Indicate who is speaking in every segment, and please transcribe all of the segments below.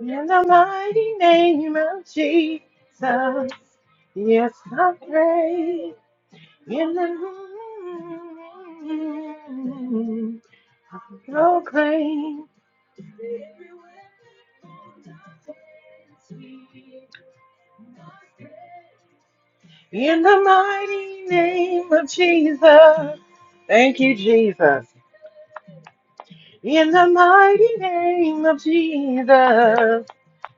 Speaker 1: In the mighty name of Jesus, yes, I pray. In the name, proclaim. In the mighty name of Jesus, thank you, Jesus. In the mighty name of Jesus,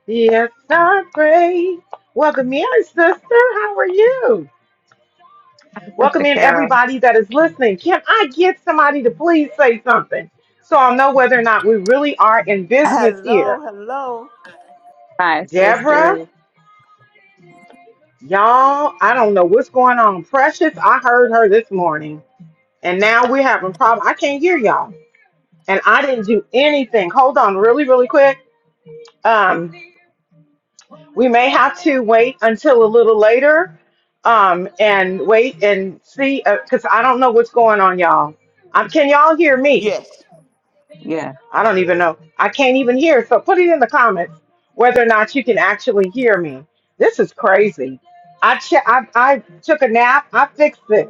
Speaker 1: yes, I pray. Welcome in, sister. How are you? Welcome
Speaker 2: Sister
Speaker 1: in
Speaker 2: Carol.
Speaker 1: everybody that is listening. Can I get somebody to please say something so I'll know whether or not we really are in business
Speaker 3: Hello,
Speaker 1: here?
Speaker 3: hello.
Speaker 2: Hi, Sister.
Speaker 1: Deborah, y'all, I don't know what's going on. Precious, I heard her this morning, and now we're having problem. I can't hear y'all, and I didn't do anything. Hold on, really, really quick. Um, we may have to wait until a little later, um, and wait and see, because I don't know what's going on, y'all. Um, can y'all hear me?
Speaker 3: Yes,
Speaker 2: Yeah,
Speaker 1: I don't even know. I can't even hear. So put it in the comments whether or not you can actually hear me. This is crazy. I che- I, I took a nap. I fixed this.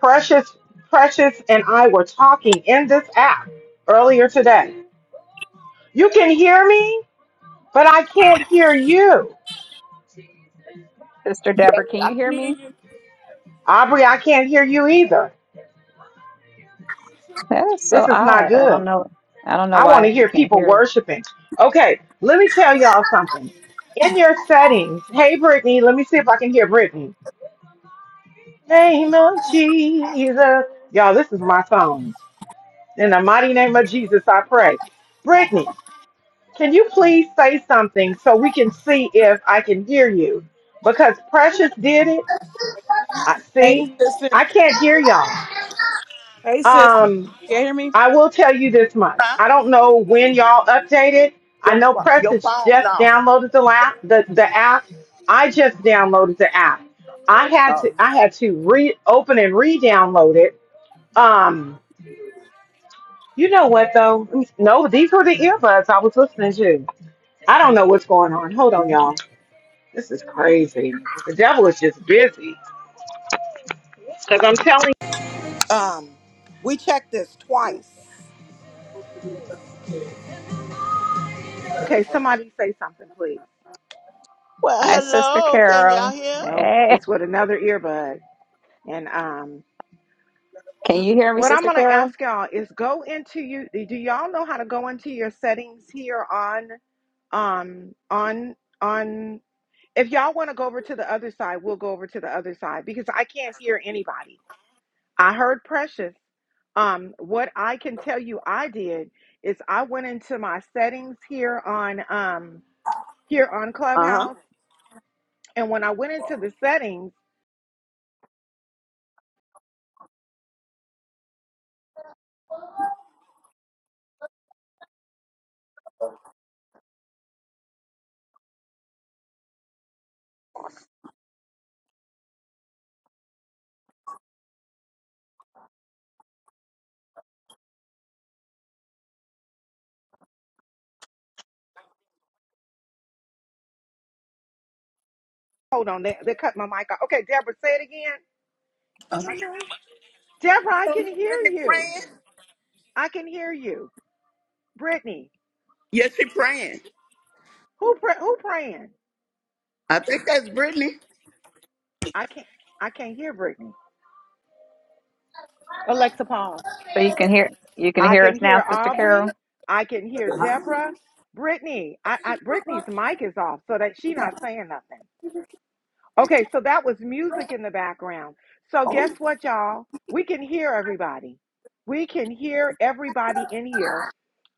Speaker 1: Precious, Precious, and I were talking in this app earlier today. You can hear me, but I can't hear you,
Speaker 2: Sister
Speaker 3: yes,
Speaker 2: Deborah. Can
Speaker 3: I
Speaker 2: you hear
Speaker 3: can hear
Speaker 2: me?
Speaker 3: you.
Speaker 1: Aubrey. I can't hear you either.
Speaker 2: That is so
Speaker 1: This is not
Speaker 2: odd. I don't
Speaker 1: good.
Speaker 2: know. I don't know
Speaker 1: I want
Speaker 2: why
Speaker 1: to
Speaker 2: she
Speaker 1: hear
Speaker 2: can't
Speaker 1: people
Speaker 2: hear.
Speaker 1: worshiping. Okay, let me tell y'all something. In your settings, hey Brittany, let me see if I can hear Brittany. Name of Jesus. Y'all, this is my phone. In the mighty name of Jesus, I pray. Brittany, can you please say something so we can see if I can hear you? Because Precious did it. I
Speaker 4: Hey,
Speaker 1: see.
Speaker 4: sister.
Speaker 1: I can't hear y'all.
Speaker 4: Hey, sister.
Speaker 1: Um,
Speaker 4: You hear me?
Speaker 1: I will tell you this much.
Speaker 3: Huh?
Speaker 1: I don't know when y'all updated. I
Speaker 3: Your
Speaker 1: know
Speaker 3: pho- your
Speaker 1: Prestige
Speaker 3: phone
Speaker 1: just
Speaker 3: now.
Speaker 1: downloaded the app. The, the app. I just downloaded the app. I had
Speaker 3: Oh.
Speaker 1: to I had to reopen and re-download it. Um, you know what though? No, these were the earbuds I was listening to. I don't know what's going on. Hold on, y'all. This is crazy. The devil is just busy. Um, we checked this twice. Okay, somebody say something, please.
Speaker 3: Well,
Speaker 2: Hi, Sister
Speaker 3: hello. Can y'all
Speaker 2: Carol.
Speaker 3: hear?
Speaker 1: Nope,
Speaker 2: Hey,
Speaker 1: it's with another earbud. And um,
Speaker 2: can you hear me,
Speaker 1: what I'm
Speaker 2: Sister
Speaker 1: going to
Speaker 2: Carol?
Speaker 1: ask y'all is go into you. Do y'all know how to go into your settings here on, um, on, on? If y'all want to go over to the other side, we'll go over to the other side because I can't hear anybody. I heard Precious. Um, what I can tell you I did is I went into my settings here on, um, here on
Speaker 3: Uh huh.
Speaker 1: Clubhouse. And when I went into the settings, hold on, they, they cut my mic off. Okay, Deborah, say it
Speaker 3: Uh-huh.
Speaker 1: again. Deborah,
Speaker 3: You
Speaker 1: I
Speaker 3: don't
Speaker 1: can
Speaker 3: hear
Speaker 1: hear
Speaker 3: Brittany
Speaker 1: you.
Speaker 3: praying?
Speaker 1: I can hear you. Brittany,
Speaker 3: Yes, she praying.
Speaker 1: who pray, who praying?
Speaker 3: I think that's Brittany.
Speaker 1: I can't I can't hear Brittany. Alexa pause.
Speaker 2: So you can hear. You can
Speaker 1: I
Speaker 2: hear
Speaker 1: can
Speaker 2: us
Speaker 1: hear
Speaker 2: now, Sister
Speaker 1: Aubrey.
Speaker 2: Carol.
Speaker 1: I can hear Deborah. Brittany, I, I Brittany's mic is off so that she not saying nothing. Okay, so that was music in the background. So
Speaker 3: Oh.
Speaker 1: guess what, y'all? We can hear everybody. We can hear everybody in here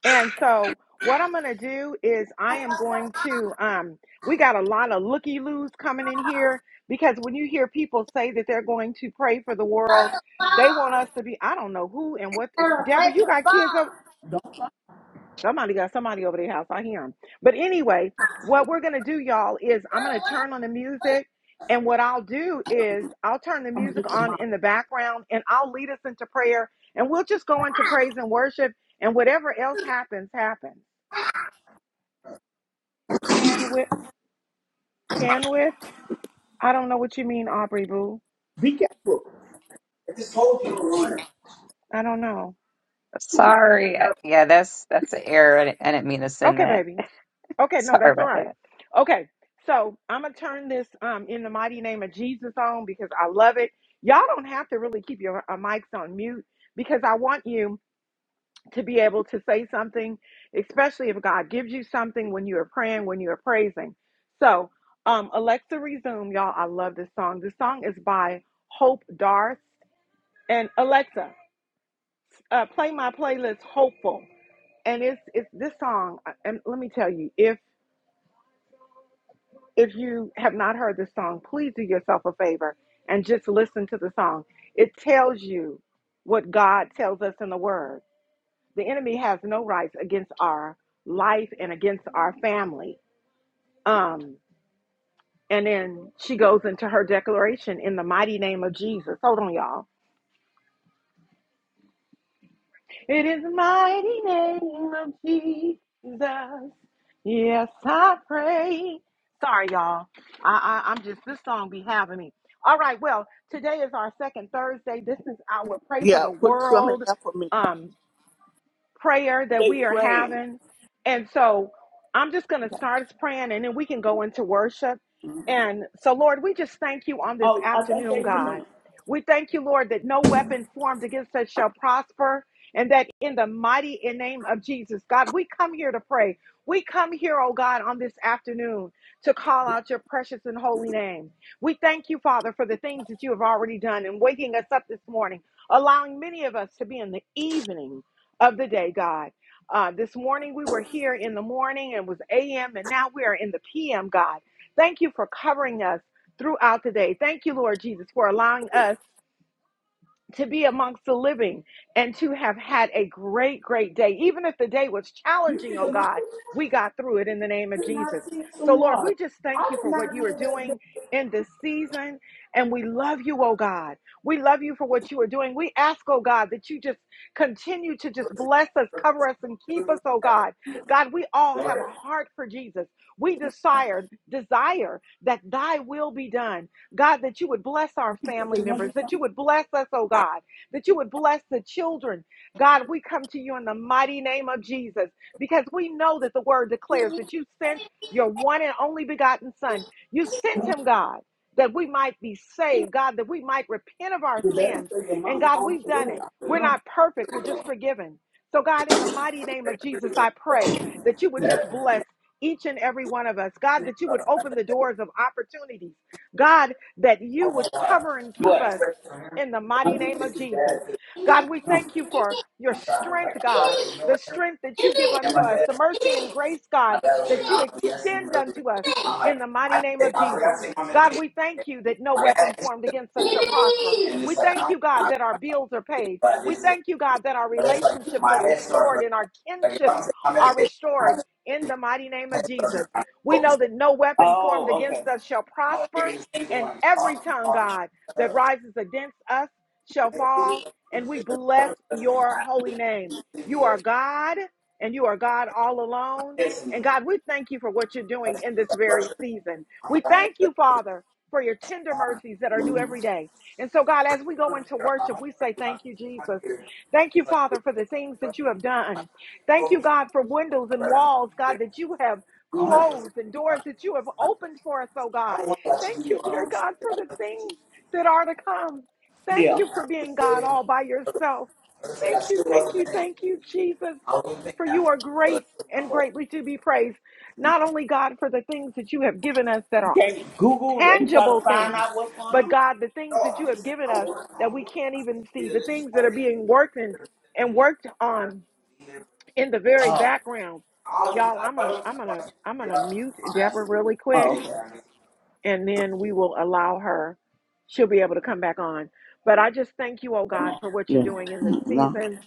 Speaker 1: And so what I'm going to do is I am going to um we got a lot of looky-loos coming in here because when you hear people say that they're going to pray for the world,
Speaker 3: Other
Speaker 1: they want
Speaker 3: phone.
Speaker 1: us to be I don't know who and what eh,
Speaker 3: Other
Speaker 1: Deborah,
Speaker 3: place
Speaker 1: you
Speaker 3: to
Speaker 1: got kids
Speaker 3: fall.
Speaker 1: Oh, somebody got somebody over their house. I hear them. But anyway, what we're going to do y'all is I'm going to turn on the music and what I'll do is I'll turn the music on in the background and I'll lead us into prayer and we'll just go into praise and worship and whatever else happens happens. Canwith, Canwith. I don't know what you mean, Aubrey Boo.
Speaker 3: Be careful.
Speaker 1: I don't know.
Speaker 2: Sorry. I- Yeah, that's that's an error. I didn't, I didn't mean to send
Speaker 1: Okay,
Speaker 2: that.
Speaker 1: baby. Okay, no,
Speaker 2: Sorry
Speaker 1: that's all
Speaker 2: about
Speaker 1: right.
Speaker 2: that.
Speaker 1: Okay, so I'm gonna turn this um in the mighty name of Jesus on because I love it. Y'all don't have to really keep your uh, mics on mute because I want you to be able to say something, especially if God gives you something when you are praying, when you are praising. So, um, Alexa, resume, y'all. I love this song. This song is by Hope Darth and Alexa. uh, play my playlist hopeful and it's it's this song uh, and let me tell you if if you have not heard this song please do yourself a favor and just listen to the song it tells you what god tells us in the word the enemy has no rights against our life and against our family um and then she goes into her declaration in the mighty name of jesus hold on y'all It is the mighty name of Jesus. Yes, I pray. Sorry, y'all. I, I, I'm just, this song be having me. All right, well, today is our second Thursday. This is our Pray for
Speaker 3: Yeah,
Speaker 1: the
Speaker 3: put some in
Speaker 1: World
Speaker 3: there for me.
Speaker 1: Um prayer that
Speaker 3: They
Speaker 1: we are
Speaker 3: praying.
Speaker 1: having. And so I'm just going to start us praying and then we can go into worship. And so, Lord, we just thank you on this
Speaker 3: Oh, I think
Speaker 1: afternoon,
Speaker 3: they in
Speaker 1: God.
Speaker 3: there.
Speaker 1: We thank you, Lord, that no weapon formed against us shall prosper. And that in the mighty name of Jesus, God, we come here to pray. We come here, oh God, on this afternoon to call out your precious and holy name. We thank you, Father, for the things that you have already done in waking us up this morning, allowing many of us to be in the evening of the day, God. Uh, this morning we were here in the morning and it was AM, and now we are in the PM, God. Thank you for covering us throughout the day. Thank you, Lord Jesus, for allowing us to be amongst the living and to have had a great, great day. Even if the day was challenging, oh God, we got through it in the name of Jesus. So, Lord, we just thank you for what you are doing in this season. And we love you, oh God. We love you for what you are doing. We ask, oh God, that you just continue to just bless us, cover us, and keep us, oh God. God, we all have a heart for Jesus. We desire, desire that thy will be done. God, that you would bless our family members, that you would bless us, oh God, that you would bless the children. God, we come to you in the mighty name of Jesus because we know that the word declares that you sent your one and only begotten Son. You sent him, God, that we might be saved, God, that we might repent of our sins. And God, we've done it. We're not perfect, we're just forgiven. So, God, in the mighty name of Jesus, I pray that you would just bless each and every one of us. God, that you would open the doors of opportunities. God, that you would cover and keep us in the mighty name of Jesus. God, we thank you for
Speaker 3: Oh.
Speaker 1: your strength, God, the strength that you give unto us, the mercy and grace, God, that you extend unto us in the mighty name of Jesus. God, we thank you that no weapon formed against us shall prosper. We thank you, God, that our bills are paid. We thank you, God, that our relationships are restored and our kinships are restored in the mighty name of Jesus. We know that no weapon formed
Speaker 3: oh, okay.
Speaker 1: against us shall prosper and every tongue, God, that rises against us shall fall. And we bless your holy name. You are God, and you are God all alone. And God, we thank you for what you're doing in this very season. We thank you, Father, for your tender mercies that are new every day. And so, God, as we go into worship, we say thank you, Jesus. Thank you, Father, for the things that you have done. Thank you, God, for windows and walls, God, that you have closed and doors that you have opened for us, oh God. Thank you, dear God, for the things that are to come.
Speaker 3: Yeah.
Speaker 1: Thank you for being God all by yourself. Thank you, thank you, thank you, Jesus, for you are great and greatly to be praised. Not only, God, for the things that you have given us that are
Speaker 3: Can you Google and try to
Speaker 1: tangible
Speaker 3: find
Speaker 1: things,
Speaker 3: out what's going
Speaker 1: but
Speaker 3: on?
Speaker 1: God, the things that you have given us that we can't even see, the things that are being worked and, and worked on in the very background. Y'all, I'm a I'm gonna I'm gonna mute Deborah really quick
Speaker 3: Oh, okay.
Speaker 1: and then we will allow her. She'll be able to come back on. But I just thank you, oh God, for what you're
Speaker 3: Yeah.
Speaker 1: doing in this
Speaker 3: Mm, No.
Speaker 1: season.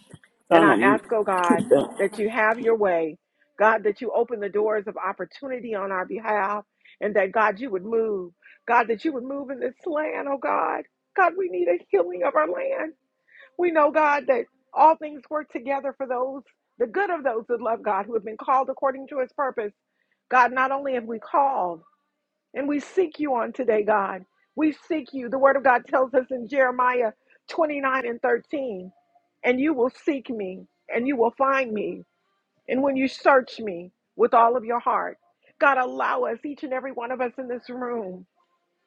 Speaker 1: And
Speaker 3: Trying
Speaker 1: I
Speaker 3: to
Speaker 1: ask, oh God,
Speaker 3: keep them.
Speaker 1: that you have your way. God, that you open the doors of opportunity on our behalf. And that, God, you would move. God, that you would move in this land, oh God. God, we need a healing of our land. We know, God, that all things work together for those, the good of those that love God, who have been called according to his purpose. God, not only have we called, and we seek you on today, God. We seek you. The word of God tells us in Jeremiah 29 and 13, and you will seek me and you will find me. And when you search me with all of your heart, God, allow us, each and every one of us in this room,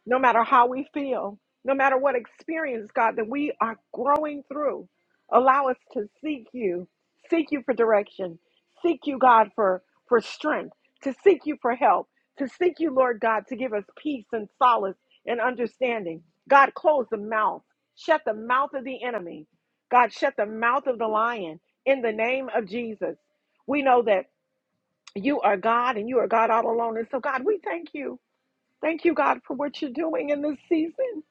Speaker 1: no matter how we feel, no matter what experience, God, that we are growing through. Allow us to seek you, seek you for direction, seek you, God, for, for strength, to seek you for help, to seek you, Lord God, to give us peace and solace and understanding. God, close the mouth, shut the mouth of the enemy. God, shut the mouth of the lion in the name of Jesus. We know that you are God and you are God all alone. And so, God, we thank you. Thank you, God, for what you're doing in this season.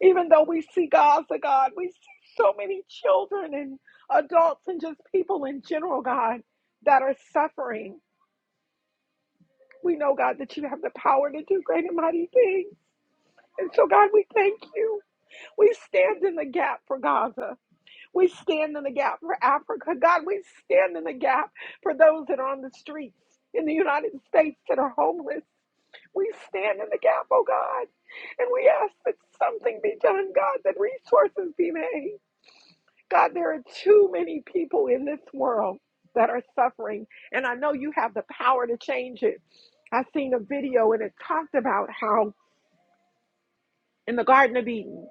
Speaker 1: Even though we see Gaza, God, we see so many children and adults and just people in general, God, that are suffering. We know, God, that you have the power to do great and mighty things. And so, God, we thank you. We stand in the gap for Gaza. We stand in the gap for Africa. God, we stand in the gap for those that are on the streets in the United States that are homeless. We stand in the gap, oh God, and we ask that something be done, God, that resources be made. God, there are too many people in this world that are suffering, and I know you have the power to change it. I seen a video and it talked about how in the Garden of Eden,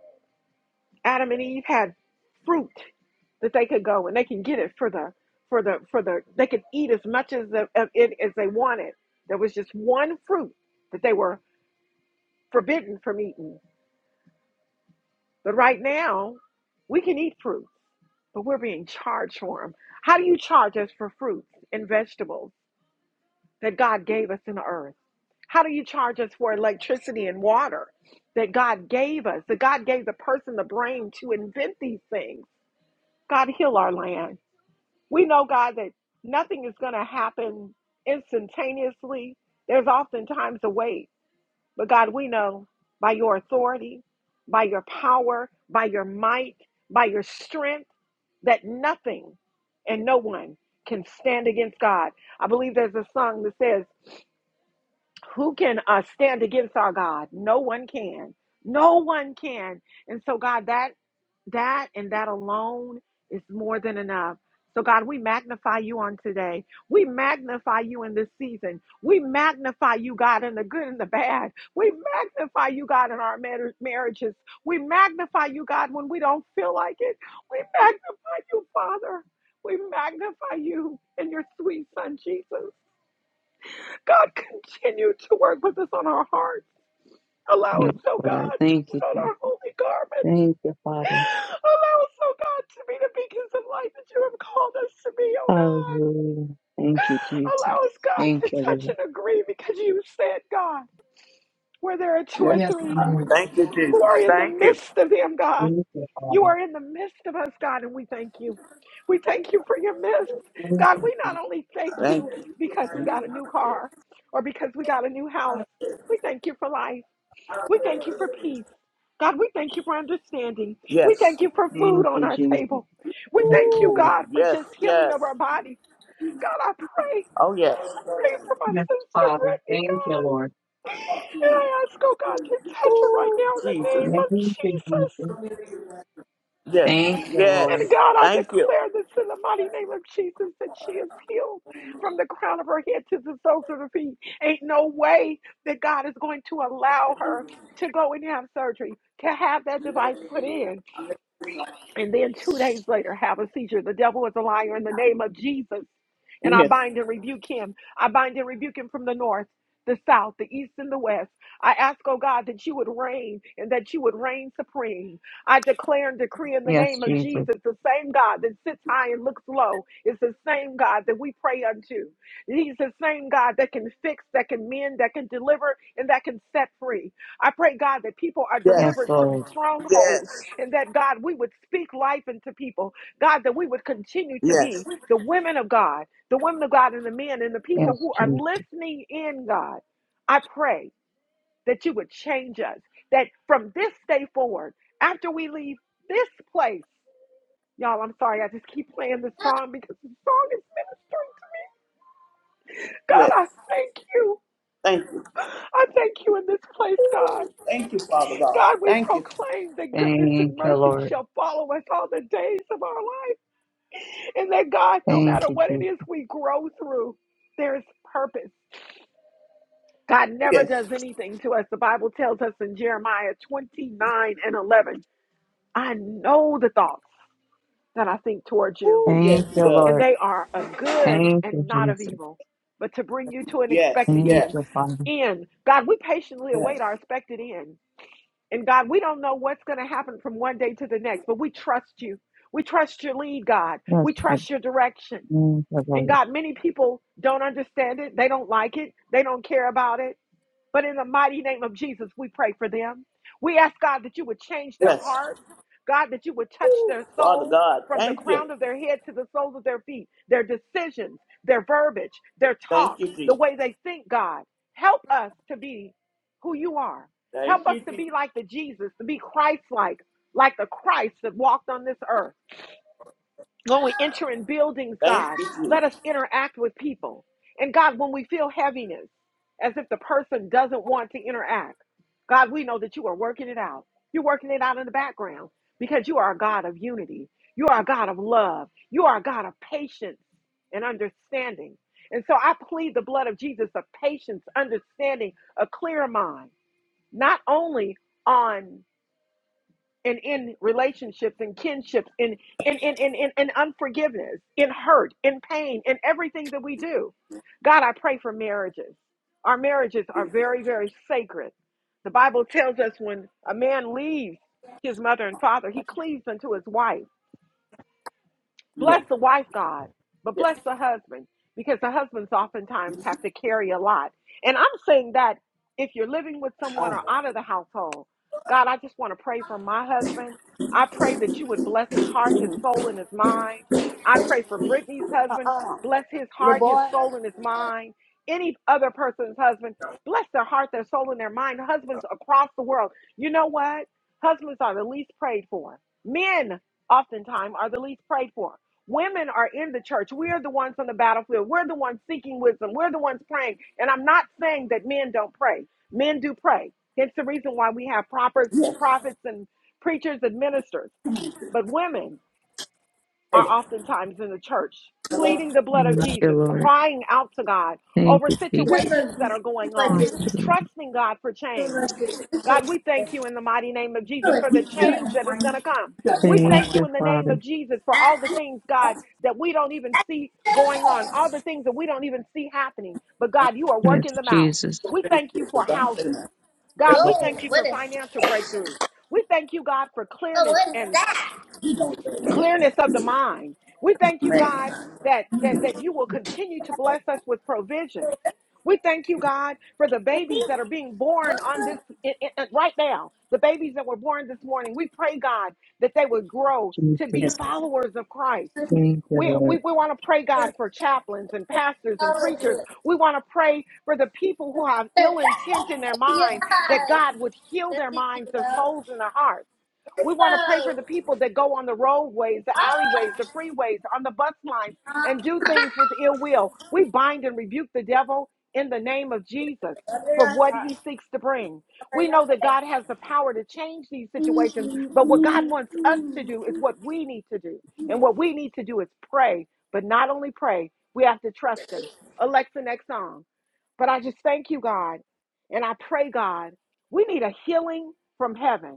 Speaker 1: Adam and Eve had fruit that they could go and they can get it for the for the for the they could eat as much as the, of it as they wanted. There was just one fruit that they were forbidden from eating. But right now, we can eat fruits, but we're being charged for them. How do you charge us for fruits and vegetables that God gave us in the earth? How do you charge us for electricity and water that God gave us? That God gave the person the brain to invent these things. God, heal our land. We know, God, that nothing is going to happen instantaneously. There's oftentimes a wait. But God, we know by your authority, by your power, by your might, by your strength, that nothing and no one can stand against God. I believe there's a song that says, who can uh, stand against our God? No one can. No one can. And so, God, that that and that alone is more than enough. So, God, we magnify you on today. We magnify you in this season. We magnify you, God, in the good and the bad. We magnify you, God, in our mar- marriages. We magnify you, God, when we don't feel like it. We magnify you, Father. We magnify you in your sweet son, Jesus. God, continue to work with us on our hearts. Allow
Speaker 2: Yes,
Speaker 1: us, oh
Speaker 2: Lord.
Speaker 1: God, to
Speaker 2: Thank you.
Speaker 1: put on
Speaker 2: Jesus.
Speaker 1: our holy garments.
Speaker 2: Thank you, Father.
Speaker 1: Allow us, oh God, to be the beacons of light that you have called us to be, oh God.
Speaker 2: Hallelujah. Thank you, Jesus.
Speaker 1: Allow us, God, to
Speaker 2: Thank you,
Speaker 1: touch
Speaker 2: Lord.
Speaker 1: and agree because you said, God, where there are two
Speaker 3: Yeah.
Speaker 1: or
Speaker 2: Yes,
Speaker 1: three
Speaker 2: Lord.
Speaker 3: Thank you,
Speaker 1: who
Speaker 3: Jesus.
Speaker 1: are in the
Speaker 3: Thank you.
Speaker 1: midst of them, God.
Speaker 2: Thank you,
Speaker 1: You
Speaker 2: Father.
Speaker 1: are in the midst of us, God, and we thank you. We thank you for your midst.
Speaker 2: Thank
Speaker 1: God, we
Speaker 2: you.
Speaker 1: not only thank
Speaker 3: Thank
Speaker 1: you
Speaker 3: you.
Speaker 1: because we got a new car or because we got a new house, we thank you for life. We thank you for peace. God, we thank you for understanding. We
Speaker 3: Yes.
Speaker 1: thank you for food
Speaker 2: Thank
Speaker 1: on
Speaker 2: you,
Speaker 1: our
Speaker 2: Jesus.
Speaker 1: table. We
Speaker 2: Yes,
Speaker 1: thank you,
Speaker 2: Lord.
Speaker 3: Ooh,
Speaker 1: God, for
Speaker 3: Yes.
Speaker 1: just healing
Speaker 3: Yes.
Speaker 1: of our bodies. God, I pray,
Speaker 3: Oh, yes.
Speaker 1: pray for my
Speaker 2: Yes,
Speaker 1: sister
Speaker 2: Father.
Speaker 1: Brittany,
Speaker 2: Thank you,
Speaker 1: God.
Speaker 2: Lord.
Speaker 1: And I ask, oh God, to touch her right now in the
Speaker 3: Jesus.
Speaker 1: name
Speaker 2: Thank
Speaker 1: of
Speaker 2: you,
Speaker 1: Jesus.
Speaker 2: Jesus.
Speaker 3: Yes.
Speaker 2: Thank you,
Speaker 1: And
Speaker 2: Lord.
Speaker 3: Yes.
Speaker 1: God, I
Speaker 3: Thank you.
Speaker 1: declare this in the mighty name of Jesus that she is healed from the crown of her head to the soles of her feet. Ain't no way that God is going to allow her to go and have surgery, to have that device put in. and then two days later have a seizure. The devil is a liar in the name of Jesus. And I
Speaker 3: Yes.
Speaker 1: bind and rebuke him. I bind and rebuke him from the north, the south, the east, and the west. I ask, oh God, that you would reign and that you would reign supreme. I declare and decree in the
Speaker 2: Yes,
Speaker 1: name of
Speaker 2: Jesus.
Speaker 1: Jesus, the same God that sits high and looks low is the same God that we pray unto. He's the same God that can fix, that can mend, that can deliver, and that can set free. I pray, God, that people are
Speaker 3: Yes.
Speaker 2: Yes,
Speaker 1: delivered from
Speaker 2: Lord.
Speaker 1: strongholds
Speaker 3: Yes.
Speaker 1: and that God, we would speak life into people. God, that we would continue to
Speaker 3: Yes.
Speaker 1: be the women of God, the women of God, and the men and the people
Speaker 2: Yes,
Speaker 1: who are
Speaker 2: Jesus.
Speaker 1: listening in, God. I pray that you would change us, that from this day forward, after we leave this place, y'all, I'm sorry, I just keep playing this song because the song is ministering. God,
Speaker 3: Yes.
Speaker 1: I thank you.
Speaker 3: Thank you.
Speaker 1: I thank you in this place, God.
Speaker 3: Thank you, Father God.
Speaker 1: God, we
Speaker 3: Thank you.
Speaker 1: proclaim that goodness and
Speaker 2: Thank you,
Speaker 1: mercy
Speaker 2: Lord.
Speaker 1: shall follow us all the days of our life. And that God, no matter
Speaker 2: Thank you,
Speaker 1: what it
Speaker 2: Jesus.
Speaker 1: is we grow through, there's purpose. God never does
Speaker 3: Yes.
Speaker 1: anything to us. The Bible tells us in Jeremiah 29 and 11, I know the thoughts that I think towards you,
Speaker 3: Ooh, yes,
Speaker 2: Thank
Speaker 3: he
Speaker 2: you,
Speaker 3: does.
Speaker 1: and
Speaker 2: Lord.
Speaker 1: they are of good
Speaker 2: Thank you,
Speaker 1: and not of
Speaker 2: Jesus.
Speaker 1: evil, but to bring you to an
Speaker 3: Yes.
Speaker 1: expected
Speaker 2: Thank
Speaker 3: Yes.
Speaker 1: end.
Speaker 2: you, Father.
Speaker 1: end. God, we patiently
Speaker 3: Yes.
Speaker 1: await our expected end. And God, we don't know what's going to happen from one day to the next, but we trust you. We trust your lead, God. We
Speaker 2: Yes, Jesus.
Speaker 1: trust your direction.
Speaker 2: Thank you,
Speaker 1: And
Speaker 2: Lord.
Speaker 1: God, many people don't understand it. They don't like it. They don't care about it. But in the mighty name of Jesus, we pray for them. We ask God that you would change their
Speaker 3: Yes.
Speaker 1: hearts, God, that you would touch their
Speaker 3: Father
Speaker 1: souls
Speaker 3: God,
Speaker 1: from the
Speaker 3: thank you.
Speaker 1: crown of their head to the soles of their feet, their decisions, their verbiage, their
Speaker 3: Thank
Speaker 1: talk,
Speaker 3: you,
Speaker 1: the
Speaker 3: Jesus.
Speaker 1: way they think, God. Help us to be who you are. Help
Speaker 3: Thank
Speaker 1: us
Speaker 3: you,
Speaker 1: to
Speaker 3: Jesus.
Speaker 1: be like the Jesus, to be Christ like, like the Christ that walked on this earth. When we enter in buildings,
Speaker 3: Thank
Speaker 1: God,
Speaker 3: you,
Speaker 1: let us
Speaker 3: Jesus.
Speaker 1: interact with people. And God, when we feel heaviness, as if the person doesn't want to interact, God, we know that you are working it out. You're working it out in the background because you are a God of unity. You are a God of love. You are a God of patience and understanding. And so I plead the blood of Jesus of patience, understanding, a clear mind, not only on and in relationships and kinships in in in in, in, in unforgiveness in hurt in pain in everything that we do god i pray for marriages our marriages are very very sacred the bible tells us when a man leaves his mother and father he cleaves unto his wife
Speaker 3: Yes,
Speaker 1: Bless the wife, God, but
Speaker 3: yes.
Speaker 1: bless the husband because the husbands oftentimes have to carry a lot. And I'm saying that if you're living with someone or out of the household, God, I just want to pray for my husband. I pray that you would bless his heart, his soul, and his mind. I pray for Brittany's husband. Bless his heart, his soul, and his mind. Any other person's husband, bless their heart, their soul, and their mind. Husbands across the world. You know what? Husbands are the least prayed for. Men oftentimes are the least prayed for. Women are in the church. We are the ones on the battlefield. We're the ones seeking wisdom. We're the ones praying. And I'm not saying that men don't pray. Men do pray. Hence the reason why we have prophets, prophets and preachers and ministers. But women, are oftentimes in the church pleading the blood of
Speaker 2: Thank you,
Speaker 1: Jesus,
Speaker 2: Lord.
Speaker 1: crying out to God
Speaker 2: Thank
Speaker 1: over
Speaker 2: you,
Speaker 1: situations
Speaker 2: Jesus.
Speaker 1: that are going
Speaker 2: Yes,
Speaker 1: on,
Speaker 2: Lord.
Speaker 1: trusting God for change. God, we thank you in the mighty name of Jesus for the change that is going to come. We
Speaker 2: Thank
Speaker 1: thank you
Speaker 2: you,
Speaker 1: in the name
Speaker 2: Father.
Speaker 1: of Jesus for all the things, God, that we don't even see going on, all the things that we don't even see happening. But God, you are
Speaker 2: Yes,
Speaker 1: working them out.
Speaker 2: Jesus.
Speaker 1: We thank you for houses.
Speaker 2: Thank
Speaker 3: No,
Speaker 1: God,
Speaker 2: you,
Speaker 1: we
Speaker 2: Lord.
Speaker 1: thank you
Speaker 3: what
Speaker 1: for
Speaker 3: is
Speaker 1: financial breakthroughs. We thank you, God, for
Speaker 3: oh,
Speaker 1: clearness
Speaker 3: what is
Speaker 1: and
Speaker 3: that?
Speaker 1: clearness of the mind. We thank you, God, that that that you will continue to bless us with provisions. We thank you, God, for the babies that are being born on this in- in- right now. The babies that were born this morning. We pray, God, that they would grow to be
Speaker 2: Jesus.
Speaker 1: followers of Christ.
Speaker 2: Thank you,
Speaker 1: We,
Speaker 2: Lord.
Speaker 1: we, we want to pray, God, for chaplains and pastors and
Speaker 3: Oh,
Speaker 1: preachers.
Speaker 3: look.
Speaker 1: We want to pray for the people who have
Speaker 3: at it.
Speaker 1: ill intent in their
Speaker 3: Your
Speaker 1: mind that
Speaker 3: eyes.
Speaker 1: God would heal
Speaker 3: This
Speaker 1: their
Speaker 3: is you,
Speaker 1: minds, their
Speaker 3: love.
Speaker 1: souls, and their hearts. We want to pray for
Speaker 3: So,
Speaker 1: the people that go on the roadways, the
Speaker 3: ah,
Speaker 1: alleyways, the freeways, on the bus lines,
Speaker 3: ah,
Speaker 1: and do things with ill will. We bind and rebuke the devil in the name of Jesus
Speaker 3: under your
Speaker 1: for what
Speaker 3: heart,
Speaker 1: he seeks to bring.
Speaker 3: under
Speaker 1: We
Speaker 3: your
Speaker 1: know that
Speaker 3: face.
Speaker 1: God has the power to change these situations, but what God wants us to do is what we need to do. And what we need to do is pray, but not only pray, we have to trust him. Alexa, next song. But I just thank you, God, and I pray, God, we need a healing from heaven.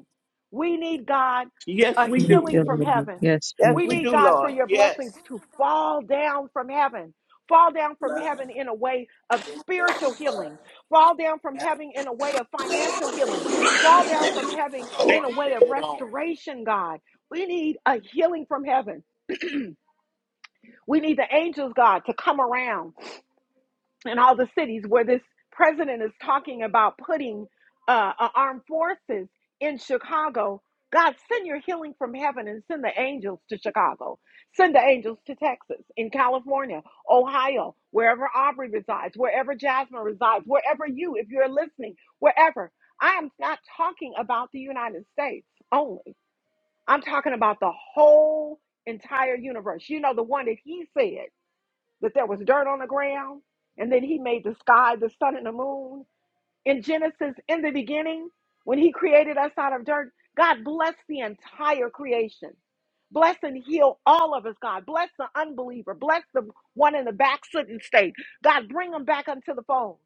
Speaker 1: We need God
Speaker 3: Yes,
Speaker 1: a
Speaker 3: we
Speaker 2: Thank
Speaker 1: healing
Speaker 3: do.
Speaker 2: you,
Speaker 1: from
Speaker 2: Lord.
Speaker 1: heaven.
Speaker 2: Yes,
Speaker 3: Yes,
Speaker 1: We
Speaker 3: we
Speaker 2: Jesus.
Speaker 1: need
Speaker 3: do,
Speaker 1: God for
Speaker 3: Lord.
Speaker 1: your blessings
Speaker 3: Yes.
Speaker 1: to fall down from heaven. Fall down from heaven in a way of spiritual healing. Fall down from heaven in a way of financial healing. Fall down from heaven in a
Speaker 3: Put
Speaker 1: way of
Speaker 3: that on.
Speaker 1: restoration, God. We need a healing from heaven. We need the angels, God, to come around and all the cities where this president is talking about putting uh, uh, armed forces in Chicago. God, send your healing from heaven and send the angels to Chicago. Send the angels to Texas, in California, Ohio, wherever Aubrey resides, wherever Jasmine resides, wherever you, if you're listening, wherever. I am not talking about the United States only. I'm talking about the whole entire universe. You know, the one that he said that there was dirt on the ground, and then he made the sky, the sun, and the moon. In Genesis, in the beginning, when he created us out of dirt, God blessed the entire creation. Bless and heal all of us, God. Bless the unbeliever. Bless the one in the backslidden state. God, bring them back unto the fold.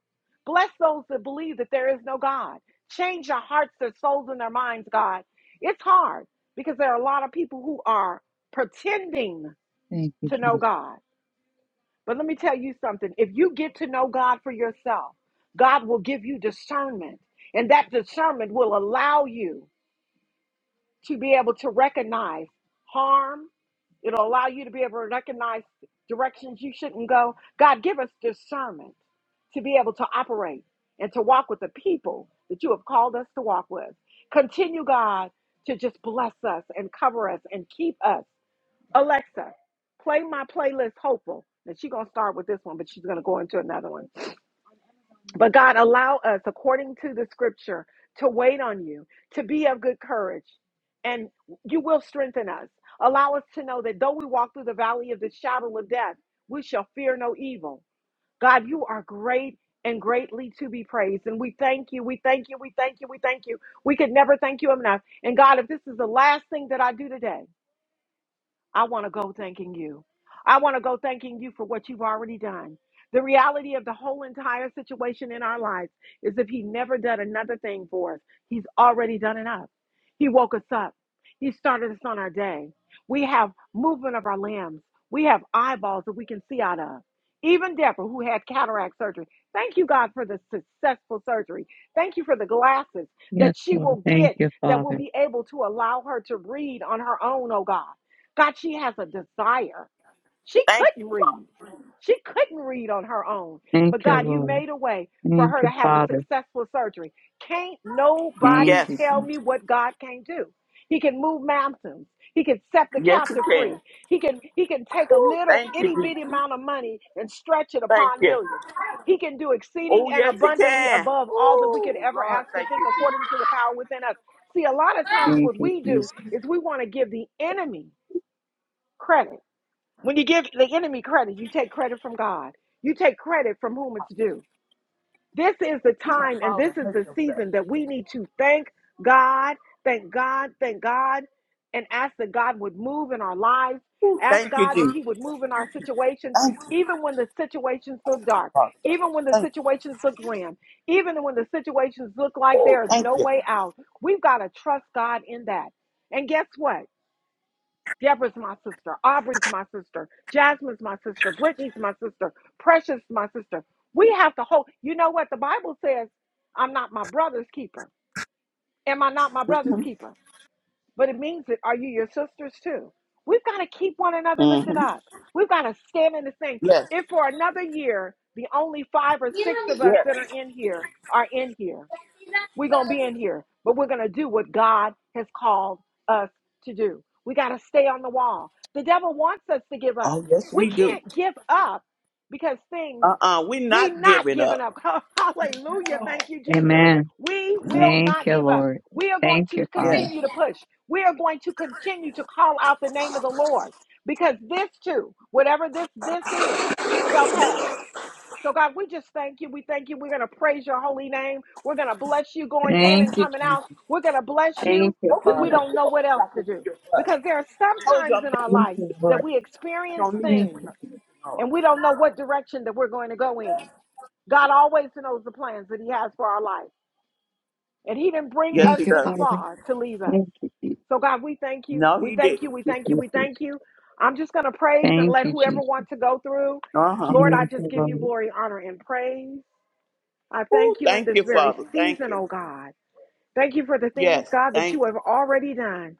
Speaker 1: Bless those that believe that there is no God. Change their hearts, their souls, and their minds, God. It's hard because there are a lot of people who are pretending
Speaker 2: Thank you,
Speaker 1: to know
Speaker 2: Jesus.
Speaker 1: God but let me tell you something. If you get to know God for yourself, God will give you discernment. And that discernment will allow you to be able to recognize harm. It'll allow you to be able to recognize directions you shouldn't go. God, give us discernment to be able to operate and to walk with the people that you have called us to walk with. Continue, God, to just bless us and cover us and keep us Alexa, play my playlist Hopeful. And she's going to start with this one, but she's going to go into another one. But God, allow us, according to the scripture, to wait on you, to be of good courage, and you will strengthen us. Allow us to know that though we walk through the valley of the shadow of death, we shall fear no evil. God, you are great and greatly to be praised. And we thank you, we thank you, we thank you, we thank you. We could never thank you enough. And God, if this is the last thing that I do today, I want to go thanking you. I want to go thanking you for what you've already done. The reality of the whole entire situation in our lives is if He never did another thing for us, He's already done enough. He woke us up, He started us on our day. We have movement of our limbs, we have eyeballs that we can see out of. Even Deborah, who had cataract surgery, thank you, God, for the successful surgery. Thank you for the glasses
Speaker 2: Yes,
Speaker 1: that she
Speaker 2: Lord.
Speaker 1: will
Speaker 2: Thank
Speaker 1: get
Speaker 2: you,
Speaker 1: that will
Speaker 2: Father.
Speaker 1: be able to allow her to read on her own, oh God. God, she has a desire. She
Speaker 3: Thank you,
Speaker 1: couldn't read.
Speaker 3: Father.
Speaker 1: She couldn't read on her own.
Speaker 2: Thank
Speaker 1: But
Speaker 2: you,
Speaker 1: God, you
Speaker 2: Lord.
Speaker 1: made a way for
Speaker 2: Thank
Speaker 1: her to
Speaker 2: you,
Speaker 1: have a
Speaker 2: Father.
Speaker 1: successful surgery. Can't nobody
Speaker 2: Thank
Speaker 3: Yes.
Speaker 2: you,
Speaker 1: tell me
Speaker 2: Jesus.
Speaker 1: what God can do. He can move mountains. He can set the
Speaker 3: Yes, you
Speaker 1: captive
Speaker 3: can.
Speaker 1: free. He can he can take a
Speaker 3: Ooh,
Speaker 1: little
Speaker 3: thank you,
Speaker 1: itty bitty
Speaker 3: Jesus.
Speaker 1: amount of money and stretch it
Speaker 3: Thank
Speaker 1: upon
Speaker 3: you.
Speaker 1: millions. He can do exceeding
Speaker 3: Oh,
Speaker 1: and
Speaker 3: yes, he
Speaker 1: abundantly
Speaker 3: can.
Speaker 1: above all that we could
Speaker 3: Oh,
Speaker 1: ever
Speaker 3: Lord,
Speaker 1: ask or
Speaker 3: thank
Speaker 1: think
Speaker 3: you, Jesus.
Speaker 1: according to the power within us. See, a lot of times
Speaker 2: Thank
Speaker 1: what
Speaker 2: you,
Speaker 1: we do
Speaker 2: Jesus.
Speaker 1: is we want to give the enemy Credit. When you give the enemy credit, you take credit from God. You take credit from whom it's due. This is the
Speaker 3: You can
Speaker 1: time and
Speaker 3: fall
Speaker 1: this
Speaker 3: and
Speaker 1: is
Speaker 3: hurt
Speaker 1: the
Speaker 3: yourself.
Speaker 1: season that we need to thank God, thank God, thank God, and ask that God would move in our lives.
Speaker 3: Ooh,
Speaker 1: Ask
Speaker 3: thank you,
Speaker 1: God that
Speaker 3: Jesus.
Speaker 1: He would move in our situations,
Speaker 3: Thank you,
Speaker 1: even when the situations look dark,
Speaker 3: Father God.
Speaker 1: even when the
Speaker 3: Thank you.
Speaker 1: situations look grim, even when the situations look like
Speaker 3: Oh,
Speaker 1: there is
Speaker 3: thank
Speaker 1: no
Speaker 3: you.
Speaker 1: way out. We've got to trust God in that. And guess what? Deborah's my sister. Aubrey's my sister. Jasmine's my sister. Brittany's my sister. Precious my sister. We have to hold. You know what the Bible says? I'm not my brother's keeper. Am I not my brother's
Speaker 3: Mm-hmm.
Speaker 1: keeper? But it means that are you your sisters too? We've got to keep one another lifted
Speaker 3: Mm-hmm.
Speaker 1: up. We've got to stand in the same.
Speaker 3: Yes.
Speaker 1: If for another year the only five or six of us
Speaker 3: Yes.
Speaker 1: that are in here are in here, we're going to be in here, but we're going to do what God has called us to do. We got to stay on the wall. The devil wants us to give up.
Speaker 3: Oh, yes,
Speaker 1: We
Speaker 3: we do.
Speaker 1: can't give up because things,
Speaker 3: Uh-uh, we're
Speaker 1: we
Speaker 3: not
Speaker 1: not
Speaker 3: giving
Speaker 1: giving
Speaker 3: up.
Speaker 1: up. Hallelujah. Thank you, Jesus.
Speaker 2: Amen.
Speaker 1: We will
Speaker 2: Thank
Speaker 1: not
Speaker 2: you,
Speaker 1: give up.
Speaker 2: Lord.
Speaker 1: We are going
Speaker 2: Thank
Speaker 1: to
Speaker 2: you,
Speaker 3: Yeah.
Speaker 2: Father.
Speaker 1: continue to push. We are going to continue to call out the name of the Lord because this too, whatever this this is, shall pass. So, God, we just thank you. We thank you. We're going to praise your holy name. We're going to bless you going in and
Speaker 2: Thank you,
Speaker 1: coming
Speaker 2: Jesus.
Speaker 1: out. We're going to bless
Speaker 2: Thank
Speaker 1: you
Speaker 2: you,
Speaker 3: Go give
Speaker 1: when
Speaker 3: me a
Speaker 1: we
Speaker 2: Father.
Speaker 1: don't know
Speaker 3: belt
Speaker 1: what
Speaker 3: so
Speaker 1: else
Speaker 3: I
Speaker 1: to
Speaker 3: can whip
Speaker 1: do.
Speaker 3: your butt.
Speaker 1: Because there are
Speaker 3: I
Speaker 1: some
Speaker 3: told you
Speaker 1: times
Speaker 3: I'm
Speaker 1: in
Speaker 3: not
Speaker 1: our
Speaker 2: Thank
Speaker 1: life
Speaker 2: you,
Speaker 3: giving up.
Speaker 1: that
Speaker 2: Lord.
Speaker 1: we
Speaker 3: I
Speaker 1: experience
Speaker 3: don't need
Speaker 2: Thank
Speaker 3: that.
Speaker 1: things
Speaker 2: you.
Speaker 3: no, no.
Speaker 1: and we don't know what direction that we're going to go in. God always knows the plans that He has for our life. And He didn't bring
Speaker 3: Yes,
Speaker 1: us
Speaker 3: he
Speaker 2: Thank you,
Speaker 1: this
Speaker 3: does.
Speaker 2: Father.
Speaker 1: far to leave us.
Speaker 2: Thank you, Jesus.
Speaker 1: So, God, we thank you.
Speaker 3: No,
Speaker 1: We
Speaker 3: he
Speaker 1: thank you.
Speaker 3: didn't.
Speaker 1: We thank you. We thank
Speaker 2: Thank
Speaker 1: you. I'm just going to praise and let
Speaker 2: you,
Speaker 1: whoever
Speaker 2: Jesus.
Speaker 1: wants to go through.
Speaker 3: Uh-huh.
Speaker 1: Lord, I
Speaker 2: Thank
Speaker 1: just
Speaker 2: you,
Speaker 1: give you
Speaker 2: Lord.
Speaker 1: glory, honor, and praise. I
Speaker 3: Oh,
Speaker 1: thank you in
Speaker 3: thank
Speaker 1: this
Speaker 3: you,
Speaker 1: very
Speaker 3: Father. Thank
Speaker 1: season,
Speaker 3: you.
Speaker 1: oh God. Thank you for the things,
Speaker 3: Yes,
Speaker 1: God, that
Speaker 3: thank you.
Speaker 1: you have already done.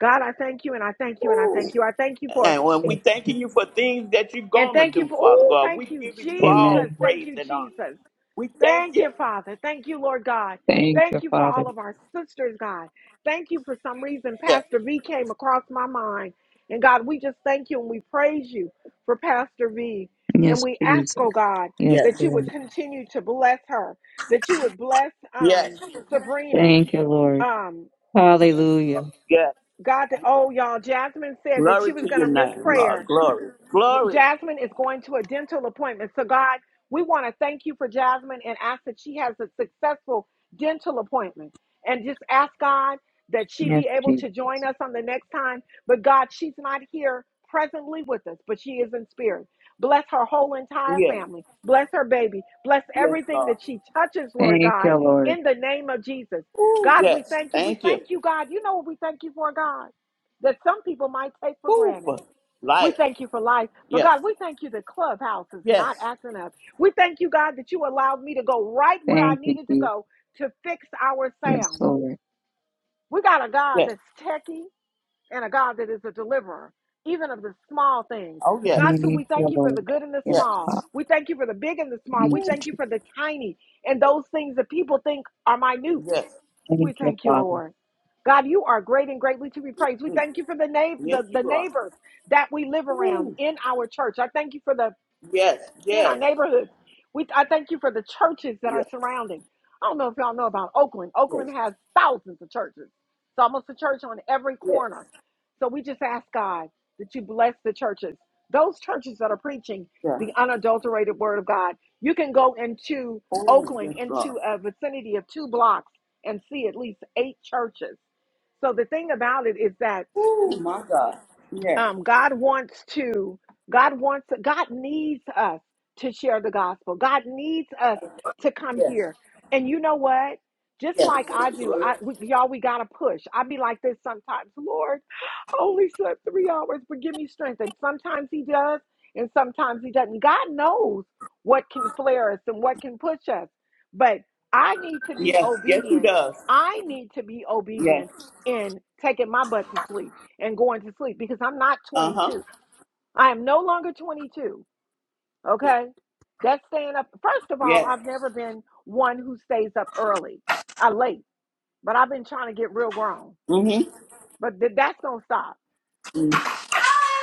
Speaker 1: God, I thank you and I thank you and I
Speaker 3: Oh.
Speaker 1: thank you. I thank you for
Speaker 3: And when we
Speaker 2: Thank
Speaker 3: thanking
Speaker 2: you.
Speaker 3: you for things that you're
Speaker 1: and
Speaker 3: gonna
Speaker 1: thank you
Speaker 3: do,
Speaker 1: for
Speaker 3: Father
Speaker 1: oh,
Speaker 3: God,
Speaker 1: thank
Speaker 3: we
Speaker 1: you,
Speaker 3: giving you all
Speaker 1: Jesus.
Speaker 2: Amen.
Speaker 1: Thank
Speaker 3: praise
Speaker 1: you,
Speaker 3: and honor.
Speaker 1: Jesus.
Speaker 3: We thank
Speaker 1: Thank
Speaker 3: you.
Speaker 1: you, Father. Thank you, Lord God.
Speaker 2: Thank you,
Speaker 1: Thank you for
Speaker 2: Father.
Speaker 1: all of our sisters, God. Thank you for some reason
Speaker 3: Yes,
Speaker 1: Pastor V came across my mind. And God, we just thank you and we praise you for Pastor V. And
Speaker 2: Yes,
Speaker 1: we ask, oh
Speaker 2: Jesus.
Speaker 1: God,
Speaker 2: Yes,
Speaker 3: yes,
Speaker 1: that you would
Speaker 2: Lord.
Speaker 1: continue to bless her, that you would bless
Speaker 3: yes,
Speaker 1: um, Sabrina.
Speaker 2: Thank you, Lord.
Speaker 1: Um,
Speaker 2: Hallelujah.
Speaker 3: yes.
Speaker 1: God, that, oh, y'all, Jasmine said that
Speaker 3: Glory
Speaker 1: she was
Speaker 3: to
Speaker 1: going
Speaker 3: your
Speaker 1: to miss
Speaker 3: name, Lord.
Speaker 1: prayer.
Speaker 3: Glory, glory.
Speaker 1: Jasmine is going to a dental appointment. So, God, we want to thank you for Jasmine and ask that she has a successful dental appointment. And just ask God that she
Speaker 2: Yes,
Speaker 1: be able
Speaker 2: Jesus.
Speaker 1: to join us on the next time. But, God, she's not here presently with us, but she is in spirit. Bless her whole entire
Speaker 3: Yes,
Speaker 1: family. Bless her baby. Bless
Speaker 3: yes,
Speaker 1: everything
Speaker 3: Lord.
Speaker 1: that she touches, Lord
Speaker 2: Thank you,
Speaker 1: God,
Speaker 2: Lord.
Speaker 1: in the name of Jesus. God, we
Speaker 3: Yes,
Speaker 1: thank you. We
Speaker 3: thank you.
Speaker 1: thank you, God. You know what we thank you for, God? That some people might take for
Speaker 3: Who
Speaker 1: granted.
Speaker 3: for
Speaker 1: We
Speaker 3: life?
Speaker 1: thank you for life. But
Speaker 3: Yes,
Speaker 1: God, we thank you that Clubhouse is not
Speaker 3: yes,
Speaker 1: acting up. We thank you, God, that you allowed me to go right where I
Speaker 2: Thank you,
Speaker 1: needed to
Speaker 2: Jesus.
Speaker 1: go to fix our
Speaker 2: Yes,
Speaker 1: sound.
Speaker 2: Lord.
Speaker 1: We got a God
Speaker 3: yes.
Speaker 1: that's techie and a God that is a deliverer, even of the small things.
Speaker 3: Oh yes,
Speaker 1: God,
Speaker 2: Thank
Speaker 1: so we thank
Speaker 2: you,
Speaker 1: you for
Speaker 2: Lord.
Speaker 1: the good and the
Speaker 2: Yes,
Speaker 3: yes,
Speaker 1: small.
Speaker 2: Father.
Speaker 1: We thank you for the big and the small.
Speaker 2: Thank
Speaker 1: We
Speaker 2: you,
Speaker 1: thank you
Speaker 2: Jesus.
Speaker 1: for the tiny and those things that people think are minute.
Speaker 3: yes,
Speaker 1: We
Speaker 2: Thank you,
Speaker 1: thank you,
Speaker 2: Father.
Speaker 1: Lord. God, you are great and greatly to be praised. We
Speaker 3: Mm.
Speaker 1: thank you for the, na-
Speaker 3: yes.
Speaker 1: the, the
Speaker 3: You are.
Speaker 1: neighbors that we live around
Speaker 3: Ooh.
Speaker 1: in our church. I thank you for the
Speaker 3: Yes,
Speaker 1: in our
Speaker 3: yes,
Speaker 1: neighborhoods. We I thank you for the churches that are
Speaker 3: yes,
Speaker 1: surrounding. I don't know if y'all know about Oakland. Oakland
Speaker 3: yes,
Speaker 1: has thousands of churches. It's almost a church on every
Speaker 3: yes,
Speaker 1: corner. So we just ask God that you bless the churches. Those churches that are preaching the
Speaker 3: yes.
Speaker 1: unadulterated word of God. You can go into
Speaker 3: Oh
Speaker 1: Oakland
Speaker 3: yes, Lord.
Speaker 1: into a vicinity of two blocks and see at least eight churches. So the thing about it is that
Speaker 3: Oh my God. Yes.
Speaker 1: um, God wants to, God wants, God needs us to share the gospel. God needs us to come
Speaker 3: Yes.
Speaker 1: here. And you know what? Just
Speaker 3: Yes.
Speaker 1: like I do, I we, y'all, we gotta push. I be like this sometimes. Lord, I only slept three hours, but give me strength. And sometimes He does, and sometimes He doesn't. God knows what can flare us and what can push us. But I need to be
Speaker 3: Yes. Yes, he
Speaker 1: obedient.
Speaker 3: does.
Speaker 1: I need to be
Speaker 3: Yes.
Speaker 1: obedient in taking my butt to sleep and going to sleep because I'm not
Speaker 3: Uh huh.
Speaker 1: 22. I am no longer 22. Okay. That's staying up. First of all,
Speaker 3: Yes.
Speaker 1: I've never been one who stays up early, I late, but I've been trying to get real grown.
Speaker 3: Mm-hmm.
Speaker 1: But th- that's going to stop.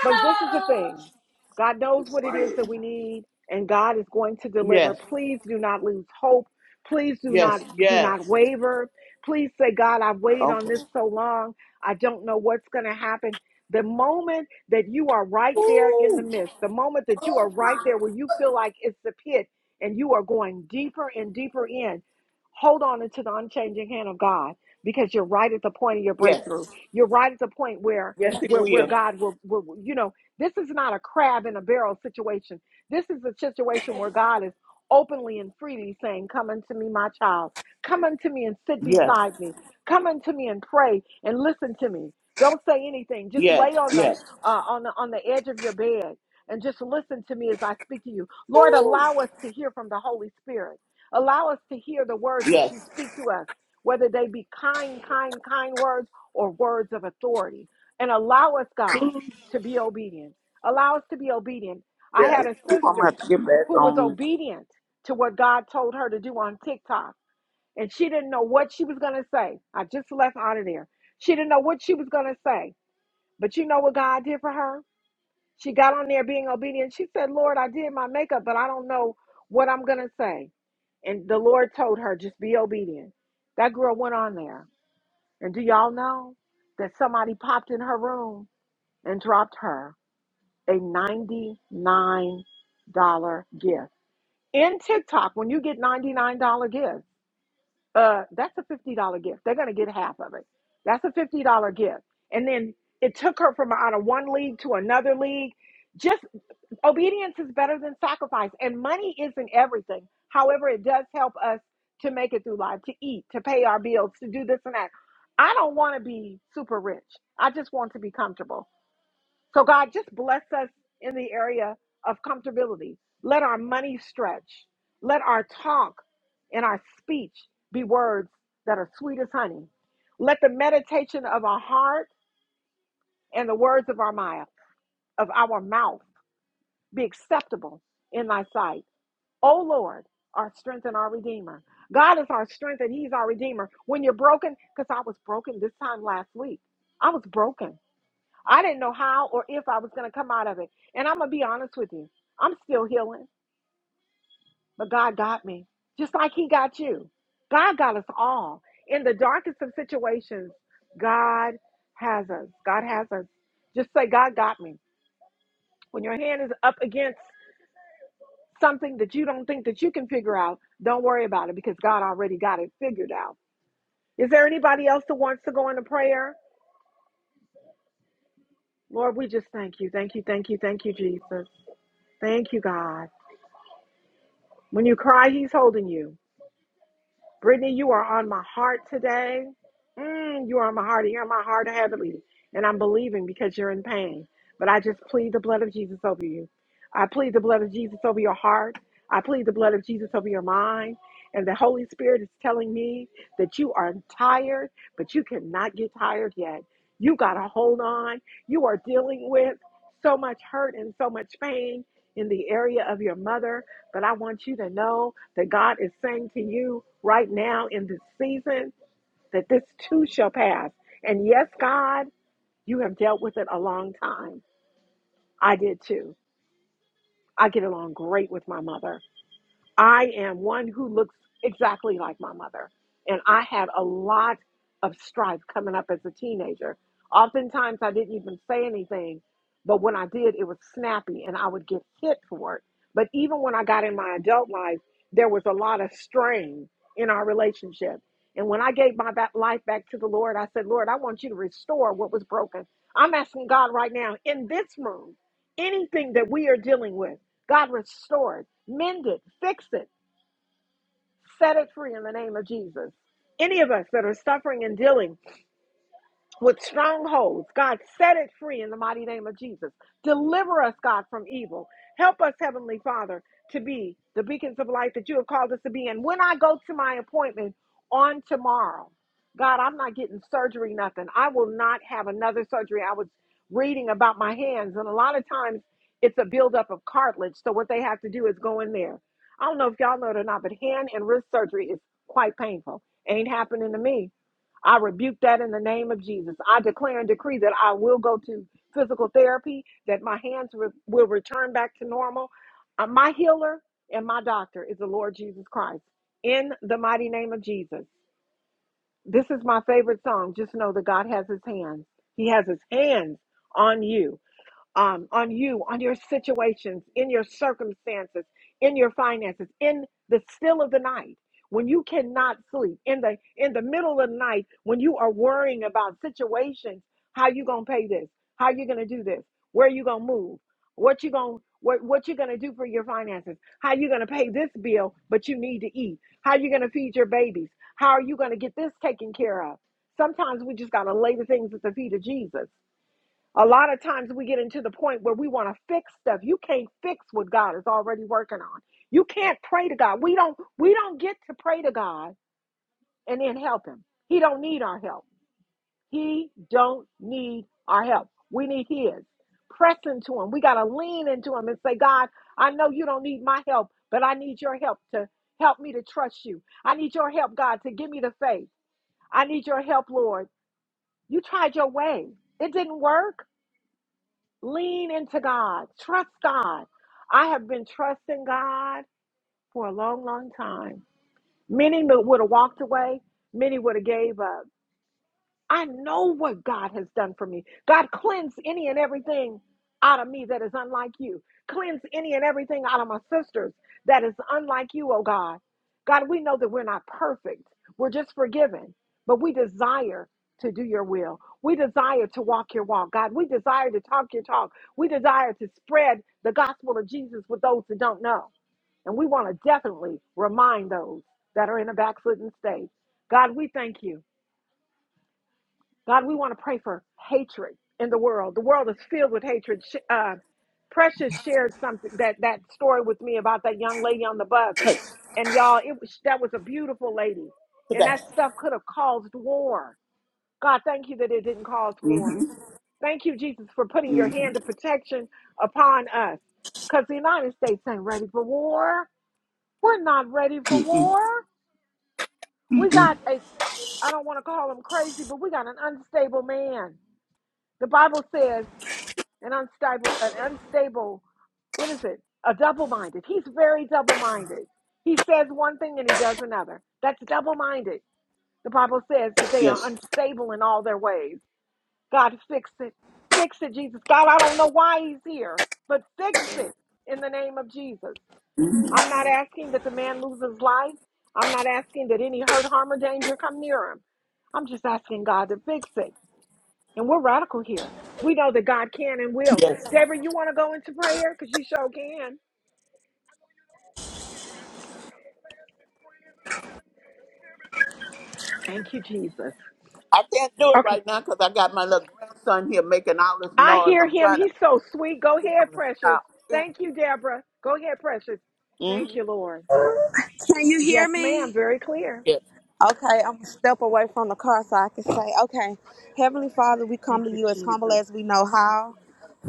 Speaker 1: But this is the thing God knows what it is that we need, and God is going to deliver.
Speaker 3: Yes.
Speaker 1: Please do not lose hope. Please do
Speaker 3: Yes.
Speaker 1: not do not
Speaker 3: Yes.
Speaker 1: waver. Please say, God, I've waited on
Speaker 3: Okay.
Speaker 1: this so long. I don't know what's going to happen. The moment that you are right there in the
Speaker 3: Ooh.
Speaker 1: midst, the moment that you are right there where you feel like it's the pit and you are going deeper and deeper in, hold on into the unchanging hand of God because you're right at the point of your
Speaker 3: Yes.
Speaker 1: breakthrough. You're right at the point where
Speaker 3: Yes, he
Speaker 1: where, where
Speaker 3: will.
Speaker 1: God will, will, you know, this is not a crab in a barrel situation. This is a situation where God is openly and freely saying, Come unto me, my child. Come unto me and sit
Speaker 3: Yes.
Speaker 1: beside me. Come unto me and pray and listen to me. Don't say anything. Just lay
Speaker 3: Yes.
Speaker 1: on the
Speaker 3: Yes.
Speaker 1: uh, on the on the edge of your bed and just listen to me as I speak to you. Lord, allow us to hear from the Holy Spirit. Allow us to hear the words that you
Speaker 3: Yes.
Speaker 1: speak to us, whether they be kind, kind, kind words or words of authority and allow us, God, to be obedient. Allow us to be obedient. I
Speaker 3: Yes.
Speaker 1: had a
Speaker 3: I'm gonna
Speaker 1: sister
Speaker 3: have to get back
Speaker 1: who was
Speaker 3: on
Speaker 1: obedient to what God told her to do on TikTok, and she didn't know what she was going to say. I just left out of there. She didn't know what she was going to say, but you know what God did for her? She got on there being obedient. She said, Lord, I did my makeup, but I don't know what I'm going to say. And the Lord told her, just be obedient. That girl went on there. And do y'all know that somebody popped in her room and dropped her a $99 gift. In TikTok, when you get $99 gifts, uh, that's a $50 gift. They're going to get half of it. That's a $50 gift. And then it took her from out of one league to another league. Just obedience is better than sacrifice. And money isn't everything. However, it does help us to make it through life, to eat, to pay our bills, to do this and that. I don't want to be super rich. I just want to be comfortable. So, God, just bless us in the area of comfortability. Let our money stretch. Let our talk and our speech be words that are sweet as honey. Let the meditation of our heart and the words of our mouth, of our mouth be acceptable in thy sight. O Lord, our strength and our redeemer. God is our strength and he's our redeemer. When you're broken, because I was broken this time last week. I was broken. I didn't know how or if I was going to come out of it. And I'm going to be honest with you. I'm still healing, but God got me, just like He got you. God got us all. In the darkest of situations, God has us. God has us. Just say, God got me. When your hand is up against something that you don't think that you can figure out, don't worry about it because God already got it figured out. Is there anybody else that wants to go into prayer? Lord, we just thank you. Thank you, thank you, thank you, Jesus. Thank you, God. When you cry, he's holding you. Brittany, you are on my heart today. Mm, you are on my heart. You're on my heart heavily. And I'm believing because you're in pain. But I just plead the blood of Jesus over you. I plead the blood of Jesus over your heart. I plead the blood of Jesus over your mind. And the Holy Spirit is telling me that you are tired, but you cannot get tired yet. You got to hold on. You are dealing with so much hurt and so much pain in the area of your mother but I want you to know that God is saying to you right now in this season that this too shall pass. And yes, God, you have dealt with it a long time. I did too. I get along great with my mother. I am one who looks exactly like my mother. And I had a lot of strife coming up as a teenager. Oftentimes, I didn't even say anything, but when I did, it was snappy and I would get hit for it. But even when I got in my adult life, there was a lot of strain in our relationship. And when I gave my back, life back to the Lord, I said, Lord, I want you to restore what was broken. I'm asking God right now in this room, anything that we are dealing with. God restored, mended, fixed it, set it free in the name of Jesus. Any of us that are suffering and dealing, with strongholds. God, set it free in the mighty name of Jesus. Deliver us, God, from evil. Help us, Heavenly Father, to be the beacons of light that you have called us to be. And when I go to my appointment on tomorrow, God, I'm not getting surgery, nothing. I will not have another surgery. I was reading about my hands, and a lot of times it's a buildup of cartilage. So what they have to do is go in there. I don't know if y'all know it or not, but hand and wrist surgery is quite painful. Ain't happening to me. I rebuke that in the name of Jesus. I declare and decree that I will go to physical therapy, that my hands re- will return back to normal. Uh, my healer and my doctor is the Lord Jesus Christ. In the mighty name of Jesus. This is my favorite song. Just know that God has his hands. He has his hands on you um, on you, on your situations, in your circumstances, in your finances, in the still of the night when you cannot sleep, in the in the middle of the night when you are worrying about situations, how you gonna pay this, how you gonna do this, where you gonna move, what you gonna what, what you gonna do for your finances, how you gonna pay this bill, but you need to eat, how you gonna feed your babies, how are you gonna get this taken care of? Sometimes we just gotta lay the things at the feet of Jesus a lot of times we get into the point where we want to fix stuff. You can't fix what God is already working on. You can't pray to God. We don't we don't get to pray to God and then help him. He don't need our help. He don't need our help. We need his. Press into him. We got to lean into him and say, "God, I know you don't need my help, but I need your help to help me to trust you. I need your help, God, to give me the faith. I need your help, Lord. You tried your way. It didn't work. Lean into God. Trust God. I have been trusting God for a long, long time. Many would have walked away. Many would have gave up. I know what God has done for me. God, cleanse any and everything out of me that is unlike you. Cleanse any and everything out of my sisters that is unlike you, oh God. God, we know that we're not perfect, we're just forgiven, but we desire to do your will. We desire to walk your walk, God. We desire to talk your talk. We desire to spread the gospel of Jesus with those who don't know. And we want to definitely remind those that are in a backslidden state. God, we thank you. God, we want to pray for hatred in the world. The world is filled with hatred. Sh- Uh, Precious shared something that that story with me about that young lady on the bus, and y'all, it was that was a beautiful lady, and
Speaker 3: today.
Speaker 1: that stuff could have caused war. God, thank you that it didn't cause war.
Speaker 3: Mm-hmm.
Speaker 1: Thank you, Jesus, for putting your
Speaker 3: Mm-hmm.
Speaker 1: hand of protection upon us, because the United States ain't ready for war. We're not ready for war. We got a I don't want to call him crazy, but we got an unstable man. The Bible says. an unstable, an unstable, what is it? A double-minded. He's very double-minded. He says one thing and he does another. That's double-minded. The Bible says that they are
Speaker 3: Yes.
Speaker 1: unstable in all their ways. God, fix it. Fix it, Jesus. God, I don't know why he's here, but fix it in the name of Jesus. I'm not asking that the man lose his life. I'm not asking that any hurt, harm, or danger come near him. I'm just asking God to fix it. And we're radical here. We know that God can and will.
Speaker 3: Yes.
Speaker 1: Deborah, you want to go into prayer? Because you sure can. Thank you, Jesus.
Speaker 3: I can't do it
Speaker 1: Okay.
Speaker 3: right now because I got my little grandson here making all this
Speaker 1: I
Speaker 3: noise.
Speaker 1: hear
Speaker 3: I'm
Speaker 1: him.
Speaker 3: trying to
Speaker 1: He's so sweet. Go
Speaker 3: Give
Speaker 1: ahead,
Speaker 3: him a
Speaker 1: precious.
Speaker 3: shout. Yeah.
Speaker 1: Thank you, Deborah. Go ahead, precious.
Speaker 3: hmm
Speaker 1: Thank you, Lord.
Speaker 5: Can you hear
Speaker 1: Yes, ma'am.
Speaker 5: me?
Speaker 1: Very clear.
Speaker 3: Yes.
Speaker 5: Okay, I'm gonna step away from the car so I can say, okay, Heavenly Father, we come
Speaker 1: Thank
Speaker 5: to
Speaker 1: you,
Speaker 5: you as humble
Speaker 1: Jesus.
Speaker 5: as we know how.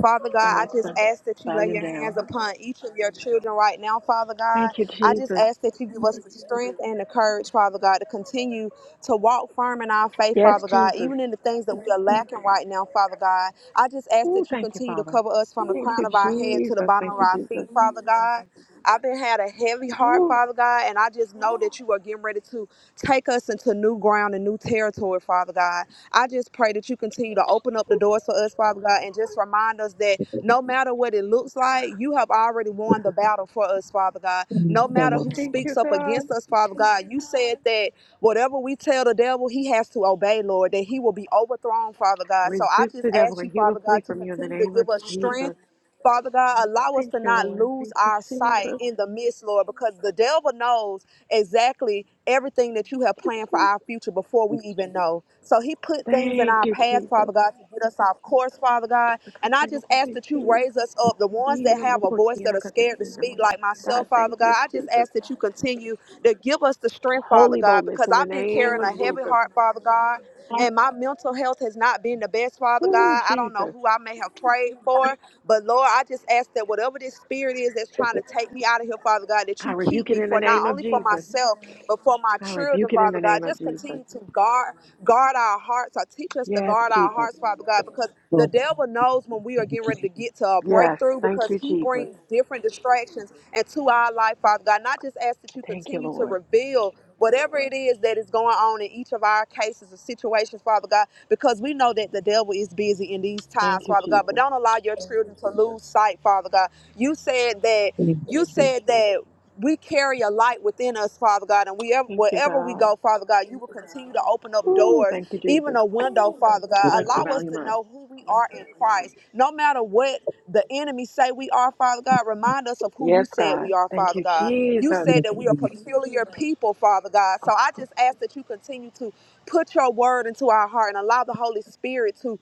Speaker 5: Father God, I just
Speaker 1: Alexa,
Speaker 5: ask that you lay
Speaker 1: volume
Speaker 5: your hands
Speaker 1: down.
Speaker 5: upon each of your children right now, Father God.
Speaker 1: Thank you,
Speaker 5: I just
Speaker 1: Jesus.
Speaker 5: ask that you give us the strength and the courage, Father God, to continue to walk firm in our faith,
Speaker 1: Yes,
Speaker 5: Father God,
Speaker 1: Jesus.
Speaker 5: even in the things that we are lacking right now, Father God. I just ask
Speaker 1: Ooh,
Speaker 5: that you
Speaker 1: thank you,
Speaker 5: continue to
Speaker 1: Father.
Speaker 5: cover us from the
Speaker 1: Thank
Speaker 5: crown
Speaker 1: you,
Speaker 5: of our head to the
Speaker 1: Jesus.
Speaker 5: bottom
Speaker 1: Thank
Speaker 5: of
Speaker 1: you,
Speaker 5: our
Speaker 1: Jesus.
Speaker 5: feet, Father God. I've been had a heavy heart,
Speaker 1: Ooh,
Speaker 5: Father God, and I just know that you are getting ready to take us into new ground and new territory, Father God. I just pray that you continue to open up the doors for us, Father God, and just remind us that no matter what it looks like, you have already won the battle for us, Father God.
Speaker 2: Thank
Speaker 5: No
Speaker 2: you,
Speaker 5: matter
Speaker 2: Lord.
Speaker 5: who
Speaker 1: thank you,
Speaker 5: speaks up
Speaker 1: God.
Speaker 5: against us, Father God, you said that whatever we tell the devil, he has to obey, Lord, that he will be overthrown, Father God. So I
Speaker 1: Resist
Speaker 5: just
Speaker 1: the devil
Speaker 5: ask you,
Speaker 1: and he will
Speaker 5: Father
Speaker 1: flee
Speaker 5: God, to
Speaker 1: from you in the
Speaker 5: continue to
Speaker 1: name of
Speaker 5: give us strength.
Speaker 1: Jesus.
Speaker 5: Father God, allow us
Speaker 1: Thank
Speaker 5: to
Speaker 1: you,
Speaker 5: not
Speaker 1: Lord.
Speaker 5: lose
Speaker 1: Thank you,
Speaker 5: our sight
Speaker 1: Jesus.
Speaker 5: in the midst, Lord, because the devil knows exactly everything that you have
Speaker 1: Thank you,
Speaker 5: planned for
Speaker 1: Jesus.
Speaker 5: our future before we even know. So he put things in
Speaker 1: Thank
Speaker 5: our
Speaker 1: you,
Speaker 5: path, Father
Speaker 1: Jesus.
Speaker 5: God, to get us off course, Father God. And I just ask that you raise us up, the ones that have a voice that are scared to speak, like
Speaker 1: God,
Speaker 5: myself,
Speaker 1: thank
Speaker 5: Father God.
Speaker 1: you,
Speaker 5: I just
Speaker 1: Jesus.
Speaker 5: ask that you continue to give us the strength, Father
Speaker 1: Holy
Speaker 5: God,
Speaker 1: boldness
Speaker 5: because
Speaker 1: in the
Speaker 5: I've been
Speaker 1: name
Speaker 5: carrying
Speaker 1: of
Speaker 5: a heavy
Speaker 1: Jesus.
Speaker 5: heart, Father God.
Speaker 2: Yes,
Speaker 5: And my mental health has not been the best, Father
Speaker 1: Ooh,
Speaker 5: God. I don't know
Speaker 1: Jesus.
Speaker 5: who I may have prayed for, but Lord, I just ask that whatever this spirit is that's trying to take me out of here, Father God, that
Speaker 1: I
Speaker 5: you keep
Speaker 1: rebuke it
Speaker 5: me
Speaker 1: in the
Speaker 5: for not
Speaker 1: name of
Speaker 5: only for
Speaker 1: Jesus.
Speaker 5: myself, but for my
Speaker 1: I
Speaker 5: children,
Speaker 1: rebuke it in
Speaker 5: Father
Speaker 1: the
Speaker 5: God.
Speaker 1: name of
Speaker 5: Just
Speaker 1: Jesus.
Speaker 5: continue to guard, guard our hearts. Or teach us to
Speaker 1: Yes,
Speaker 5: guard our
Speaker 1: Jesus.
Speaker 5: hearts, Father God, because the
Speaker 2: Lord.
Speaker 5: devil knows when we are
Speaker 2: Thank
Speaker 5: getting ready to get to a
Speaker 1: Yes.
Speaker 5: breakthrough
Speaker 1: Thank
Speaker 5: because
Speaker 1: you,
Speaker 5: he
Speaker 1: Jesus.
Speaker 5: brings different distractions into our life, Father God. And I just ask that you
Speaker 1: Thank you,
Speaker 5: continue to
Speaker 1: Lord.
Speaker 5: reveal whatever it is that is going on in each of our cases and situations, Father God because we know that the devil is busy in these
Speaker 1: Thank
Speaker 5: times,
Speaker 1: you,
Speaker 5: Father God. But
Speaker 1: Jesus.
Speaker 5: don't allow your children to lose sight, Father God. You said that
Speaker 2: you,
Speaker 5: you
Speaker 2: Jesus.
Speaker 5: said that we carry a light within us, Father God, and we ever,
Speaker 1: Thank you,
Speaker 5: wherever we
Speaker 1: God.
Speaker 5: go, Father God, you will continue to open up
Speaker 1: Ooh,
Speaker 5: doors,
Speaker 1: thank you,
Speaker 5: even
Speaker 1: Jesus.
Speaker 5: a window, Father
Speaker 2: Yes,
Speaker 5: God.
Speaker 1: Alexa,
Speaker 5: Allow us
Speaker 1: volume
Speaker 5: to
Speaker 1: up.
Speaker 5: know who we are in Christ, no matter what the enemy say we are, Father God. Remind us of who you
Speaker 1: Yes,
Speaker 5: said
Speaker 1: God.
Speaker 5: we are,
Speaker 1: Thank
Speaker 5: Father
Speaker 1: you,
Speaker 5: God. You
Speaker 1: Jesus.
Speaker 5: said that we are
Speaker 2: Jesus.
Speaker 5: peculiar people, Father God. So I just ask that you continue to Put your word into our heart and allow the Holy Spirit to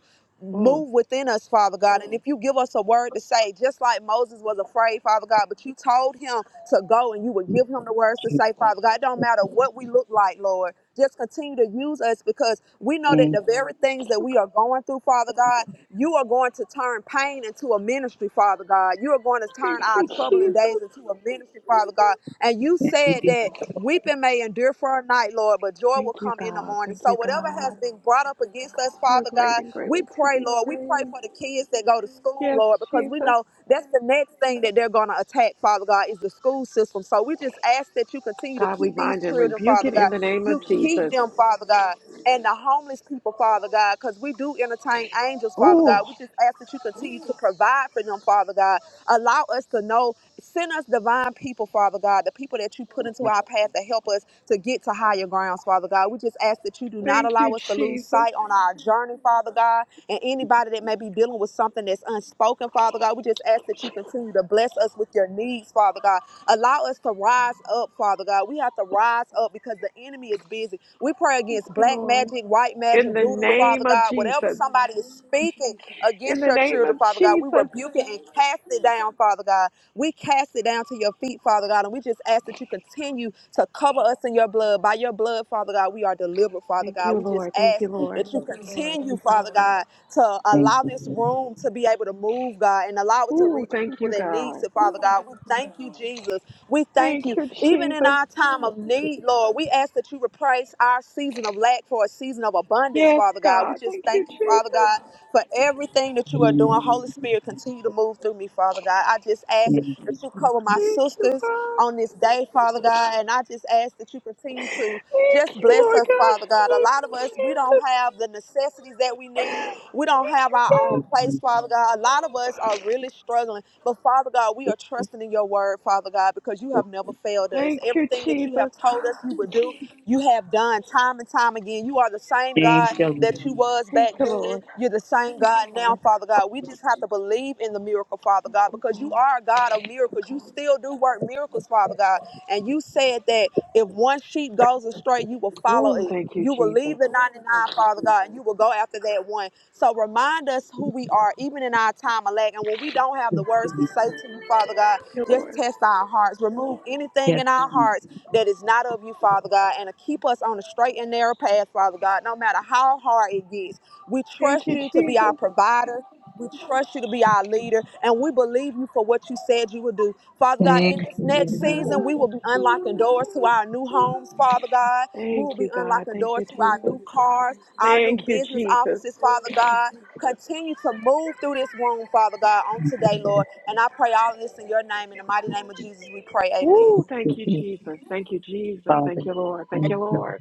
Speaker 1: Mm.
Speaker 5: move within us, Father God. And if you give us a word to say, just like Moses was afraid, Father God, but you told him to go and you would give him the words to say, Father God, it don't matter what we look like, Lord. Just continue to use us because we know that
Speaker 2: Thank you.
Speaker 5: the very things that we are going through, Father God, you are going to turn pain into a ministry, Father God. You are going to
Speaker 1: Thank
Speaker 5: turn our
Speaker 1: you,
Speaker 5: troubling days
Speaker 1: Jesus.
Speaker 5: into a ministry, Father God. And you
Speaker 2: Thank
Speaker 5: said
Speaker 2: you.
Speaker 5: that Weeping may endure for a night, Lord, but joy
Speaker 1: Thank
Speaker 5: will
Speaker 1: you,
Speaker 5: come in the
Speaker 1: God.
Speaker 5: morning.
Speaker 1: Thank
Speaker 5: So,
Speaker 1: you, God.
Speaker 5: whatever has been brought up against us,
Speaker 1: God, you are
Speaker 5: Father
Speaker 1: great
Speaker 5: God,
Speaker 1: and greatly
Speaker 5: we
Speaker 1: to
Speaker 5: pray,
Speaker 1: be
Speaker 5: Lord. We pray
Speaker 1: praised.
Speaker 5: for the kids that go to school,
Speaker 1: Yes,
Speaker 5: Lord, because we
Speaker 1: Jesus.
Speaker 5: know that's the next thing that they're going to attack, Father God, is the school system. So, we just ask that you continue to
Speaker 1: God, we
Speaker 5: keep these
Speaker 1: bind and
Speaker 5: children,
Speaker 1: rebuke
Speaker 5: Father
Speaker 1: it in
Speaker 5: God.
Speaker 1: the name of
Speaker 5: You keep
Speaker 1: Jesus.
Speaker 5: them, Father God, and the homeless people, Father God, because we do entertain angels, Father
Speaker 1: Oh,
Speaker 5: God. We just ask that you continue to provide for them, Father God. Allow us to know. Send us divine people, Father God, the people that you put into our path to help us to get to higher grounds, Father God. We just ask that you do not
Speaker 1: thank
Speaker 5: allow
Speaker 1: you,
Speaker 5: us to lose
Speaker 1: Jesus.
Speaker 5: sight on our journey, Father God. And anybody that may be dealing with something that's unspoken, Father God, we just ask that you continue to bless us with your needs, Father God. Allow us to rise up, Father God. We have to rise up because the enemy is busy. We pray
Speaker 1: Thank
Speaker 5: against
Speaker 1: you,
Speaker 5: black
Speaker 1: Lord.
Speaker 5: magic, white magic,
Speaker 1: In the
Speaker 5: voodoo,
Speaker 1: name
Speaker 5: Father
Speaker 1: of
Speaker 5: God. Whatever
Speaker 1: Jesus.
Speaker 5: somebody is speaking
Speaker 1: In
Speaker 5: against
Speaker 1: the
Speaker 5: your
Speaker 1: name
Speaker 5: children,
Speaker 1: of
Speaker 5: Father God, we
Speaker 1: Jesus.
Speaker 5: rebuke it and cast it down, Father God. We cast it down to your feet, Father God, and we just ask that you continue to cover us in your blood. By your blood, Father God, we are delivered, Father
Speaker 1: Thank
Speaker 5: God.
Speaker 1: you,
Speaker 5: We just
Speaker 1: Lord. Thank you,
Speaker 5: ask
Speaker 1: Lord.
Speaker 5: that you continue, Father God, to
Speaker 2: Thank
Speaker 5: allow
Speaker 2: you,
Speaker 5: this room to be able to move, God, and allow it to
Speaker 1: Ooh,
Speaker 5: reach
Speaker 1: thank
Speaker 5: people
Speaker 1: you,
Speaker 5: that need
Speaker 1: God.
Speaker 5: it, Father God. We thank you, Jesus. We thank
Speaker 1: Thank
Speaker 5: you.
Speaker 1: you,
Speaker 5: Even in
Speaker 1: Jesus.
Speaker 5: our time of need, Lord, we ask that you replace our season of lack for a season of abundance,
Speaker 1: Yes,
Speaker 5: Father God. We
Speaker 1: God.
Speaker 5: just
Speaker 1: Thank you,
Speaker 5: thank you, Father
Speaker 1: Jesus.
Speaker 5: God, for everything that you are
Speaker 2: Lord.
Speaker 5: doing. Holy Spirit, continue to move through me, Father God. I just ask
Speaker 2: Thank you,
Speaker 5: that you
Speaker 2: Jesus.
Speaker 5: cover my
Speaker 1: Thank you,
Speaker 5: sisters
Speaker 1: God.
Speaker 5: on this day, Father God. And I just ask that you continue to just
Speaker 1: Thank you,
Speaker 5: bless
Speaker 1: Lord
Speaker 5: us,
Speaker 1: God.
Speaker 5: Father
Speaker 1: In
Speaker 5: God.
Speaker 1: the
Speaker 5: A
Speaker 1: name
Speaker 5: lot of
Speaker 1: of
Speaker 5: us, we don't
Speaker 1: Jesus.
Speaker 5: have the necessities that we need. We don't
Speaker 1: Thank
Speaker 5: have
Speaker 1: you,
Speaker 5: our own
Speaker 1: God.
Speaker 5: place, Father God. A lot of us are really struggling. But Father God, we are trusting in your word, Father God, because you have never failed us.
Speaker 1: Thank you,
Speaker 5: Everything that you have
Speaker 1: Jesus.
Speaker 5: told us you would do, you have done time and time again. You are the same
Speaker 2: Thank
Speaker 5: God
Speaker 2: you, Lord.
Speaker 5: that you was
Speaker 1: Thank
Speaker 5: back
Speaker 1: you,
Speaker 5: then.
Speaker 1: Lord.
Speaker 5: You're the same God now, Father God. We just have to believe in the miracle, Father
Speaker 1: Thank
Speaker 5: God,
Speaker 1: you,
Speaker 5: because you
Speaker 1: God.
Speaker 5: are a God of miracles. You still do work miracles, Father God. And you said that if one sheep goes astray, you will follow
Speaker 1: Oh,
Speaker 5: it.
Speaker 1: thank you,
Speaker 5: You will
Speaker 1: Jesus.
Speaker 5: leave the
Speaker 1: Thank
Speaker 5: 99, Father God, and you will go after that one. So remind us who we are, even in our time of lack. And when we don't have the words to say to you, Father God,
Speaker 1: you,
Speaker 5: just
Speaker 1: Lord.
Speaker 5: test our hearts. Remove anything
Speaker 2: Yes,
Speaker 5: in our
Speaker 2: Jesus.
Speaker 5: hearts that is not of you, Father God, and to keep us on a straight and narrow path, Father God, no matter how hard it gets. We
Speaker 1: Thank
Speaker 5: trust
Speaker 1: you,
Speaker 5: you to be our
Speaker 1: Jesus.
Speaker 5: provider. We trust you to be our leader, and we believe you for what you said you would do. Father God, in
Speaker 2: Thank
Speaker 5: this
Speaker 2: you,
Speaker 1: Thank you,
Speaker 5: next
Speaker 2: Lord.
Speaker 5: season, we will be unlocking
Speaker 1: God.
Speaker 5: doors to our new homes, Father God. We will
Speaker 1: Thank
Speaker 5: be
Speaker 1: you, God.
Speaker 5: unlocking
Speaker 1: Thank
Speaker 5: doors
Speaker 1: you,
Speaker 5: to our
Speaker 1: Jesus.
Speaker 5: new cars, our new
Speaker 1: Thank you,
Speaker 5: business
Speaker 1: Jesus.
Speaker 5: offices, Father God. Continue to move through this room, Father God, on today, Lord.
Speaker 2: Thank
Speaker 5: And I pray all of this in your name. In the mighty name of Jesus, we pray. Amen.
Speaker 1: Ooh,
Speaker 2: you,
Speaker 1: thank you,
Speaker 2: Jesus.
Speaker 1: Jesus. Thank you, Jesus.
Speaker 2: Father,
Speaker 1: Thank
Speaker 2: thank
Speaker 1: you, Lord. Thank
Speaker 4: Thank
Speaker 1: you,
Speaker 2: you.
Speaker 1: Lord.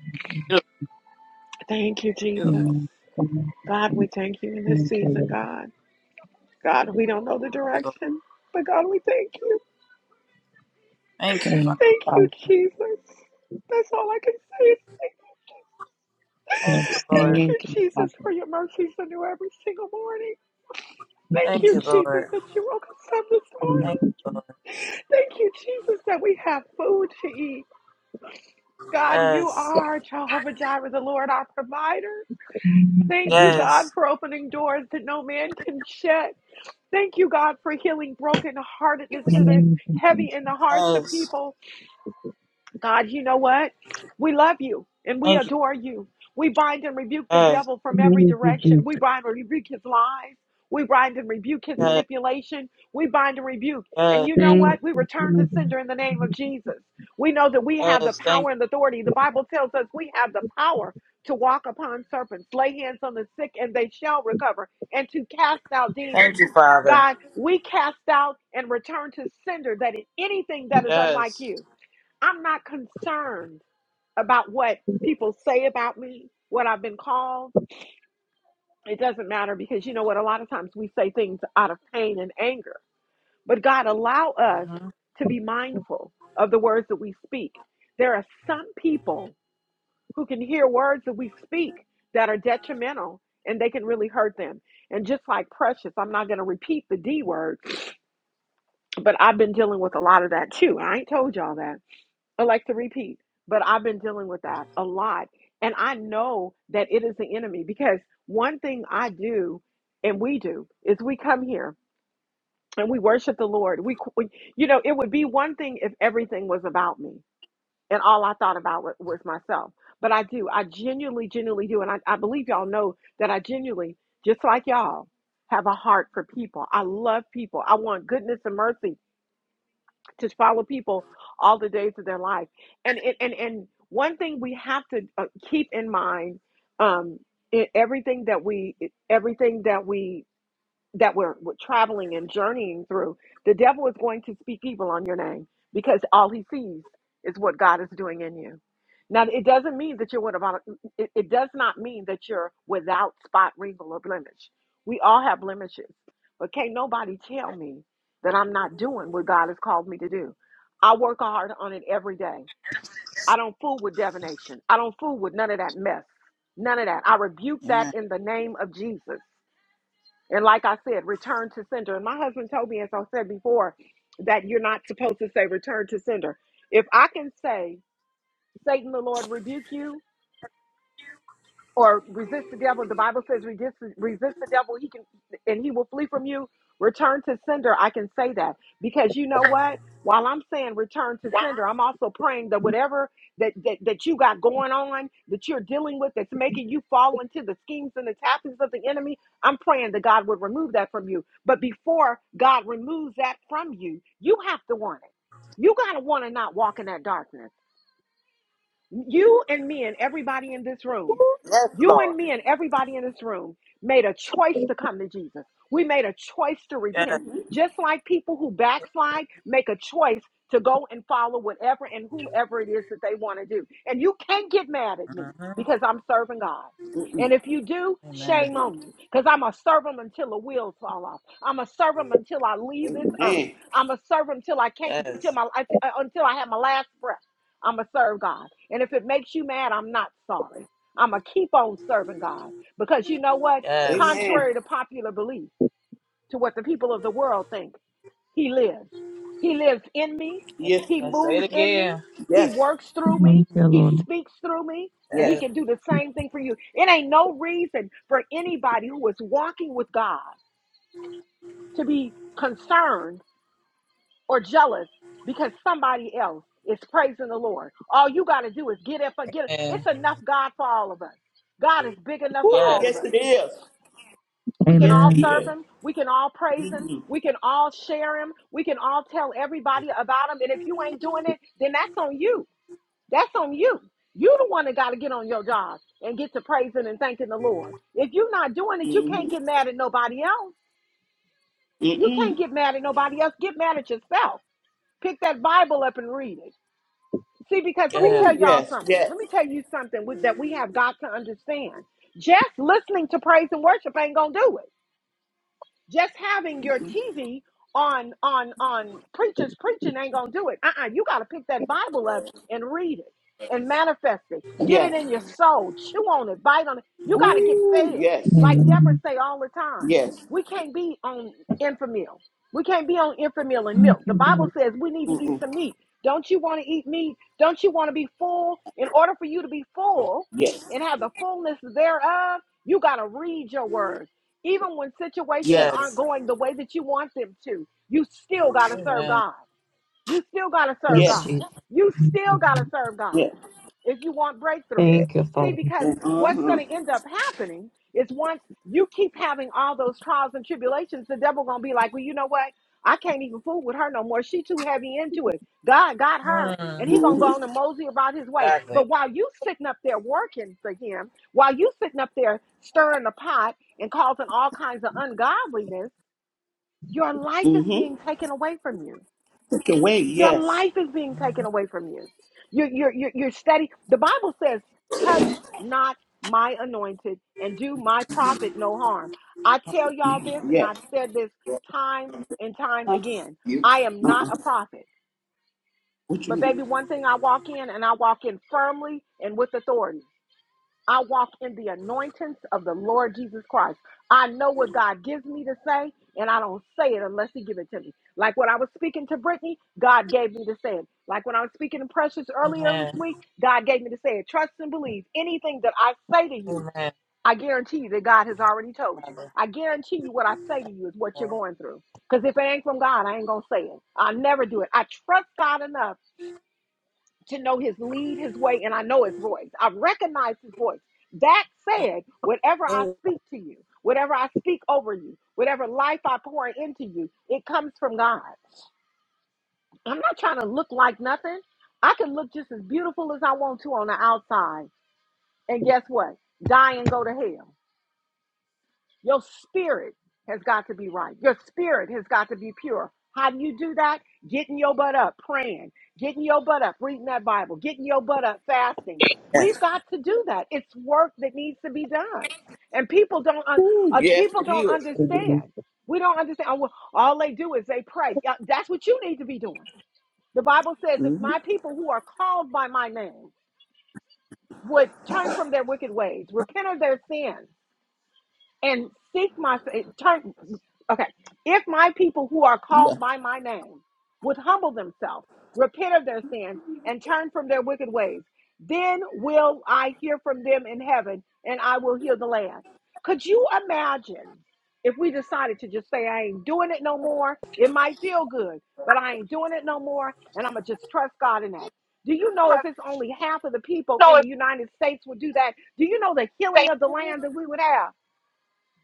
Speaker 1: Thank you,
Speaker 4: you,
Speaker 1: Jesus.
Speaker 2: Amen. Thank
Speaker 1: God, we
Speaker 2: you.
Speaker 1: thank you in this
Speaker 2: Thank
Speaker 1: season, God. God, we don't know the
Speaker 4: Lord.
Speaker 1: direction, but God, we thank you.
Speaker 4: Thank you, Father.
Speaker 2: you,
Speaker 1: Thank you,
Speaker 2: Father.
Speaker 1: Jesus. That's all I can say. is Thank
Speaker 4: Thank
Speaker 1: you,
Speaker 4: you,
Speaker 2: Yes,
Speaker 4: Lord.
Speaker 1: Thank you,
Speaker 2: thank you, Father.
Speaker 1: Jesus, for your mercies are new every single morning.
Speaker 2: Thank you,
Speaker 1: Thank
Speaker 4: Thank
Speaker 1: you,
Speaker 4: you,
Speaker 2: Jesus.
Speaker 1: Jesus,
Speaker 4: Lord.
Speaker 1: that you woke us up this
Speaker 2: Thank
Speaker 4: Thank
Speaker 2: you,
Speaker 1: morning.
Speaker 4: you,
Speaker 2: Jesus.
Speaker 4: Lord.
Speaker 1: Thank you, Jesus, that we have food to eat. God, you
Speaker 4: Yes.
Speaker 1: are Jehovah Jireh, the Lord, our provider.
Speaker 2: Thank
Speaker 1: Thank you,
Speaker 2: you.
Speaker 1: God,
Speaker 4: Yes.
Speaker 1: for opening doors that no man can shut. Thank you, God, for healing brokenheartedness
Speaker 2: Thank
Speaker 1: that is
Speaker 2: you, Jesus.
Speaker 1: heavy in the hearts of
Speaker 4: Yes.
Speaker 1: people. God, you know what? We love you and we
Speaker 4: Thank you.
Speaker 1: adore you. We bind and rebuke the
Speaker 4: Yes.
Speaker 1: devil from every
Speaker 2: Thank you,
Speaker 1: direction.
Speaker 2: Jesus.
Speaker 1: We bind and rebuke his lies. We bind and rebuke his
Speaker 4: Yes.
Speaker 1: manipulation. We bind and rebuke. And
Speaker 4: Yes.
Speaker 1: you know
Speaker 2: Thank
Speaker 1: what? We
Speaker 2: you,
Speaker 1: return to
Speaker 2: Father.
Speaker 1: sender in the name of Jesus. We know that we have the
Speaker 4: Yes. Thank
Speaker 1: power
Speaker 4: you.
Speaker 1: and authority. The Bible tells us we have the power to walk upon serpents, lay hands on the sick, and they shall recover, and to cast out demons.
Speaker 4: Thank you, Father.
Speaker 1: God, we cast out and return to sender that anything that is unlike
Speaker 4: Yes.
Speaker 1: you. I'm not concerned about what people say about me, what I've been called. It doesn't matter because you know what? A lot of times we say things out of pain and anger, but God allow us
Speaker 4: hmm
Speaker 1: to be mindful of the words that we speak. There are some people who can hear words that we speak that are detrimental and they can really hurt them. And just like Precious, I'm not going to repeat the D word, but I've been dealing with a lot of that too. I ain't told y'all that I like to repeat, but I've been dealing with that a lot. And I know that it is the enemy because one thing I do and we do is we come here and we worship the Lord. We, we you know, it would be one thing if everything was about me and all I thought about was, was myself. But I do. I genuinely, genuinely do. And I, I believe y'all know that I genuinely, just like y'all, have a heart for people. I love people. I want goodness and mercy to follow people all the days of their life. And and and, and one thing we have to uh, keep in mind um, in everything that we e, everything that we that we're, we're traveling and journeying through, the devil is going to speak evil on your name because all he sees is what God is doing in you. Now, it doesn't mean that you're without, it, it does not mean that you're without spot, wrinkle, or blemish. We all have blemishes, but can't nobody tell me that I'm not doing what God has called me to do. I work hard on it every day. I don't fool with divination. I don't fool with none of that mess. None of that. I rebuke that
Speaker 4: Amen.
Speaker 1: in the name of Jesus. And like I said, return to sender. And my husband told me, as I said before, that you're not supposed to say return to sender. If I can say, Satan the Lord rebuke you, or resist the devil. The Bible says resist, resist the devil, he can and he will flee from you. Return to sender. I can say that because you know what? While I'm saying return to sender, I'm also praying that whatever that, that, that you got going on, that you're dealing with, that's making you fall into the schemes and the tactics of the enemy, I'm praying that God would remove that from you. But before God removes that from you, you have to want it. You got to want to not walk in that darkness. You and me and everybody in this room,
Speaker 3: Yes,
Speaker 1: you
Speaker 3: Lord.
Speaker 1: and me and everybody in this room made a choice to come to Jesus. We made a choice to
Speaker 4: Yes.
Speaker 1: repent. Just like people who backslide make a choice to go and follow whatever and whomever it is that they want to do. And you can't get mad at me
Speaker 4: hmm
Speaker 1: because I'm serving God.
Speaker 3: Mm-mm.
Speaker 1: And if you do,
Speaker 4: Amen.
Speaker 1: shame on you. Because I'm a servant until the wheels fall off. I'm a servant until I leave this earth.
Speaker 3: Amen.
Speaker 1: I'm a servant until I can't, until
Speaker 4: Yes.
Speaker 1: my, uh, until I have my last breath. I'm going to serve God. And if it makes you mad, I'm not sorry. I'm going to keep on serving God because you know what?
Speaker 4: Yes.
Speaker 3: Amen.
Speaker 1: Contrary to popular belief, to what the people of the world think, He lives. He lives in me.
Speaker 3: Yes.
Speaker 1: He
Speaker 4: Amen. Say
Speaker 1: moves
Speaker 4: it
Speaker 1: in me.
Speaker 4: again.
Speaker 1: He
Speaker 3: Yes.
Speaker 1: works through me.
Speaker 2: Thank you,
Speaker 1: He
Speaker 2: Lord.
Speaker 1: speaks through me. And He
Speaker 3: Yes.
Speaker 4: Yes.
Speaker 1: can do the same thing for you. It ain't no reason for anybody who is walking with God to be concerned or jealous because somebody else is praising the Lord. All you got to do is get it, up, get it.
Speaker 4: Amen.
Speaker 1: it's enough God for all of us. God is big enough for
Speaker 3: Ooh,
Speaker 1: all
Speaker 3: yes
Speaker 1: of
Speaker 4: Yes.
Speaker 1: us.
Speaker 3: it is.
Speaker 1: We can
Speaker 3: Yes
Speaker 1: all
Speaker 3: it
Speaker 2: Amen.
Speaker 1: serve
Speaker 3: is.
Speaker 1: him. We can all praise him.
Speaker 3: Mm-hmm.
Speaker 1: We can all share him. We can all tell everybody about him. And if you ain't doing it, then that's on you. That's on you. You the one that got to get on your job and get to praising and thanking the Lord. If you're not doing it, you can't get
Speaker 3: Mm-hmm.
Speaker 1: mad at nobody else. You
Speaker 3: Mm-mm.
Speaker 1: can't get mad at nobody else. Get mad at yourself. Pick that Bible up and read it. See, because let me
Speaker 4: Yes.
Speaker 1: tell
Speaker 3: Ooh,
Speaker 1: y'all
Speaker 3: yes.
Speaker 1: something.
Speaker 3: Yes.
Speaker 1: Let me tell you something with, that we have got to understand. Just listening to praise and worship ain't gonna do it. Just having your TV on on on preachers preaching ain't gonna do it. Uh-uh. You gotta pick that Bible up and read it and manifest it. Get it
Speaker 3: Yes.
Speaker 1: in your soul. Chew on it, bite on it. You
Speaker 4: Mhm.
Speaker 1: gotta get
Speaker 3: Ooh,
Speaker 1: fed.
Speaker 3: yes.
Speaker 1: Like
Speaker 2: Amen.
Speaker 1: Deborah say all the time.
Speaker 3: Yes.
Speaker 1: We can't be on infamil. We can't be on infamil and milk.
Speaker 2: Thank
Speaker 1: The
Speaker 2: you,
Speaker 1: Bible
Speaker 2: Lord.
Speaker 1: says we need to eat
Speaker 3: Mm-mm.
Speaker 1: some meat. Don't you want to eat meat? Don't you want to be full? In order for you to be full
Speaker 3: Yes.
Speaker 1: and have the fullness thereof, you got to read your word. Even when situations
Speaker 3: Yes.
Speaker 1: aren't
Speaker 4: Yes.
Speaker 1: going the way that you want them to, you still got to serve
Speaker 4: Amen.
Speaker 1: God. You still got to serve
Speaker 2: Jesus.
Speaker 3: Yes.
Speaker 1: God. You
Speaker 2: Thank
Speaker 1: still
Speaker 2: you,
Speaker 1: got to serve God
Speaker 3: Yes.
Speaker 1: if you want breakthrough.
Speaker 3: Yes.
Speaker 1: See,
Speaker 2: Father.
Speaker 1: because what's
Speaker 3: Uh-huh.
Speaker 1: going to end up happening is once you keep having all those trials and tribulations, the devil going to be like, well, you know what? I can't even fool with her no more. She too heavy into it. God got her.
Speaker 4: Hmm.
Speaker 1: And he gonna go
Speaker 3: Mm-hmm.
Speaker 1: on and mosey about his way.
Speaker 4: Exactly.
Speaker 1: But while you sitting up there working for him, while you sitting up there stirring the pot and causing all kinds of ungodliness, your life is
Speaker 3: Mm-hmm.
Speaker 1: being taken away from you
Speaker 3: Take it away.
Speaker 1: your
Speaker 3: Yes.
Speaker 1: life is being
Speaker 4: Mm-hmm.
Speaker 1: taken away from you. You're, you're, you're, you're steady. The Bible says, touch not my anointed and do my prophet no harm. I tell y'all this, and
Speaker 3: Yes.
Speaker 1: I've said this time and time
Speaker 3: Huh?
Speaker 1: again. I am not
Speaker 3: Uh-uh.
Speaker 1: a prophet.
Speaker 3: What you
Speaker 1: But,
Speaker 3: mean?
Speaker 1: baby, one thing I walk in, and I walk in firmly and with authority. I walk in the anointings of the Lord Jesus Christ. I know what God gives me to say, and I don't say it unless He give it to me. Like when I was speaking to Brittany, God gave me to say it. Like when I was speaking to Precious earlier this
Speaker 4: Amen.
Speaker 1: week, God gave me to say it. Trust and believe. Anything that I say to you,
Speaker 4: Amen.
Speaker 1: I guarantee you that God has already told you.
Speaker 4: Father
Speaker 1: I guarantee you what I say to you is what you're
Speaker 4: God.
Speaker 1: going through. Because if it ain't from God, I ain't going to say it. I'll never do it. I trust God enough to know his lead, his way, and I know his voice. I recognize his voice. That said, whatever I
Speaker 4: Oh,
Speaker 1: speak to you, whatever I speak over you, whatever life I pour into you, it comes from God. I'm not trying to look like nothing. I can look just as beautiful as I want to on the outside. And guess what? Die and go to hell. Your spirit has got to be right. Your spirit has got to be pure. How do you do that? Getting your butt up, praying, getting your butt up, reading that Bible, getting your butt up, fasting. We've got to do that. It's work that needs to be done, and people don't un-
Speaker 3: Ooh,
Speaker 1: uh,
Speaker 3: yes,
Speaker 1: people
Speaker 3: it
Speaker 1: don't
Speaker 3: is.
Speaker 1: understand. We don't understand. Oh, well, All they do is they pray. Yeah, That's what you need to be doing. The Bible says, "If
Speaker 3: Mm-hmm.
Speaker 1: my people who are called by my name would turn from their wicked ways, repent of their sins." and seek my fa- turn. Okay, if my people who are
Speaker 3: Yeah.
Speaker 1: called by my name would humble themselves, repent of their sins, and turn from their wicked ways, then will I hear from them in heaven, and I will heal the land. Could you imagine if we decided to just say, I ain't doing it no more? It might feel good, but I ain't doing it no more, and I'm gonna just trust God in that. Do you know if it's only half of the people
Speaker 2: No,
Speaker 1: in the
Speaker 2: it's
Speaker 1: United States would do that? Do you know the healing of the land that we would have?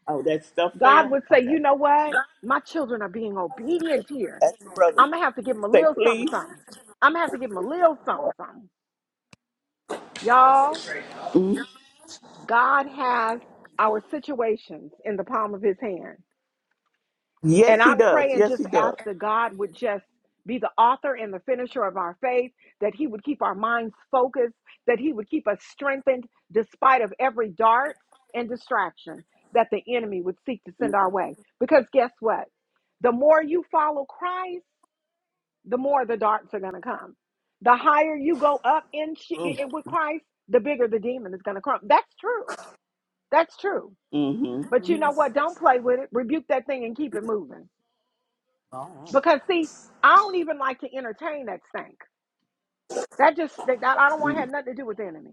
Speaker 3: Oh, that stuff
Speaker 1: God
Speaker 3: fell?
Speaker 1: would say,
Speaker 3: Okay.
Speaker 1: you know what? My children are being obedient here.
Speaker 3: That's the brother.
Speaker 1: I'm going to have to give them a
Speaker 3: Say,
Speaker 1: little something,
Speaker 3: please.
Speaker 1: something. I'm going to have to give them a little something, something. Y'all,
Speaker 3: Mm.
Speaker 1: God has our situations in the palm of his hand. And
Speaker 3: Yes,
Speaker 1: I
Speaker 3: he does.
Speaker 1: pray and
Speaker 3: Yes,
Speaker 1: just
Speaker 3: he does.
Speaker 1: ask that God would just be the author and the finisher of our faith, that he would keep our minds focused, that he would keep us strengthened despite of every dart and distraction that the enemy would seek to send our
Speaker 3: Mm-hmm.
Speaker 1: way. Because guess what? The more you follow Christ, the more the darts are going to come. The higher you go up in, sh- in with Christ, the bigger the demon is going to come. That's true. That's true.
Speaker 3: Mm-hmm.
Speaker 1: But you know what? Don't play with it. Rebuke that thing and keep it moving because see, I don't even like to entertain that stank. That just that, that- I don't want to
Speaker 3: Mm.
Speaker 1: have nothing to do with the enemy.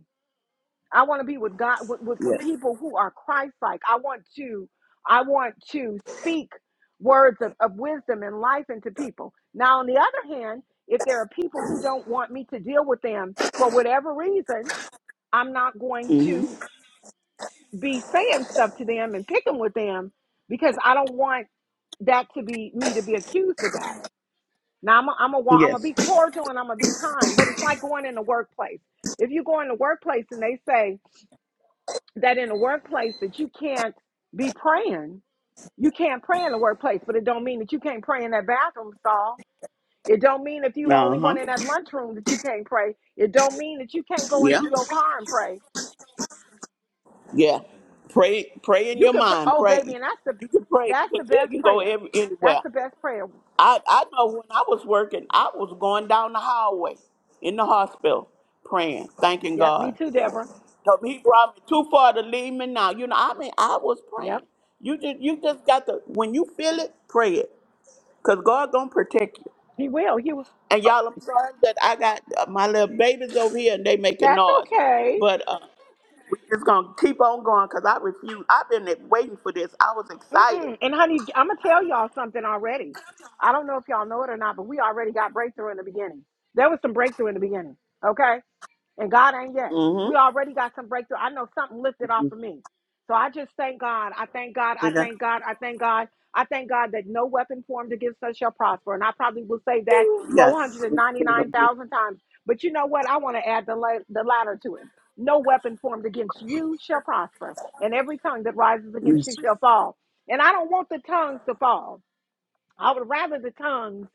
Speaker 1: I want to be with God with, with, with
Speaker 3: Yes.
Speaker 1: people who are Christ-like. I want to I want to speak words of, of wisdom and life into people. Now, on the other hand, if there are people who don't want me to deal with them for whatever reason, I'm not going
Speaker 3: Mm-hmm.
Speaker 1: to be saying stuff to them and picking with them because I don't want that to be me to be accused of that. Now I'm a, I'm a wa- I'm gonna
Speaker 3: Yes.
Speaker 1: be cordial and I'm gonna be kind, but it's like going in the workplace. If you go in the workplace and they say that in the workplace that you can't be praying, you can't pray in the workplace, but it don't mean that you can't pray in that bathroom stall. It don't mean if you're the only
Speaker 3: Uh-huh.
Speaker 1: one in that lunchroom that you can't pray. It don't mean that you can't go
Speaker 3: Yeah.
Speaker 1: into your car and pray.
Speaker 3: Yeah. Pray pray in
Speaker 1: You
Speaker 3: your
Speaker 1: could pray.
Speaker 3: mind.
Speaker 1: Oh, baby,
Speaker 3: Pray.
Speaker 1: and that's the
Speaker 3: You can pray.
Speaker 1: that's
Speaker 3: You
Speaker 1: the
Speaker 3: can, yeah, you
Speaker 1: best
Speaker 3: can go
Speaker 1: prayer.
Speaker 3: every, anywhere.
Speaker 1: That's the best prayer.
Speaker 3: I, I know when I was working, I was going down the hallway in the hospital praying, thanking
Speaker 1: Yep, me
Speaker 3: God.
Speaker 1: too, Deborah.
Speaker 3: So he brought me too far to leave me now. You know, I mean, I was
Speaker 1: Yep,
Speaker 3: praying. You just, you just got to. When you feel it, pray it, cause God gonna protect you.
Speaker 1: he will. He will.
Speaker 3: And y'all, I'm sorry that I got uh, my little babies over here and they making
Speaker 1: That's
Speaker 3: noise,
Speaker 1: okay.
Speaker 3: but uh, we just gonna keep on going, cause I refuse. I've been e, waiting for this. I was excited.
Speaker 1: Mm-mm. And honey, I'm gonna tell y'all something already. I don't know if y'all know it or not, but we already got breakthrough in the beginning. There was some breakthrough in the beginning. Okay. And God ain't yet. We
Speaker 3: Mm-hmm.
Speaker 1: already got some breakthrough. I know something lifted off of me. So I just thank God. I thank God. I
Speaker 3: Yeah.
Speaker 1: thank God. I thank God. I thank God that no weapon formed against us shall prosper. And I probably will say that
Speaker 3: Yes.
Speaker 2: Thank you,
Speaker 1: 499,000 times. But you know what? I want to add the, la- the latter to it. No weapon formed against you shall prosper. And every tongue that rises
Speaker 3: Yeah.
Speaker 1: against you
Speaker 2: Yes,
Speaker 1: shall fall. And I don't want the tongues to fall. I would rather the tongues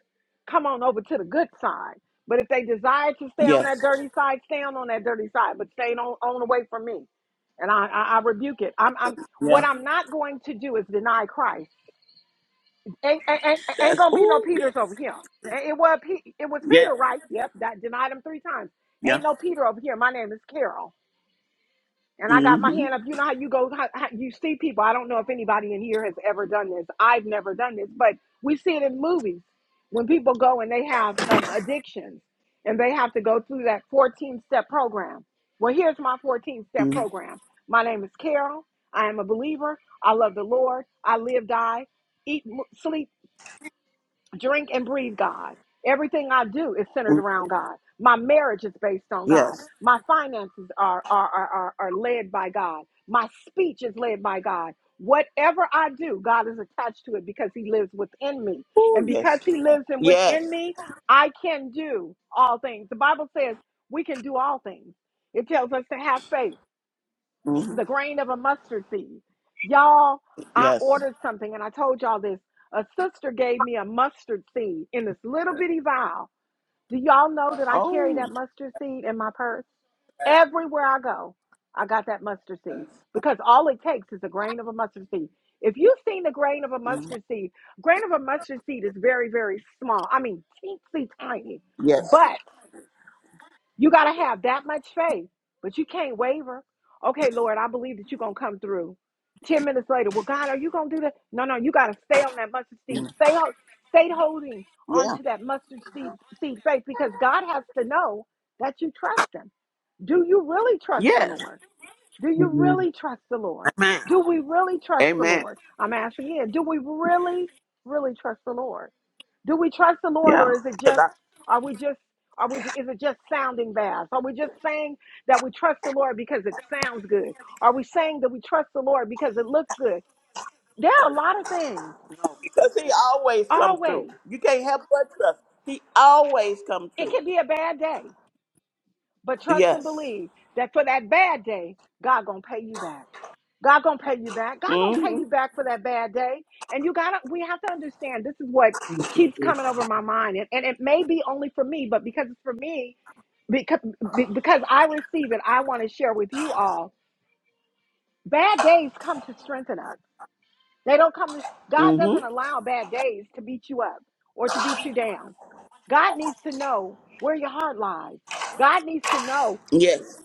Speaker 1: come on over to the good side. But if they desire to stay on
Speaker 3: Yes.
Speaker 1: that dirty side, stay on, on that dirty side, but stay on, on away from me. And I, I, I rebuke it. I'm, I'm,
Speaker 3: Yeah.
Speaker 1: what I'm not going to do is deny Christ. Ain't, ain't, ain't ain't
Speaker 3: That's.
Speaker 1: gonna be no
Speaker 3: Ooh. Yes.
Speaker 1: Peters over here. And It was, Pe- it was
Speaker 3: Yeah.
Speaker 1: Peter, right? Yep, that denied him three times.
Speaker 3: Yeah.
Speaker 1: Ain't no Peter over here. My name is Carol and I got my
Speaker 3: Mm-hmm.
Speaker 1: hand up. You know how you go, how, how you see people. I don't know if anybody in here has ever done this. I've never done this, but we see it in movies when people go and they have um, addictions and they have to go through that 14 step program. Well, here's my 14 step
Speaker 3: Mm-hmm.
Speaker 1: program. My name is Carol. I am a believer. I love the Lord. I live, die, eat, mo- sleep, drink and breathe God. Everything I do is
Speaker 3: Mm-hmm.
Speaker 1: centered around God. My marriage is based on God.
Speaker 3: Yes.
Speaker 1: My finances are, are, are, are, are led by God. My speech is led by God. Whatever I do, God is attached to it because He lives within me.
Speaker 3: Ooh.
Speaker 1: And
Speaker 3: Yes.
Speaker 1: because He lives in within
Speaker 3: Yes.
Speaker 1: me, I can do all things. The Bible says we can do all things. It tells us to have faith
Speaker 3: Mm-hmm.
Speaker 1: the grain of a mustard seed. Y'all, I
Speaker 3: Yes.
Speaker 1: ordered something and I told y'all this. A sister gave me a mustard seed in this little bitty vial. Do y'all know that I carry
Speaker 3: Oh,
Speaker 1: that mustard seed in my purse? Everywhere I go, I got that mustard seed because all it takes is a grain of a mustard seed. If you've seen the grain of a
Speaker 3: mm,
Speaker 1: mustard seed, grain of a mustard seed is very, very small. I mean, teensy tiny.
Speaker 3: yes.
Speaker 1: But you got to have that much faith, but you can't waver. Okay, Lord, I believe that you're going to come through. 10 minutes later, well, God, are you going to do that? No, no, you got to stay on that mustard seed. Stay, ho- stay holding
Speaker 3: Yeah.
Speaker 1: onto that mustard seed, seed faith because God has to know that you trust Him. Do you really trust the
Speaker 3: Yes.
Speaker 1: Lord? Do you
Speaker 2: Amen.
Speaker 1: really trust the Lord? Do we really trust the
Speaker 3: Amen.
Speaker 1: Lord? I'm asking again, do we really, really trust the Lord? Do we trust the Lord,
Speaker 3: Yeah.
Speaker 1: or is it just are we just are we ju- is it just sounding bass? Are we just saying that we trust the Lord because it sounds good? Are we saying that we trust the Lord because it looks good? There are a lot of things.
Speaker 3: Because he always come through.
Speaker 1: Always,
Speaker 3: You can't help but trust. He always come
Speaker 1: it
Speaker 3: through.
Speaker 1: could be a bad day, but trust and
Speaker 3: Yes.
Speaker 1: believe that for that bad day, God gonna pay you back. God gonna pay you back. God gonna pay
Speaker 3: Mm-hmm.
Speaker 1: you back for that bad day. And you gotta, we have to understand this is what keeps coming over my mind, and, and it may be only for me, but because it's for me, because be- because I receive it, I want to share with you all. Bad days come to strengthen us. They don't come. To, God doesn't
Speaker 3: Mm-hmm.
Speaker 1: allow bad days to beat you up or to beat you down. God needs to know where your heart lies. God needs to know
Speaker 3: Yes.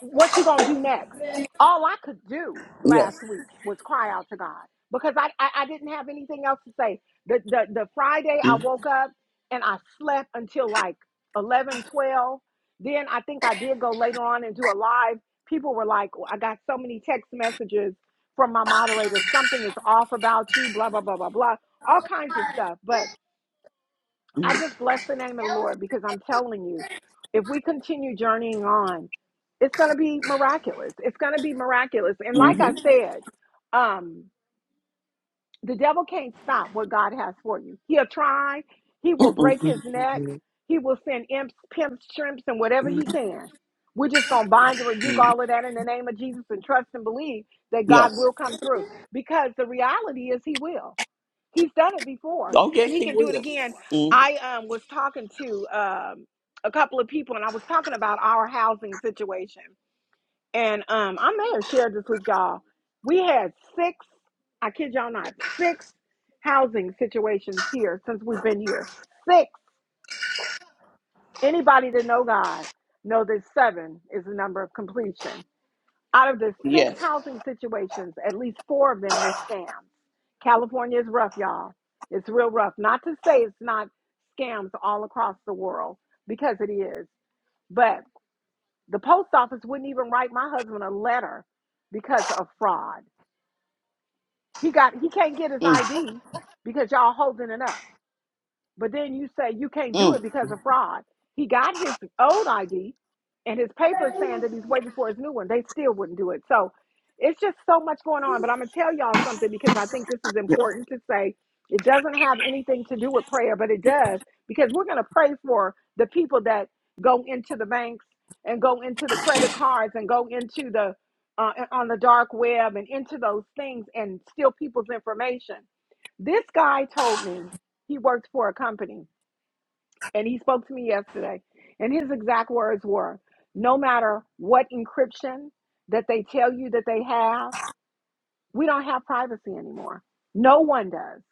Speaker 1: what you gonna do next? All I could do
Speaker 3: Yes.
Speaker 1: last week was cry out to God because I, I, I didn't have anything else to say. The, the the Friday I
Speaker 3: Mm-hmm.
Speaker 1: woke up and I slept until like 11 12. Then I think I did go later on and do a live. People were like, "Oh, I got so many text messages from my moderator. Something is off about you, blah, blah, blah, blah, blah. All kinds of stuff. But I just bless the name of the Lord because I'm telling you, if we continue journeying on, it's going to be miraculous. It's going to be miraculous. And like I
Speaker 3: Mm-hmm.
Speaker 1: said, um, the devil can't stop what God has for you. He'll try, he will
Speaker 3: Mm-hmm.
Speaker 1: break
Speaker 2: Thank
Speaker 1: his
Speaker 2: you,
Speaker 1: neck,
Speaker 2: Lord.
Speaker 1: he will send imps, pimps, shrimps, and whatever he can. We're just going to bind and rebuke
Speaker 3: Mm-hmm.
Speaker 1: all of that in the name of Jesus and trust and believe that God
Speaker 3: Yes.
Speaker 1: will come through because the reality is he will. He's done it before
Speaker 3: Oh,
Speaker 1: and
Speaker 3: yes,
Speaker 1: he
Speaker 3: he
Speaker 1: can do it
Speaker 3: will.
Speaker 1: again.
Speaker 3: Mm,
Speaker 1: I um, was talking to um, a couple of people and I was talking about our housing situation. And um, I may have shared this with y'all. We had six, I kid y'all not, six housing situations here since we've been here. Six. Anybody that know God know that seven is the number of completion. Out of the six
Speaker 3: yes.
Speaker 1: housing situations, at least four of them were scams. California is rough, y'all. It's real rough. Not to say it's not scams all across the world, because it is. But the post office wouldn't even write my husband a letter because of fraud. He got he can't get his
Speaker 3: Mm,
Speaker 1: ID because y'all holding it up. But then you say you can't do it
Speaker 3: mm,
Speaker 1: because of fraud. He got his old ID and his papers saying that he's waiting for his new one. They still wouldn't do it. So it's just so much going on. But I'm going to tell y'all something because I think this is important to say. It doesn't have anything to do with prayer, but it does because we're going to pray for the people that go into the banks and go into the credit cards and go into the uh, on the dark web and into those things and steal people's information this guy told me he worked for a company and he spoke to me yesterday. And his exact words were no matter what encryption that they tell you that they have, we don't have privacy anymore. No one does.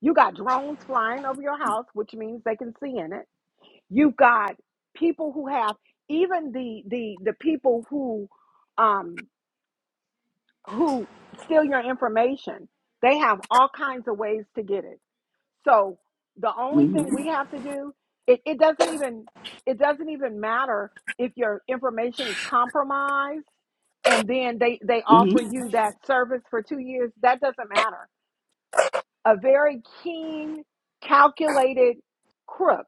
Speaker 1: You got drones flying over your house, which means they can see in it. You've got people who have even the the the people who um who steal your information. They have all kinds of ways to get it. So the only thing
Speaker 3: mm-hmm,
Speaker 1: we have to do, it, it doesn't even it doesn't even matter if your information is compromised and then they, they offer you that service for two years. That doesn't matter. A very keen, calculated crook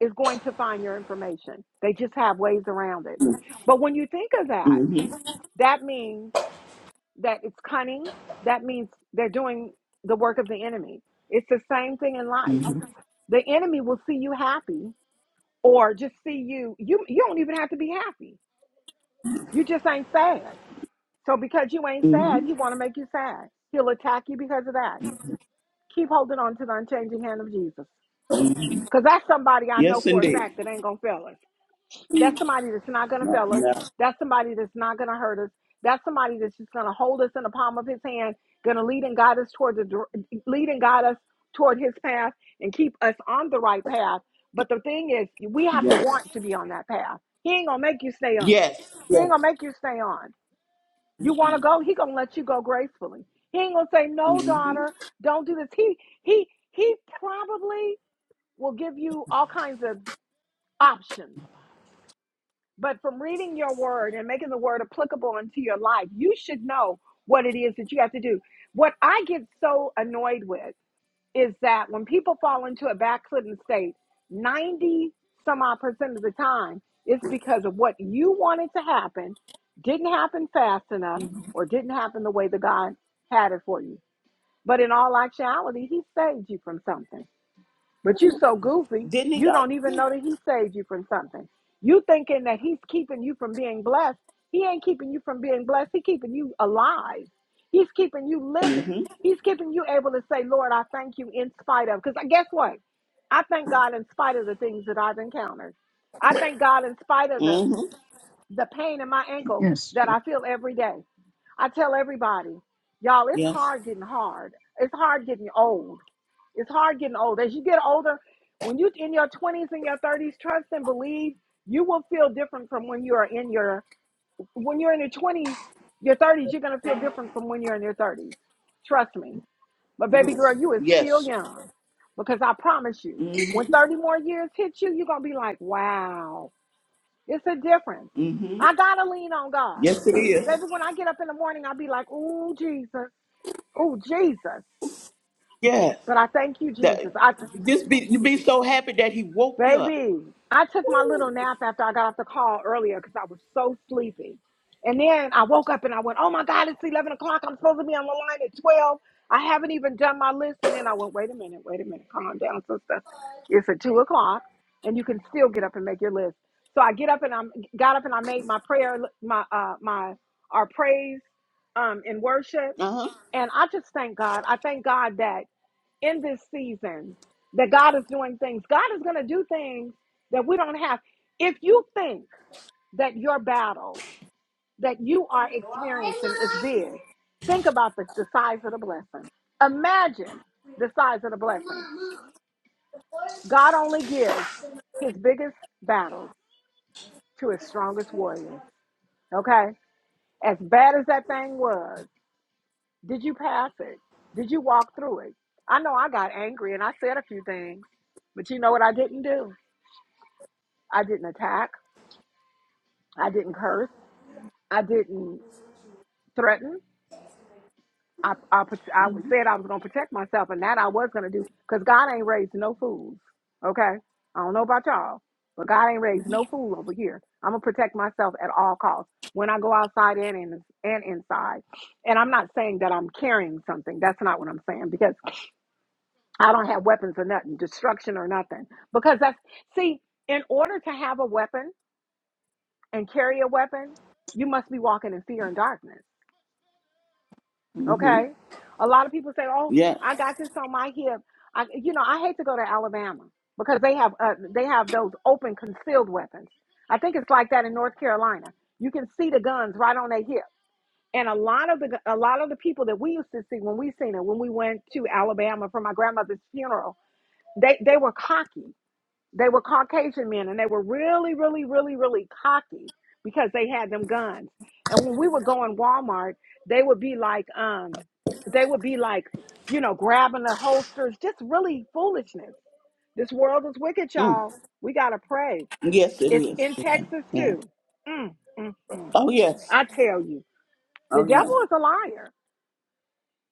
Speaker 1: is going to find your information. They just have ways around it. But when you think of that,
Speaker 3: mm-hmm,
Speaker 1: that means that it's cunning, that means they're doing the work of the enemy. It's the same thing in life.
Speaker 3: mm-hmm,
Speaker 1: The enemy will see you happy or just see you you you don't even have to be happy. You just ain't sad. So because you ain't sad,
Speaker 3: mm-hmm.
Speaker 1: he want to make you sad. He'll attack you because of that. Keep holding on to the unchanging hand of Jesus. Cuz that's somebody I know
Speaker 3: Yes,
Speaker 1: for a
Speaker 3: indeed.
Speaker 1: fact that ain't going to fail us. That's somebody that's not going to
Speaker 3: No,
Speaker 1: fail us.
Speaker 3: no.
Speaker 1: That's somebody that's not going to hurt us. That's somebody that's just going to hold us in the palm of his hand, going to lead and guide us toward the dir- lead and guide us toward his path and keep us on the right path. But the thing is, we have to want to be on that path. He ain't going to make you stay on.
Speaker 3: Yes.
Speaker 1: He ain't going to make you stay on. You want to go, he going to let you go gracefully. He ain't going to say, "No,
Speaker 3: Mm-hmm.
Speaker 1: daughter, don't do this." He he he probably will give you all kinds of options but from reading your word and making the word applicable into your life, you should know what it is that you have to do. What I get so annoyed with is that when people fall into a backslidden state, 90 some odd percent of the time, it's because of what you wanted to happen didn't happen fast enough or didn't happen the way that God had it for you. But in all actuality, He saved you from something. But you so goofy,
Speaker 3: Didn't he
Speaker 1: you
Speaker 3: go?
Speaker 1: don't even know that he saved you from something. You thinking that he's keeping you from being blessed. He ain't keeping you from being blessed. He keeping you alive. He's keeping you living.
Speaker 3: Mm-hmm.
Speaker 1: He's keeping you able to say, Lord, I thank you in spite of. Because guess what? I thank God in spite of the things that I've encountered. I thank God in spite of the,
Speaker 3: Mm-hmm.
Speaker 1: the pain in my ankle
Speaker 2: Yes,
Speaker 1: that
Speaker 2: Jesus.
Speaker 1: I feel every day. I tell everybody, y'all, it's
Speaker 3: Yes.
Speaker 1: hard getting hard. It's hard getting old. It's hard getting old. As you get older, when you in your 20s and your 30s, trust and believe you will feel different from when you are in your when you're in your 20s, your 30s, you're gonna feel different from when you're in your 30s. Trust me. But baby
Speaker 3: Yes.
Speaker 1: girl, you is still
Speaker 3: Yes.
Speaker 1: young. Because I promise you, when 30 more years hit you, you're gonna be like, wow, it's a difference.
Speaker 3: Mm-hmm.
Speaker 1: I gotta lean on God.
Speaker 3: Yes, it is.
Speaker 1: Baby, when I get up in the morning, I'll be like, ooh, Jesus, ooh, Jesus.
Speaker 3: Yes.
Speaker 1: But I thank you, Jesus.
Speaker 3: That,
Speaker 1: I
Speaker 3: just be you be so happy that he woke you up.
Speaker 1: Baby, I took my little nap after I got off the call earlier because I was so sleepy. And then I woke up and I went, oh my God, it's 11 o'clock. I'm supposed to be on the line at 12. I haven't even done my list. And then I went, wait a minute, wait a minute, calm down, sister. It's at 2 o'clock and you can still get up and make your list. So I get up and I am got up and I made my prayer, my, uh, my, our praise um, in worship.
Speaker 3: Uh-huh.
Speaker 1: And I just thank God. I thank God that in this season that God is doing things. God is going to do things that we don't have. If you think that your battle that you are experiencing is big, think about the, the size of the blessing. Imagine the size of the blessing. God only gives his biggest battles to his strongest warriors. Okay? As bad as that thing was, did you pass it? Did you walk through it? I know I got angry and I said a few things, but you know what I didn't do? I didn't attack. I didn't curse. I didn't threaten. I, I, I said I was going to protect myself, and that I was going to do because God ain't raised no fools. Okay? I don't know about y'all, but God ain't raised no fool over here. I'm going to protect myself at all costs when I go outside and, in, and inside. And I'm not saying that I'm carrying something. That's not what I'm saying because I don't have weapons or nothing, destruction or nothing. Because that's, see, in order to have a weapon, and carry a weapon, you must be walking in fear and darkness.
Speaker 3: Mm-hmm.
Speaker 1: Okay? A lot of people say, "Oh,
Speaker 3: Yeah.
Speaker 1: I got this on my hip." I, you know, I hate to go to Alabama because they have uh, they have those open concealed weapons. I think it's like that in North Carolina. You can see the guns right on their hip. And a lot of the a lot of the people that we used to see when we seen it when we went to Alabama for my grandmother's funeral, they they were cocky they were Caucasian men and they were really, really, really, really cocky because they had them guns. And when we would go in Walmart, they would be like, um, they would be like, you know, grabbing the holsters, just really foolishness. This world is wicked,
Speaker 3: Mm.
Speaker 1: y'all. We gotta pray.
Speaker 3: Yes, it
Speaker 1: It's
Speaker 3: is.
Speaker 1: in
Speaker 3: Yeah.
Speaker 1: Texas
Speaker 3: yeah.
Speaker 1: too. Mm, mm, mm.
Speaker 3: Oh, yes.
Speaker 1: I tell you, the devil is a liar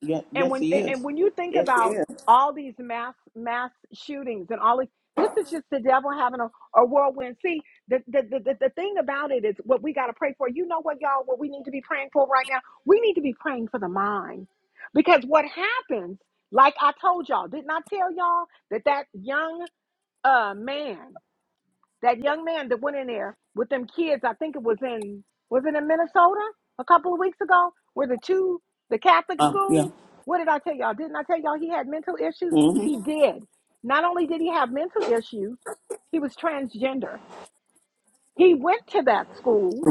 Speaker 3: Yeah.
Speaker 1: and
Speaker 3: Yes,
Speaker 1: when
Speaker 3: he
Speaker 1: and
Speaker 3: is.
Speaker 1: when you think
Speaker 3: Yes, he
Speaker 1: about
Speaker 3: is.
Speaker 1: all these mass mass shootings and all this, this is just the devil having a, a whirlwind. See, the the, the the the thing about it is what we got to pray for. You know what, y'all? What we need to be praying for right now? We need to be praying for the mind, because what happens? Like I told y'all, didn't I tell y'all that that young uh man that young man that went in there with them kids, I think it was in was it in Minnesota a couple of weeks ago, where the two the Catholic
Speaker 3: Uh, yeah.
Speaker 1: school. What did I tell y'all? Didn't I tell y'all he had mental issues?
Speaker 3: Mm-hmm.
Speaker 1: He did. Not only did he have mental issues, he was transgender. He went to that school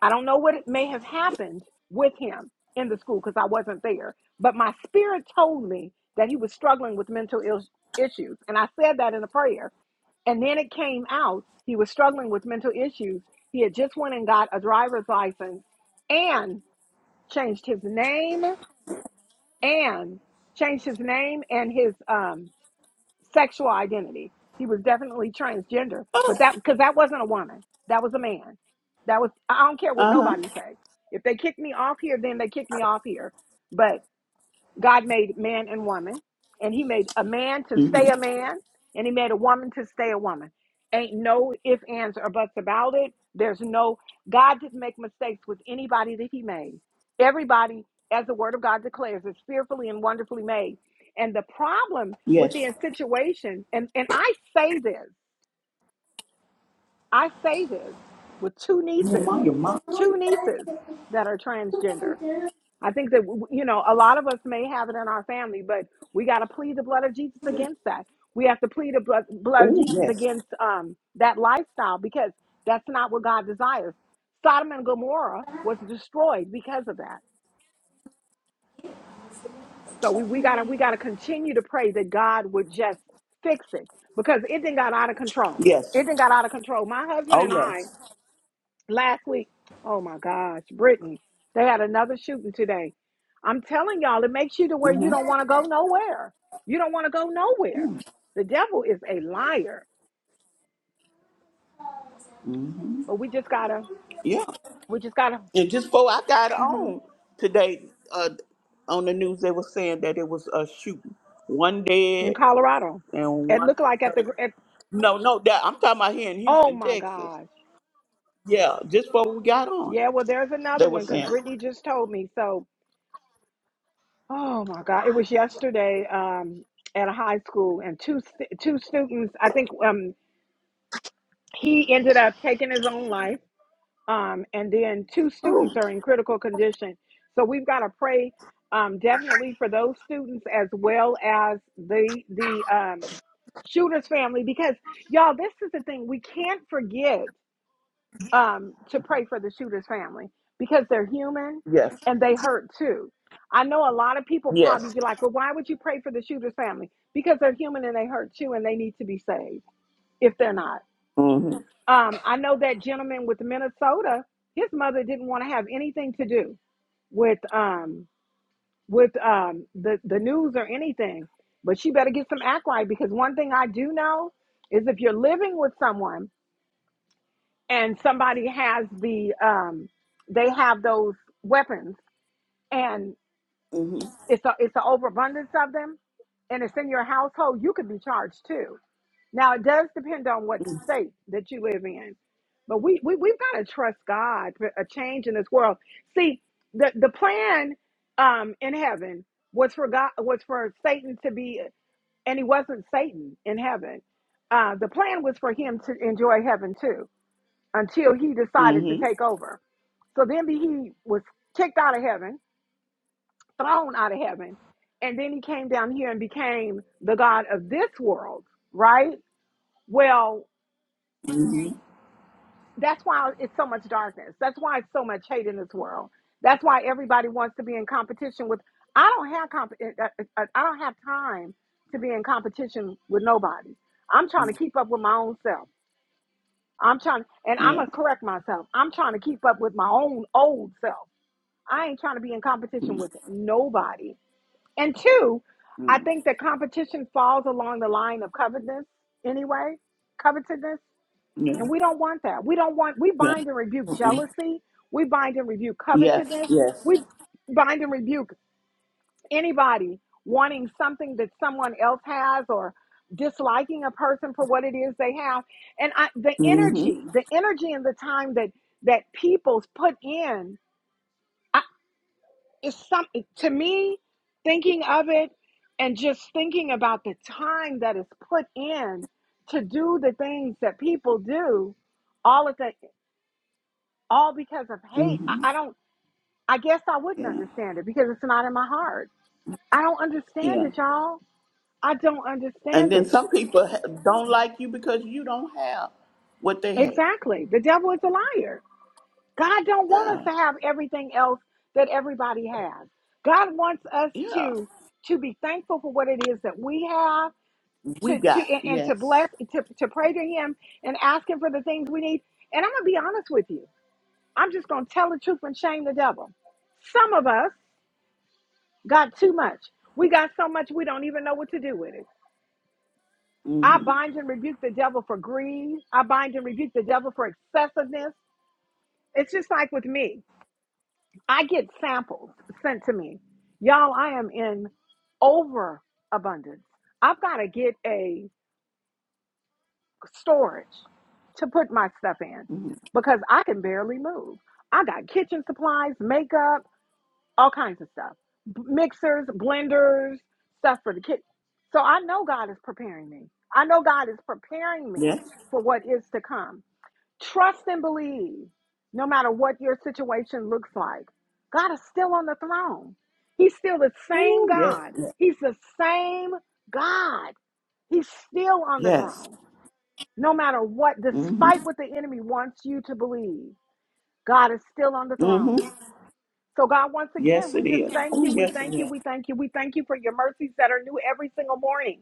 Speaker 1: I don't know what it may have happened with him in the school because I wasn't there, but my spirit told me that he was struggling with mental Ill- issues. And I said that in a prayer. And then it came out he was struggling with mental issues. He had just went and got a driver's license and changed his name and changed his name and his um, sexual identity. He was definitely transgender, but that because that wasn't a woman, that was a man. That was I don't care what
Speaker 3: Uh-huh.
Speaker 1: nobody say. If they kick me off here, then they kick me off here. But God made man and woman, and he made a man to
Speaker 3: Mm-hmm.
Speaker 1: stay a man, and he made a woman to stay a woman. Ain't no ifs, ands, or buts about it. There's no, God didn't make mistakes with anybody that he made. Everybody, as the word of God declares, is fearfully and wonderfully made. And the problem with
Speaker 3: Yes.
Speaker 1: the situation, and, and I say this, I say this with two nieces,
Speaker 3: Nehemiah, mom.
Speaker 1: two nieces that are transgender. I think that, you know, a lot of us may have it in our family, but we got to plead the blood of Jesus against that. We have to plead the blood, blood of
Speaker 3: Oh,
Speaker 1: Jesus
Speaker 3: yes.
Speaker 1: against um, that lifestyle because that's not what God desires. Sodom and Gomorrah was destroyed because of that. So we, we gotta we gotta continue to pray that God would just fix it because it then got out of control.
Speaker 3: Yes.
Speaker 1: It then got out of control. My husband
Speaker 3: Oh,
Speaker 1: and I
Speaker 3: yes.
Speaker 1: last week. Oh my gosh, Brittany, they had another shooting today. I'm telling y'all, it makes you to where you don't want to go nowhere. You don't want to go nowhere. The devil is a liar. But we just gotta,
Speaker 3: Yeah.
Speaker 1: we just gotta.
Speaker 3: And just before I got
Speaker 1: mhm,
Speaker 3: on today, uh, on the news, they were saying that it was a shooting. One
Speaker 1: in
Speaker 3: dead
Speaker 1: Colorado,
Speaker 3: and
Speaker 1: it
Speaker 3: one
Speaker 1: looked
Speaker 3: was
Speaker 1: like at the. gr-
Speaker 3: hurt.
Speaker 1: At,
Speaker 3: No, no, that I'm talking about here in
Speaker 1: oh
Speaker 3: Houston,
Speaker 1: my
Speaker 3: Texas.
Speaker 1: gosh,
Speaker 3: Yeah, just before we got on,
Speaker 1: yeah. Well, there's
Speaker 3: they
Speaker 1: another
Speaker 3: were
Speaker 1: one because
Speaker 3: saying
Speaker 1: Brittany just told me. So, oh my God, it was yesterday um, at a high school, and two stu- two students. I think um, he ended up taking his own life um, and then two students are in critical condition. So we've got to pray um, definitely for those students as well as the the um, shooter's family because y'all, this is the thing we can't forget um, to pray for the shooter's family because they're human
Speaker 3: yes,
Speaker 1: and they hurt too. I know a lot of people probably
Speaker 3: yes.
Speaker 1: be like, "Well, why would you pray for the shooter's family?" Because they're human and they hurt too, and they need to be saved if they're not.
Speaker 3: hmm
Speaker 1: Um, I know that gentleman with Minnesota, his mother didn't want to have anything to do with um with um the, the news or anything. But she better get some act right because one thing I do know is if you're living with someone and somebody has the um they have those weapons and
Speaker 3: hmm
Speaker 1: it's a it's an overabundance of them and it's in your household, you could be charged too. Now it does depend on what state that you live in, but we, we we've got to trust God for a change in this world. See, the the plan um, in heaven was for God was for Satan to be, and he wasn't Satan in heaven. Uh, the plan was for him to enjoy heaven too, until he decided to
Speaker 3: hmm
Speaker 1: take over. So then he was kicked out of heaven, thrown out of heaven, and then he came down here and became the God of this world, right? Well,
Speaker 3: hmm
Speaker 1: that's why it's so much darkness. That's why it's so much hate in this world. That's why everybody wants to be in competition with. I don't have comp. uh, uh, uh, I don't have time to be in competition with nobody. I'm trying to keep up with my own self. I'm trying, and I'm
Speaker 3: Yeah.
Speaker 1: gonna correct myself. I'm trying to keep up with my own old self. I ain't trying to be in competition with nobody. And two, I
Speaker 3: Mm-hmm.
Speaker 1: think that competition falls along the line of covetousness anyway. Covetousness.
Speaker 3: Yeah.
Speaker 1: And we don't want that. We don't want, we
Speaker 3: Yeah.
Speaker 1: bind and rebuke
Speaker 3: Mm-mm.
Speaker 1: jealousy. We bind and rebuke
Speaker 3: Yes.
Speaker 1: covetousness.
Speaker 3: Yes.
Speaker 1: We bind and rebuke anybody wanting something that someone else has or disliking a person for what it is they have. And I, the
Speaker 3: hmm
Speaker 1: energy, the energy and the time that, that people's put in I, is some, to me, thinking of it and just thinking about the time that is put in to do the things that people do all at that. all because of hate. I,
Speaker 3: hmm
Speaker 1: I don't, I guess I wouldn't
Speaker 3: Yeah.
Speaker 1: understand it because it's not in my heart. I don't understand
Speaker 3: Yeah.
Speaker 1: it, y'all. I don't
Speaker 3: And
Speaker 1: understand
Speaker 3: then
Speaker 1: it.
Speaker 3: some people ha- don't like you because you don't have what they have.
Speaker 1: Exactly. The devil is a liar. God don't want
Speaker 3: Yeah,
Speaker 1: us to have everything else that everybody has. God wants us
Speaker 3: yeah.
Speaker 1: to to be thankful for what it is that we have,
Speaker 3: We
Speaker 1: to to
Speaker 3: got
Speaker 1: and, and to
Speaker 3: yes.
Speaker 1: bless, to, to pray to him and ask him for the things we need. And I'm gonna be honest with you. I'm just gonna tell the truth and shame the devil. Some of us Got too much. We got so much we don't even know what to do with it. I
Speaker 3: Mm-hmm.
Speaker 1: bind and rebuke the devil for greed. I bind and rebuke the devil for excessiveness. It's just like with me. I get samples sent to me. Y'all, I am in overabundance. I've got to get a storage to put my stuff in
Speaker 3: hmm
Speaker 1: because I can barely move. I got kitchen supplies, makeup. all kinds of stuff B- mixers blenders stuff for the kids so i know god is preparing me i know god is preparing me
Speaker 3: Yes.
Speaker 1: for what is to come trust and believe no matter what your situation looks like god is still on the throne he's still the same
Speaker 3: Ooh, yes.
Speaker 1: god he's the same god he's still on the
Speaker 3: Yes.
Speaker 1: throne no matter what
Speaker 3: Mm-hmm.
Speaker 1: despite what the enemy wants you to believe god is still on the throne
Speaker 3: Mm-hmm.
Speaker 1: so, God, once again,
Speaker 3: Yes,
Speaker 1: we
Speaker 3: it
Speaker 1: just
Speaker 3: is.
Speaker 1: thank
Speaker 3: Oh,
Speaker 1: you. We
Speaker 3: yes, it
Speaker 1: thank you.
Speaker 3: is.
Speaker 1: We thank you. We thank you for your mercies that are new every single morning.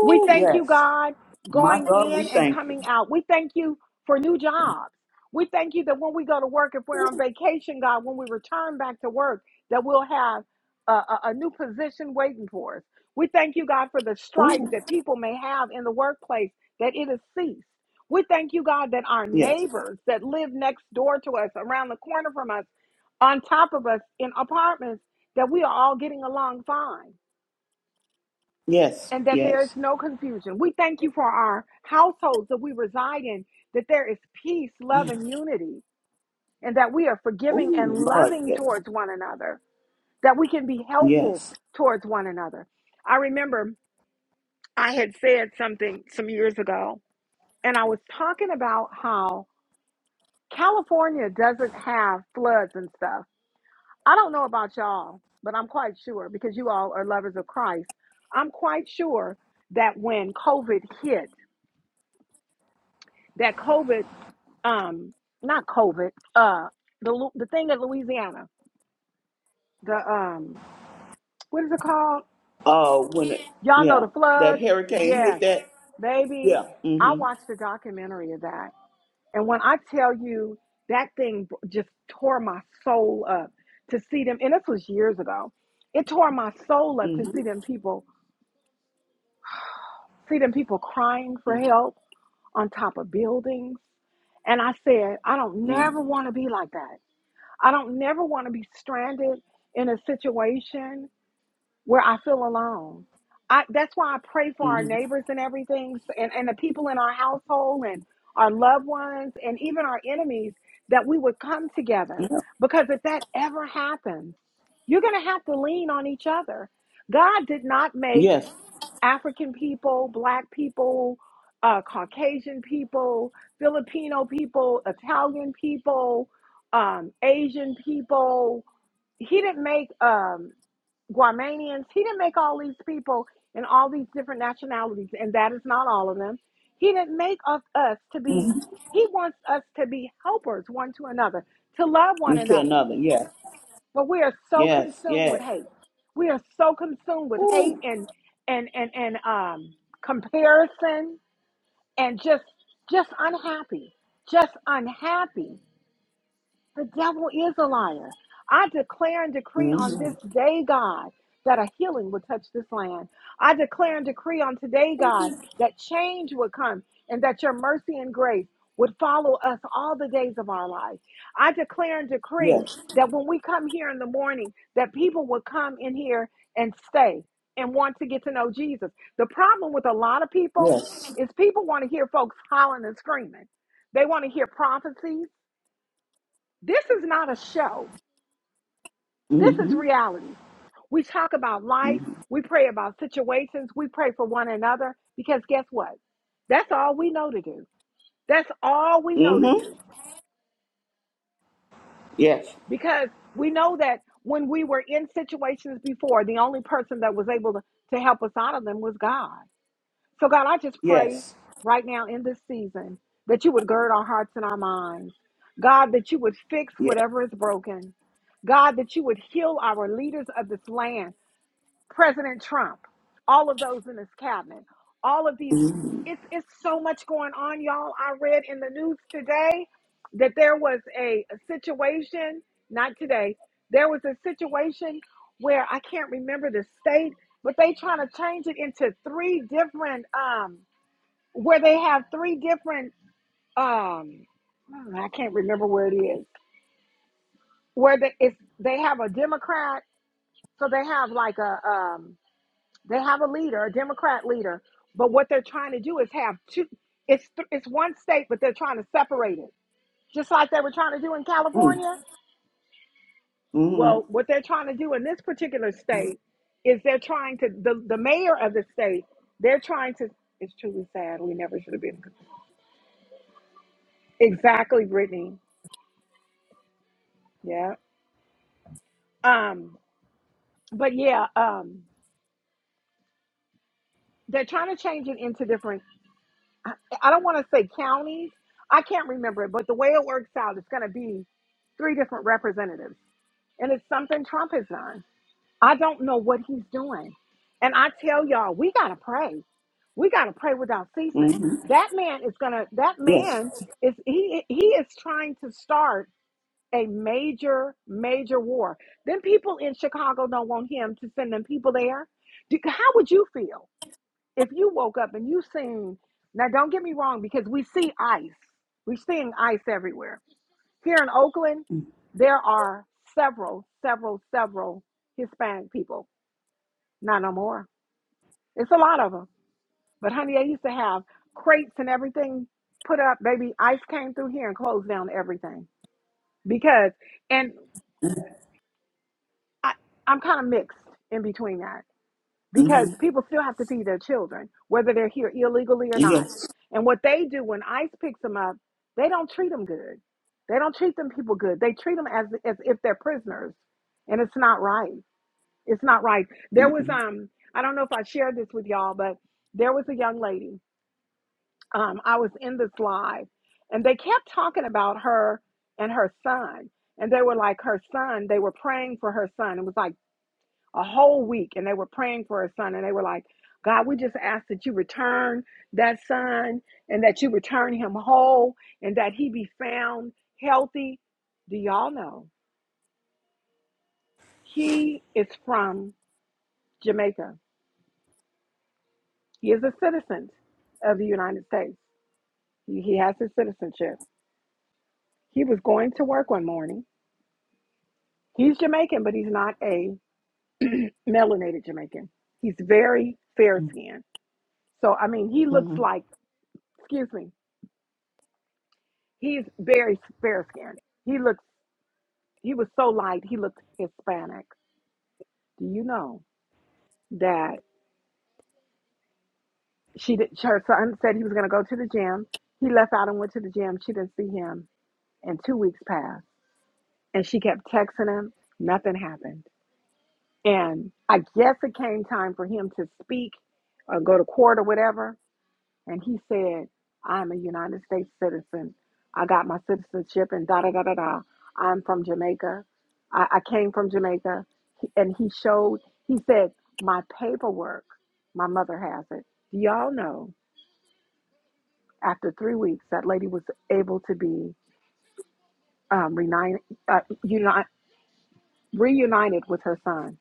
Speaker 1: We thank you,
Speaker 3: yes.
Speaker 1: God,
Speaker 3: My
Speaker 1: going
Speaker 3: God, we
Speaker 1: in and
Speaker 3: thank you.
Speaker 1: coming out. We thank you for new jobs. We thank you that when we go to work, if we're on vacation, God, when we return back to work, that we'll have a, a, a new position waiting for us. We thank you, God, for the strife
Speaker 3: Oh,
Speaker 1: that people may have in the workplace, that it has ceased. We thank you, God, that our
Speaker 3: yes.
Speaker 1: neighbors that live next door to us, around the corner from us, on top of us in apartments, that we are all getting along fine
Speaker 3: Yes.
Speaker 1: and that there is
Speaker 3: Yes.
Speaker 1: no confusion. We thank you for our households that we reside in, that there is peace, love,
Speaker 3: Yeah.
Speaker 1: and unity, and that we are forgiving
Speaker 3: Oh,
Speaker 1: and
Speaker 3: Lord,
Speaker 1: loving
Speaker 3: yes.
Speaker 1: towards one another, that we can be helpful
Speaker 3: Yes.
Speaker 1: towards one another. I remember I had said something some years ago, and I was talking about how California doesn't have floods and stuff. I don't know about y'all, but I'm quite sure because you all are lovers of Christ. I'm quite sure that when COVID hit, that COVID, um, not COVID, uh, the Lu- the thing in Louisiana, the um, what is it called?
Speaker 3: Oh, when it,
Speaker 1: Y'all know
Speaker 3: yeah,
Speaker 1: the
Speaker 3: that
Speaker 1: floods.
Speaker 3: hurricane hit
Speaker 1: Yes,
Speaker 3: that.
Speaker 1: baby.
Speaker 3: Yeah.
Speaker 1: I
Speaker 3: Mm-hmm.
Speaker 1: watched a documentary of that, and when I tell you that thing b- just tore my soul up to see them, and this was years ago. It tore my soul up to see
Speaker 3: Mm-hmm.
Speaker 1: them people, see them people crying for help on top of buildings, and I said, I don't
Speaker 3: Mm-hmm.
Speaker 1: never want to be like that. I don't never want to be stranded in a situation where I feel alone. I that's why I pray for our
Speaker 3: Mm-hmm.
Speaker 1: neighbors and everything s- and, and the people in our household and our loved ones and even our enemies that we would come together.
Speaker 3: Yeah.
Speaker 1: Because if that ever happens, you're gonna have to lean on each other. God did not make
Speaker 3: Yes.
Speaker 1: African people, Black people, uh, Caucasian people, Filipino people, Italian people, um, Asian people. He didn't make um, Guamanians. He didn't make all these people and all these different nationalities, and that is not all of them. He didn't make us, us to be,
Speaker 3: Mm-hmm.
Speaker 1: he wants us to be helpers one to another, to love one
Speaker 3: Into
Speaker 1: another.
Speaker 3: another. Yes.
Speaker 1: But we are so
Speaker 3: Yes.
Speaker 1: consumed with
Speaker 3: Yes.
Speaker 1: hate. We are so consumed with hate and and and and um comparison and just just unhappy. Just unhappy. The devil is a liar. I declare and decree on
Speaker 3: Mm-hmm.
Speaker 1: this day, God, that a healing would touch this land. I declare and decree on today, God, that change would come and that your mercy and grace would follow us all the days of our life. I declare and decree
Speaker 3: Yes.
Speaker 1: that when we come here in the morning, that people will come in here and stay and want to get to know Jesus. The problem with a lot of people
Speaker 3: Yes.
Speaker 1: is people want to hear folks hollering and screaming. They want to hear prophecies. This is not a show. This is
Speaker 3: Mm-hmm.
Speaker 1: reality. We talk about life.
Speaker 3: Mm-hmm.
Speaker 1: We pray about situations. We pray for one another because guess what? That's all we know to do. That's all we know to
Speaker 3: Mm-hmm.
Speaker 1: do
Speaker 3: Yes.
Speaker 1: because we know that when we were in situations before, the only person that was able to, to help us out of them was God. So, God, I just pray
Speaker 3: Yes.
Speaker 1: right now in this season that you would gird our hearts and our minds. God, that you would fix
Speaker 3: Yes.
Speaker 1: whatever is broken. God, that you would heal our leaders of this land. President Trump, all of those in his cabinet, all of these.
Speaker 3: Mm-hmm.
Speaker 1: It's it's so much going on, y'all. I read in the news today that there was a, a situation. Not today. There was a situation where I can't remember the state, but they trying to change it into three different. Um, where they have three different. Um, I can't remember where it is. Where they it's, they have a Democrat, so they have like a um They have a leader, a Democrat leader, but what they're trying to do is have two. It's th- it's one state, but they're trying to separate it, just like they were trying to do in California.
Speaker 3: Mm-hmm.
Speaker 1: Well, what they're trying to do in this particular state is they're trying to the the mayor of the state. They're trying to. It's truly sad. We never should have been. Exactly, Brittany. Yeah. Um. But yeah. Um. They're trying to change it into different. I, I don't want to say counties. I can't remember it, but the way it works out, it's going to be three different representatives. And it's something Trump has done. I don't know what he's doing. And I tell y'all, we got to pray. We got to pray without ceasing.
Speaker 3: Mm-hmm.
Speaker 1: That man is going to, that
Speaker 3: Yes.
Speaker 1: man is, he, he is trying to start a major, major war. Then people in Chicago don't want him to send them people there. Do- How would you feel? if you woke up and you seen now don't get me wrong because we see ice we're seeing ice everywhere here in oakland there are several several several hispanic people not no more it's a lot of them but honey they used to have crates and everything put up baby ice came through here and closed down everything because and I, i'm kind of mixed in between that because
Speaker 3: Mm-hmm.
Speaker 1: people still have to feed their children, whether they're here illegally or not.
Speaker 3: Yes.
Speaker 1: And what they do when ICE picks them up, they don't treat them good. They don't treat them people good. They treat them as as if they're prisoners, and it's not right. It's not right. There was
Speaker 3: Mm-hmm.
Speaker 1: um I don't know if I shared this with y'all, but there was a young lady. Um, I was in this live, and they kept talking about her and her son, and they were like her son. They were praying for her son. It was like a whole week and they were praying for a son and they were like, God, we just ask that you return that son and that you return him whole and that he be found healthy. Do y'all know he is from Jamaica? He is a citizen of the United States. He, he has his citizenship. He was going to work one morning. He's Jamaican, but he's not a melanated Jamaican. He's very fair skinned. So, I mean, he looks
Speaker 3: Mm-hmm.
Speaker 1: like, excuse me, He's very fair skinned. He looks he was so light, he looked Hispanic. Do you know that she did her son said he was gonna go to the gym. He left out and went to the gym. She didn't see him and two weeks passed. And she kept texting him. Nothing happened. And I guess it came time for him to speak or go to court or whatever and he said, I'm a United States citizen. I got my citizenship and da da da da da. I'm from Jamaica. I, I came from Jamaica. He- And he showed, he said, my paperwork, my mother has it. Do y'all know after three weeks, that lady was able to be um, reunited, uh, uni- reunited with her son.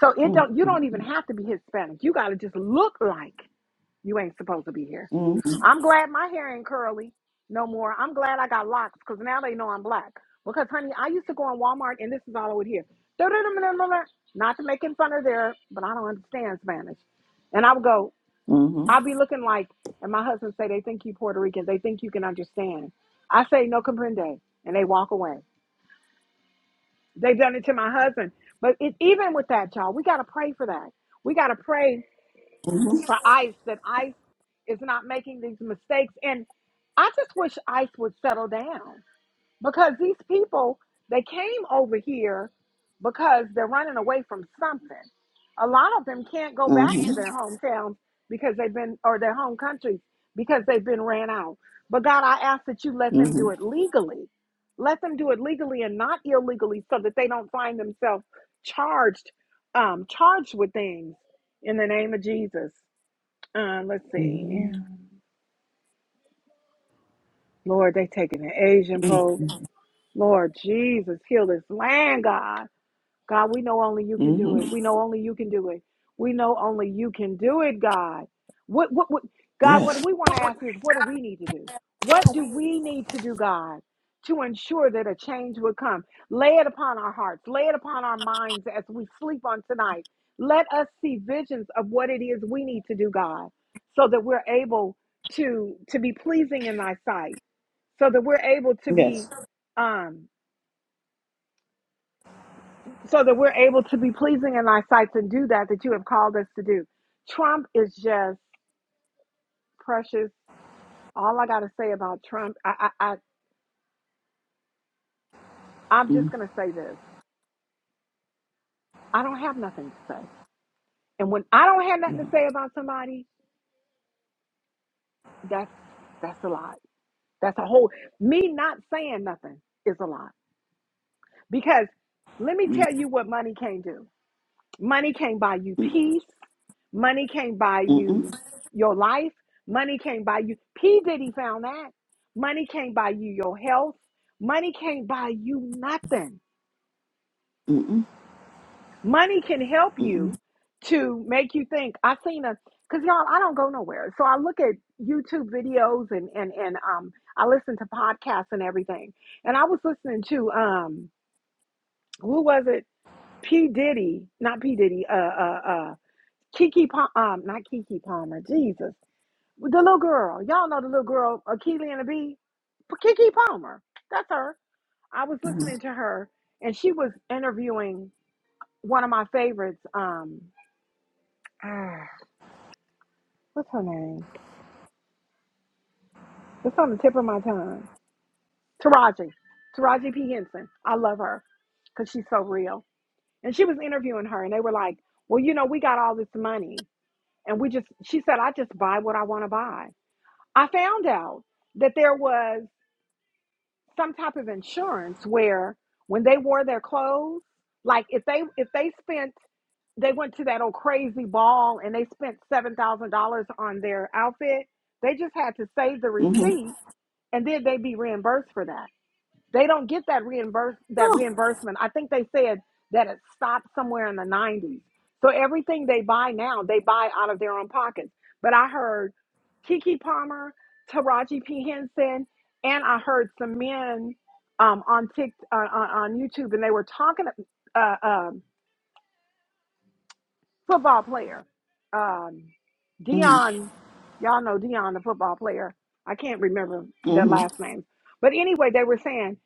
Speaker 1: So it don't, you don't even
Speaker 3: Mm-hmm.
Speaker 1: have to be Hispanic. You got to just look like You ain't supposed to be here.
Speaker 3: Mm-hmm.
Speaker 1: I'm glad my hair ain't curly no more. I'm glad I got locks because now they know I'm black. Because, honey, I used to go in Walmart and this is all I would hear. Not to make in fun of there, but I don't understand Spanish. And I would go,
Speaker 3: Mm-hmm.
Speaker 1: i will be looking like, and my husband say, they think you Puerto Rican. They think you can understand. I say, no comprende. And they walk away. They've done it to my husband. But it, even with that, y'all, we got to pray for that. We got to pray for ICE that ICE is not making these mistakes. And I just wish ICE would settle down because these people, they came over here because they're running away from something. A lot of them can't go back to their hometowns because they've been, or their home countries because they've been ran out. But God, I ask that you let them
Speaker 3: Mm-hmm.
Speaker 1: do it legally. Let them do it legally and not illegally so that they don't find themselves charged, um, charged with things in the name of Jesus. Uh, let's see. Lord, they taking the Asian
Speaker 3: Mm-hmm.
Speaker 1: Pope. Lord Jesus, heal this land, God. God, we know only you can do it.
Speaker 3: Mm-hmm.
Speaker 1: We know only you can do it. We know only you can do it, God. What, what, what, God,
Speaker 3: Yes.
Speaker 1: what we want to ask is, what do we need to do? What do we need to do, God, to ensure that a change would come? Lay it upon our hearts, lay it upon our minds as we sleep on tonight. Let us see visions of what it is we need to do, God, so that we're able to to be pleasing in thy sight, so that we're able to
Speaker 3: Yes.
Speaker 1: be um so that we're able to be pleasing in thy sight and do that that you have called us to do. Trump is just precious. All I got to say about Trump, I, I, I, I'm
Speaker 3: Mm-hmm.
Speaker 1: just going to say this. I don't have nothing to say. And when I don't have nothing to say about somebody, that's, that's a lot. That's a whole, me not saying nothing is a lot. Because let me
Speaker 3: mm
Speaker 1: tell you what money can't do. Money can't buy you
Speaker 3: Hmm.
Speaker 1: peace. Money can't buy
Speaker 3: mm
Speaker 1: you your life. Money can't buy you. P. Diddy found that. Money can't buy you your health. Money can't buy you nothing.
Speaker 3: Hmm.
Speaker 1: Money can help
Speaker 3: Mm-mm.
Speaker 1: you to make you think. I seen a because y'all, I don't go nowhere. So I look at YouTube videos and and and um I listen to podcasts and everything. And I was listening to um who was it? P. Diddy, not P. Diddy, uh uh uh, Kiki Palmer, um, not Kiki Palmer, Jesus. The little girl. Y'all know the little girl, Akeelia and the Bee. P- Kiki Palmer. That's her. I was listening to her and she was interviewing one of my favorites. Um, ah, what's her name? It's on the tip of my tongue. Taraji. Taraji P. Henson. I love her because she's so real. And she was interviewing her and they were like, well, you know, we got all this money and we just, she said, I just buy what I want to buy. I found out that there was some type of insurance where when they wore their clothes, like if they if they spent they went to that old crazy ball and they spent seven thousand dollars on their outfit, they just had to save the
Speaker 3: Mm-hmm.
Speaker 1: receipt and then they'd be reimbursed for that. They don't get that reimburse that reimbursement. I think they said that it stopped somewhere in the 90s. So everything they buy now, they buy out of their own pockets. But I heard Kiki Palmer, Taraji P Henson, and I heard some men um, on Tik uh, on on YouTube, and they were talking. Uh, um football player. Um,
Speaker 3: Mm-hmm.
Speaker 1: Dion, y'all know Dion, the football player. I can't remember their
Speaker 3: Mm-hmm.
Speaker 1: last names, but anyway, they were saying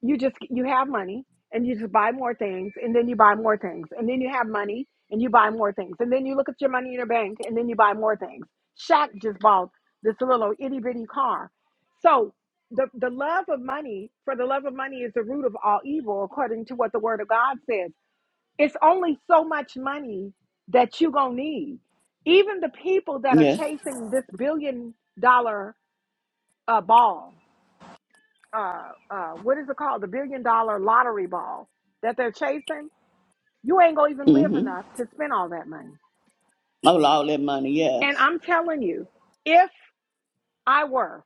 Speaker 1: you just you have money and you just buy more things, and then you buy more things, and then you have money and you buy more things, and then you look at your money in your bank, and then you buy more things. Shaq just bought this little itty bitty car, so. The, the love of money, for the love of money is the root of all evil, according to what the word of God says it's only so much money that you're going to need. Even the people that are
Speaker 3: Yes.
Speaker 1: chasing this billion dollar uh, ball, uh, uh, what is it called? The billion dollar lottery ball that they're chasing, you ain't going to even live
Speaker 3: Mm-hmm.
Speaker 1: enough to spend all that money.
Speaker 3: Oh, all that money.
Speaker 1: And
Speaker 3: Yes.
Speaker 1: I'm telling you, if I were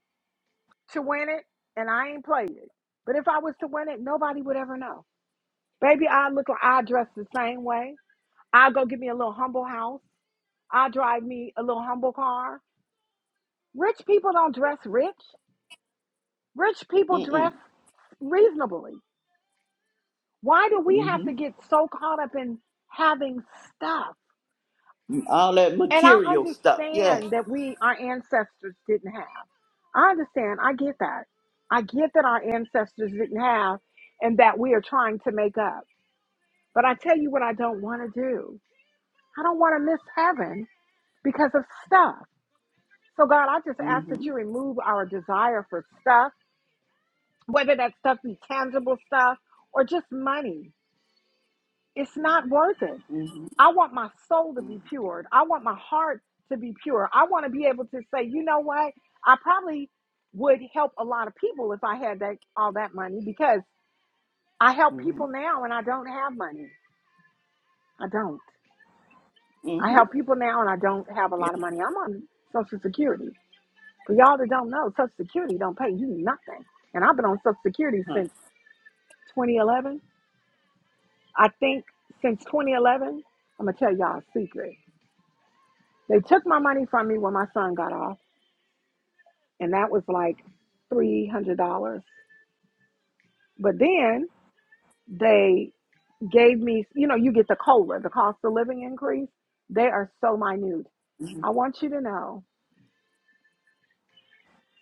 Speaker 1: to win it, and I ain't played it, but if I was to win it, nobody would ever know. Baby, I look like I dress the same way. I'll go get me a little humble house. I'll drive me a little humble car. Rich people don't dress rich. Rich people
Speaker 3: mm
Speaker 1: dress reasonably. Why do we
Speaker 3: Hmm.
Speaker 1: have to get so caught up in having stuff?
Speaker 3: all that
Speaker 1: And I
Speaker 3: material stuff. Yes.
Speaker 1: understand that we, our ancestors didn't have. I understand. I get that. I get that our ancestors didn't have and that we are trying to make up. But I tell you what, I don't want to do. I don't want to miss heaven because of stuff. So, God, I just ask that
Speaker 3: Mm-hmm.
Speaker 1: you remove our desire for stuff whether that stuff be tangible stuff or just money. It's not worth it.
Speaker 3: Mm-hmm.
Speaker 1: I want my soul to be pure. I want my heart to be pure. I want to be able to say, you know what? I probably would help a lot of people if I had that all that money because I help
Speaker 3: Mm-hmm.
Speaker 1: people now and I don't have money. I don't. I
Speaker 3: Mm-hmm.
Speaker 1: help people now and I don't have a
Speaker 3: Yeah.
Speaker 1: lot of money. I'm on Social Security. For y'all that don't know, Social Security don't pay you nothing. And I've been on Social Security
Speaker 3: Huh.
Speaker 1: since 2011. I think since 2011, I'm gonna tell y'all a secret. They took my money from me when my son got off, and that was like three hundred dollars. But then they gave me, you know, you get the cola, the cost of living increase. They are so minute. I want you to know,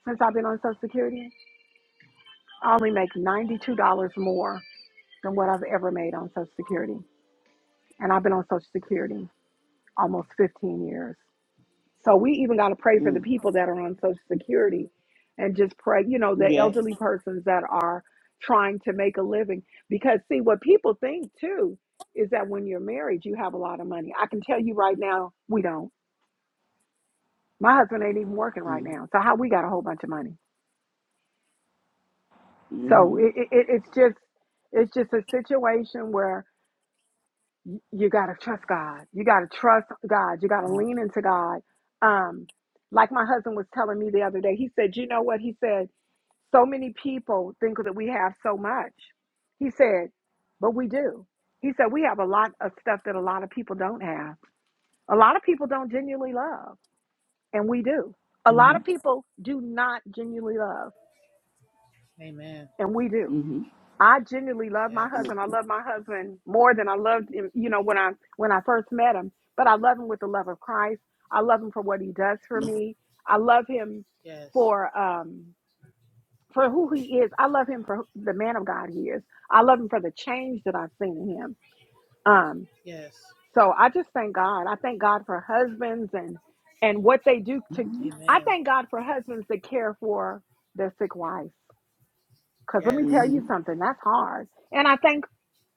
Speaker 1: since I've been on Social Security, I only make ninety-two dollars more than what I've ever made on Social Security, and I've been on Social Security almost fifteen years. So we even got to pray for the
Speaker 3: Mm.
Speaker 1: people that are on Social Security and just pray, you know, the
Speaker 3: Yes.
Speaker 1: elderly persons that are trying to make a living. Because, see, what people think too is that when you're married, you have a lot of money. I can tell you right now, we don't. My husband ain't even working right
Speaker 3: Mm-hmm.
Speaker 1: now. So, how we got a whole bunch of money? So, it,
Speaker 3: Mm-hmm.
Speaker 1: it, it- it's just. It's just a situation where you, you got to trust God. You got to trust God. You got to lean into God. Um, like my husband was telling me the other day, he said, You know what? He said, So many people think that we have so much. He said, But we do. He said, We have a lot of stuff that a lot of people don't have. A lot of people don't genuinely love, and we do. A lot of people do not genuinely love,
Speaker 4: Amen.
Speaker 1: and we do.
Speaker 3: Mm-hmm.
Speaker 1: I genuinely love my
Speaker 3: Mm-hmm.
Speaker 4: Yes.
Speaker 1: husband. I love my husband more than I loved him, you know, when I when I first met him. But I love him with the love of Christ. I love him for what he does for me. I love him
Speaker 4: Yes.
Speaker 1: for um for who he is. I love him for who- the man of God he is. I love him for the change that I've seen in him. Um
Speaker 4: Yes.
Speaker 1: so I just thank God. I thank God for husbands and and what they do to I
Speaker 4: Amen.
Speaker 1: thank God for husbands that care for their sick wives. Cuz let me tell
Speaker 4: Yes.
Speaker 1: you
Speaker 3: Mm-hmm.
Speaker 1: something, that's hard. And I thank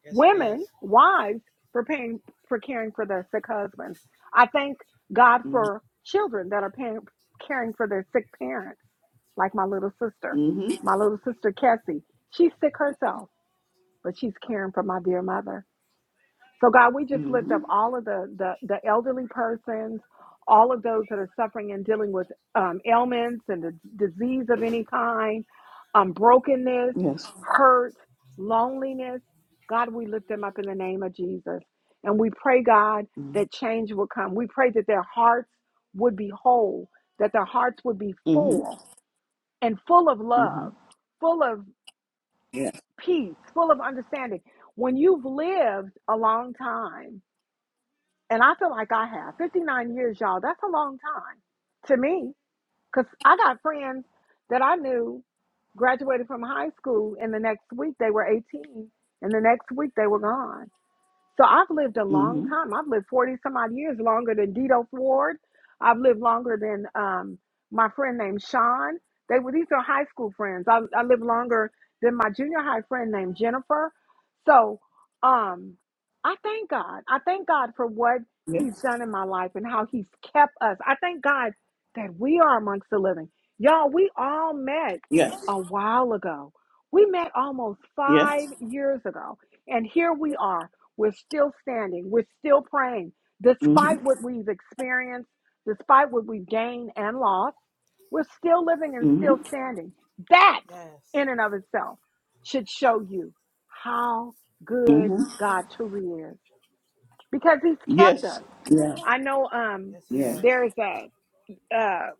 Speaker 4: Yes, it is.
Speaker 1: women, wives, for paying for caring for their sick husbands. I thank God for children that are paying, caring for their sick parents, like my little sister.
Speaker 3: Mm-hmm.
Speaker 1: My little sister Cassie, she's sick herself, but she's caring for my dear mother. So God, we just lift
Speaker 3: Mm-hmm.
Speaker 1: up all of the the, the elderly persons, all of those that are suffering and dealing with um, ailments and the disease of any kind, um, brokenness,
Speaker 3: Yes.
Speaker 1: hurt, loneliness. God, we lift them up in the name of Jesus, and we pray, God,
Speaker 3: Mm-hmm.
Speaker 1: that change will come. We pray that their hearts would be whole, that their hearts would be full and full of
Speaker 3: Mm-hmm.
Speaker 1: love, full of peace, full of understanding. When you've lived a long time and I feel like I have 59 years, y'all. That's a long time to me because I got friends that I knew graduated from high school, and the next week they were 18, and the next week they were gone. So I've lived a long
Speaker 3: Mm-hmm.
Speaker 1: time. I've lived 40 some odd years longer than Dito Ford. I've lived longer than um, my friend named Sean. They were these are high school friends. I, I lived longer than my junior high friend named Jennifer. So um, I thank God. I thank God for what He's
Speaker 3: Yes.
Speaker 1: done in my life and how He's kept us. I thank God that we are amongst the living. Y'all, we all met
Speaker 3: Yes.
Speaker 1: a while ago. We met almost five
Speaker 3: Yes.
Speaker 1: years ago. And here we are we're still standing. We're still praying.
Speaker 3: Mm-hmm.
Speaker 1: Despite what we've experienced, despite what we've gained and lost, we're still living and
Speaker 3: Mm-hmm.
Speaker 1: still standing. That,
Speaker 4: Yes.
Speaker 1: in and of itself, should show you how good
Speaker 3: Mm-hmm.
Speaker 1: God truly is because He's kept
Speaker 3: Yes.
Speaker 1: us.
Speaker 3: Yes.
Speaker 1: I know um,
Speaker 4: Yes, he
Speaker 3: Yes.
Speaker 4: has.
Speaker 1: there's a, uh,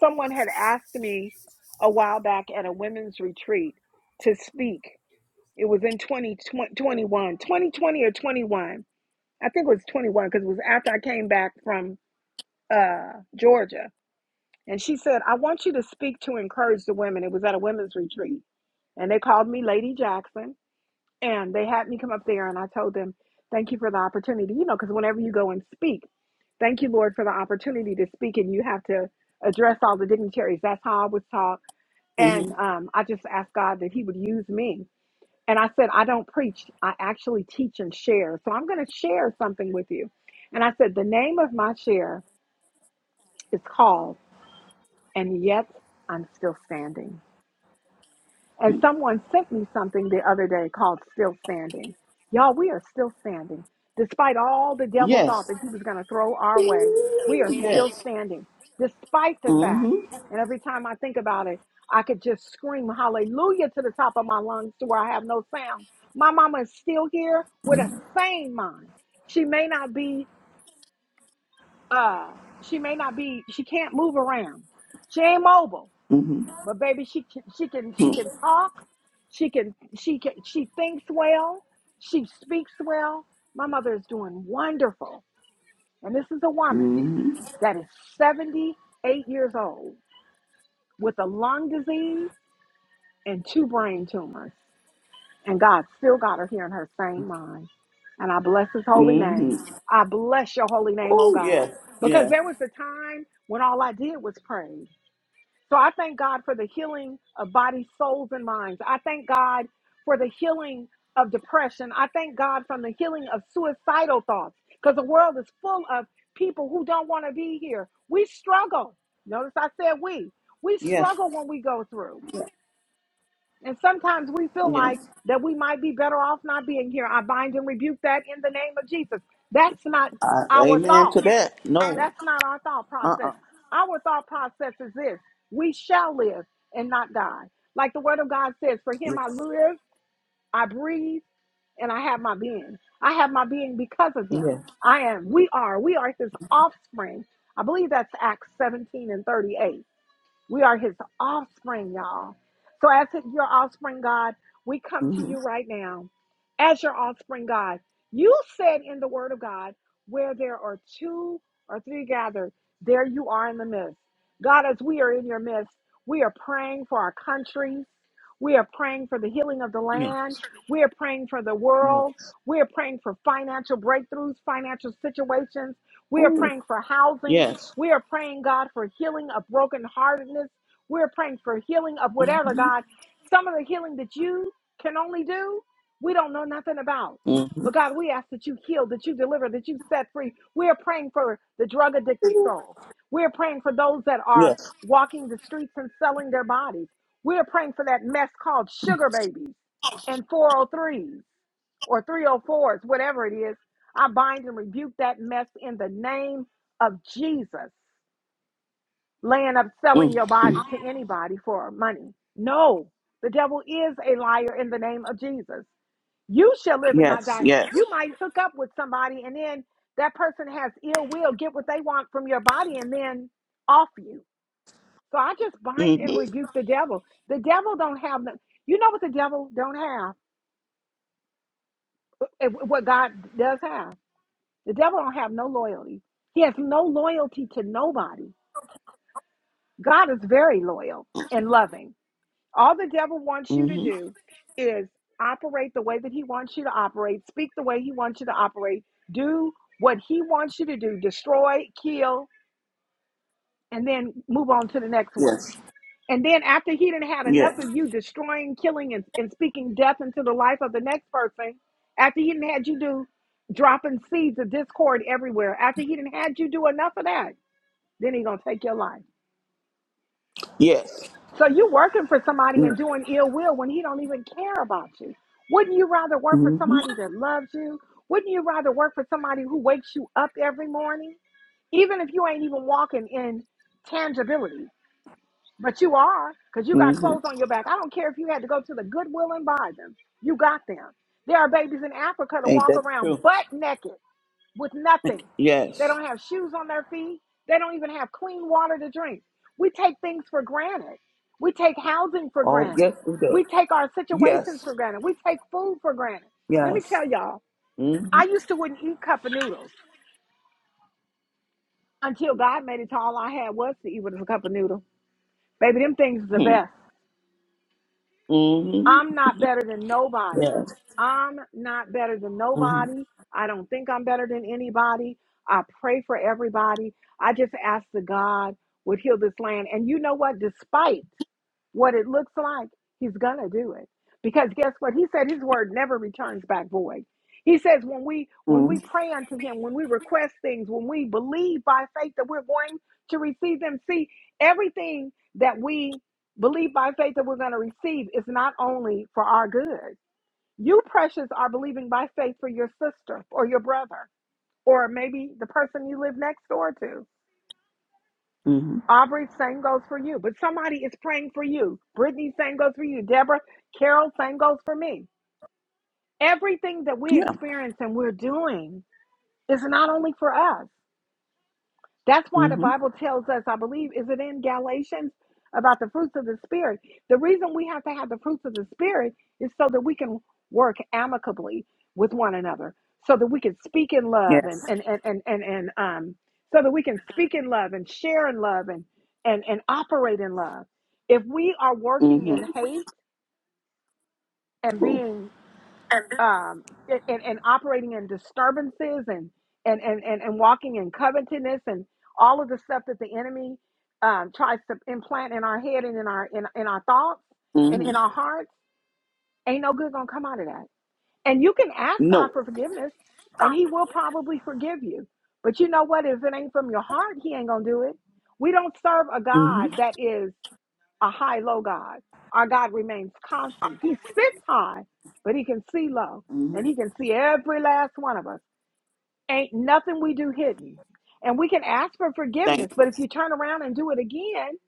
Speaker 1: someone had asked me a while back at a women's retreat to speak. It was in twenty twenty one, twenty twenty or 21 I think it was 21 because it was after I came back from uh, Georgia. And she said, I want you to speak to encourage the women. It was at a women's retreat. And they called me Lady Jackson. And they had me come up there. And I told them, Thank you for the opportunity. You know, because whenever you go and speak, thank you, Lord, for the opportunity to speak. And you have to address all the dignitaries. That's how I was taught. And
Speaker 3: Mm-hmm.
Speaker 1: um, I just asked God that He would use me and I said, I don't preach, I actually teach and share. So I'm going to share something with you. And I said, the name of my share is called, And Yet I'm Still Standing. And someone sent me something the other day called Still Standing. Y'all, we are still standing. Despite all the devil thought
Speaker 3: Yes.
Speaker 1: that he was going to throw our way, we are still
Speaker 3: Yes.
Speaker 1: standing. Despite the fact,
Speaker 3: Mm-hmm.
Speaker 1: and every time I think about it, I could just scream hallelujah to the top of my lungs to where I have no sound. My mama is still here with a sane mind. She may not be, uh, she may not be, she can't move around. She ain't mobile
Speaker 3: Mm-hmm.
Speaker 1: but baby, she can- she can she can talk. She can she can she thinks well. She speaks well. My mother is doing wonderful. And this is a woman
Speaker 3: Mm-hmm.
Speaker 1: that is 78 years old with a lung disease and two brain tumors. And God still got her here in her sane mind. And I bless his holy
Speaker 3: Mm-hmm.
Speaker 1: name. I bless your holy name, oh
Speaker 3: Oh,
Speaker 1: God.
Speaker 3: yes,
Speaker 1: Because
Speaker 3: yes,
Speaker 1: there was a time when all I did was pray. So I thank God for the healing of bodies, souls, and minds. I thank God for the healing of depression. I thank God for the healing of suicidal thoughts because the world is full of people who don't want to be here. We struggle. Notice I said we. We
Speaker 3: yes,
Speaker 1: struggle when we go through. And sometimes we feel
Speaker 3: yes.
Speaker 1: like that we might be better off not being here. I bind and rebuke that in the name of Jesus. That's not
Speaker 3: Uh,
Speaker 1: our
Speaker 3: amen
Speaker 1: thought.
Speaker 3: to that. No.
Speaker 1: That's not our thought
Speaker 3: Uh uh
Speaker 1: process. Our thought process is this we shall live and not die. Like the word of God says, For him
Speaker 3: Yes,
Speaker 1: I live, I breathe, and I have my being. I have my being because of him.
Speaker 3: yes.
Speaker 1: I am, we are, we are his offspring. I believe that's Acts 17 and 38. We are his offspring, y'all. So, as his- your offspring, God, we come to
Speaker 3: Mm-hmm.
Speaker 1: you right now. As your offspring, God, you said in the word of God, where there are two or three gathered, there you are in the midst. God, as we are in your midst, we are praying for our countries. We are praying for the healing of the
Speaker 3: Yes,
Speaker 1: land. We are praying for the world.
Speaker 3: yes.
Speaker 1: We are praying for financial breakthroughs, financial situations. We are
Speaker 3: Oh,
Speaker 1: praying for housing.
Speaker 3: yes.
Speaker 1: We are praying, God, for healing of brokenheartedness. We're praying for healing of
Speaker 3: Mm-hmm.
Speaker 1: whatever, God. Some of the healing that you can only do, we don't know nothing about.
Speaker 3: mm-hmm.
Speaker 1: But God, we ask that you heal, that you deliver, that you set free. We are praying for the drug addicted soul. We are praying for those that are
Speaker 3: Yes.
Speaker 1: walking the streets and selling their bodies. We are praying for that mess called sugar babies and 403s or 304s, whatever it is. I bind and rebuke that mess in the name of Jesus laying up selling your
Speaker 3: Mm-hmm.
Speaker 1: body to anybody for money. No, the devil is a liar in the name of Jesus. You shall live and not
Speaker 3: Yes,
Speaker 1: die.
Speaker 3: yes.
Speaker 1: You might hook up with somebody and then that person has ill will, get what they want from your body and then off you. So I just bind
Speaker 3: Mm-hmm.
Speaker 1: and rebuke the devil. The devil don't have no, you know what the devil don't have? Eh, What God does have. The devil don't have no loyalty. He has no loyalty to nobody. God is very loyal and loving. All the devil wants you to
Speaker 3: Mm-hmm.
Speaker 1: do is operate the way that he wants you to operate, speak the way he wants you to operate, do what he wants you to do, destroy, kill, and then move on to the next one.
Speaker 3: Yes,
Speaker 1: And then after he didn't had enough
Speaker 3: yes,
Speaker 1: of you destroying, killing, and, and speaking death into the life of the next person, after he didn't had you do dropping seeds of discord everywhere, after he didn't had you do enough of that, then he gonna take your life.
Speaker 3: yes.
Speaker 1: So you working for somebody and
Speaker 3: yes.
Speaker 1: doing ill will when he don't even care about you. Wouldn't you rather work for
Speaker 3: Mm-hmm.
Speaker 1: somebody that loves you? Wouldn't you rather work for somebody who wakes you up every morning? Even if you ain't even walking in tangibility, but you are because you got
Speaker 3: Mm-hmm.
Speaker 1: clothes on your back. I don't care if you had to go to the Goodwill and buy them. You got them. There are babies in Africa to
Speaker 3: Ain't
Speaker 1: walk
Speaker 3: that
Speaker 1: around
Speaker 3: true?
Speaker 1: butt naked with nothing. They
Speaker 3: Yes.
Speaker 1: don't have shoes on their feet. They don't even have clean water to drink. We take things for granted. We take housing for
Speaker 3: Oh,
Speaker 1: granted.
Speaker 3: yes, we do.
Speaker 1: We take our situations
Speaker 3: Yes,
Speaker 1: for granted. We take food for granted. Let me
Speaker 3: yes.
Speaker 1: tell y'all,
Speaker 3: Mm-hmm.
Speaker 1: I used to wouldn't eat cup of noodles until God made it to all I had was to eat with a cup of noodle. Baby, them things is the best.
Speaker 3: Mm-hmm.
Speaker 1: I'm not better than nobody.
Speaker 3: Yes.
Speaker 1: I'm not better than
Speaker 3: Mm-hmm.
Speaker 1: nobody. I don't think I'm better than anybody. I pray for everybody. I just ask that God would heal this land. And you know what? Despite what it looks like, He's going to do it. Because guess what? He said His word never returns back void. He says when we when we pray unto him, when we request things, when we believe by faith that we're going to receive them, see everything that we Believe by faith that we're going to receive is not only for our good. You, precious, are believing by faith for your sister or your brother, or maybe the person you live next door to.
Speaker 3: Mm-hmm.
Speaker 1: Aubrey, same goes for you. But somebody is praying for you. Brittany, same goes for you. Deborah, Carol, same goes for me. Everything that we
Speaker 3: Yeah.
Speaker 1: experience and we're doing is not only for us. That's why the
Speaker 3: Mm-hmm.
Speaker 1: Bible tells us, I believe, is it in Galatians about the fruits of the Spirit? The reason we have to have the fruits of the Spirit is so that we can work amicably with one another, so that we can speak in
Speaker 3: Yeah.
Speaker 1: love and and and and and, and um so that we can speak in love and share in love and and and operate in love. If we are working
Speaker 3: Mm-hmm.
Speaker 1: in hate, and
Speaker 3: Cool.
Speaker 1: being um, and, and and operating in disturbances and, and, and, and, and walking in covetousness and all of the stuff that the enemy um, tries to implant in our head and in our in, in our thoughts and
Speaker 3: Mm-hmm.
Speaker 1: in our hearts, ain't no good gonna come out of that. And you can ask God
Speaker 3: No.
Speaker 1: for forgiveness, and He will probably forgive you. But you know what? If it ain't from your heart, He ain't gonna do it. We don't serve a
Speaker 3: Mm-hmm.
Speaker 1: God that is a high low God. Our God remains constant. He sits high, but he can see low,
Speaker 3: Mm-hmm.
Speaker 1: and he can see every last one of us. Ain't nothing we do hidden. And we can ask for
Speaker 3: Thank
Speaker 1: forgiveness, but if you turn around and do it again,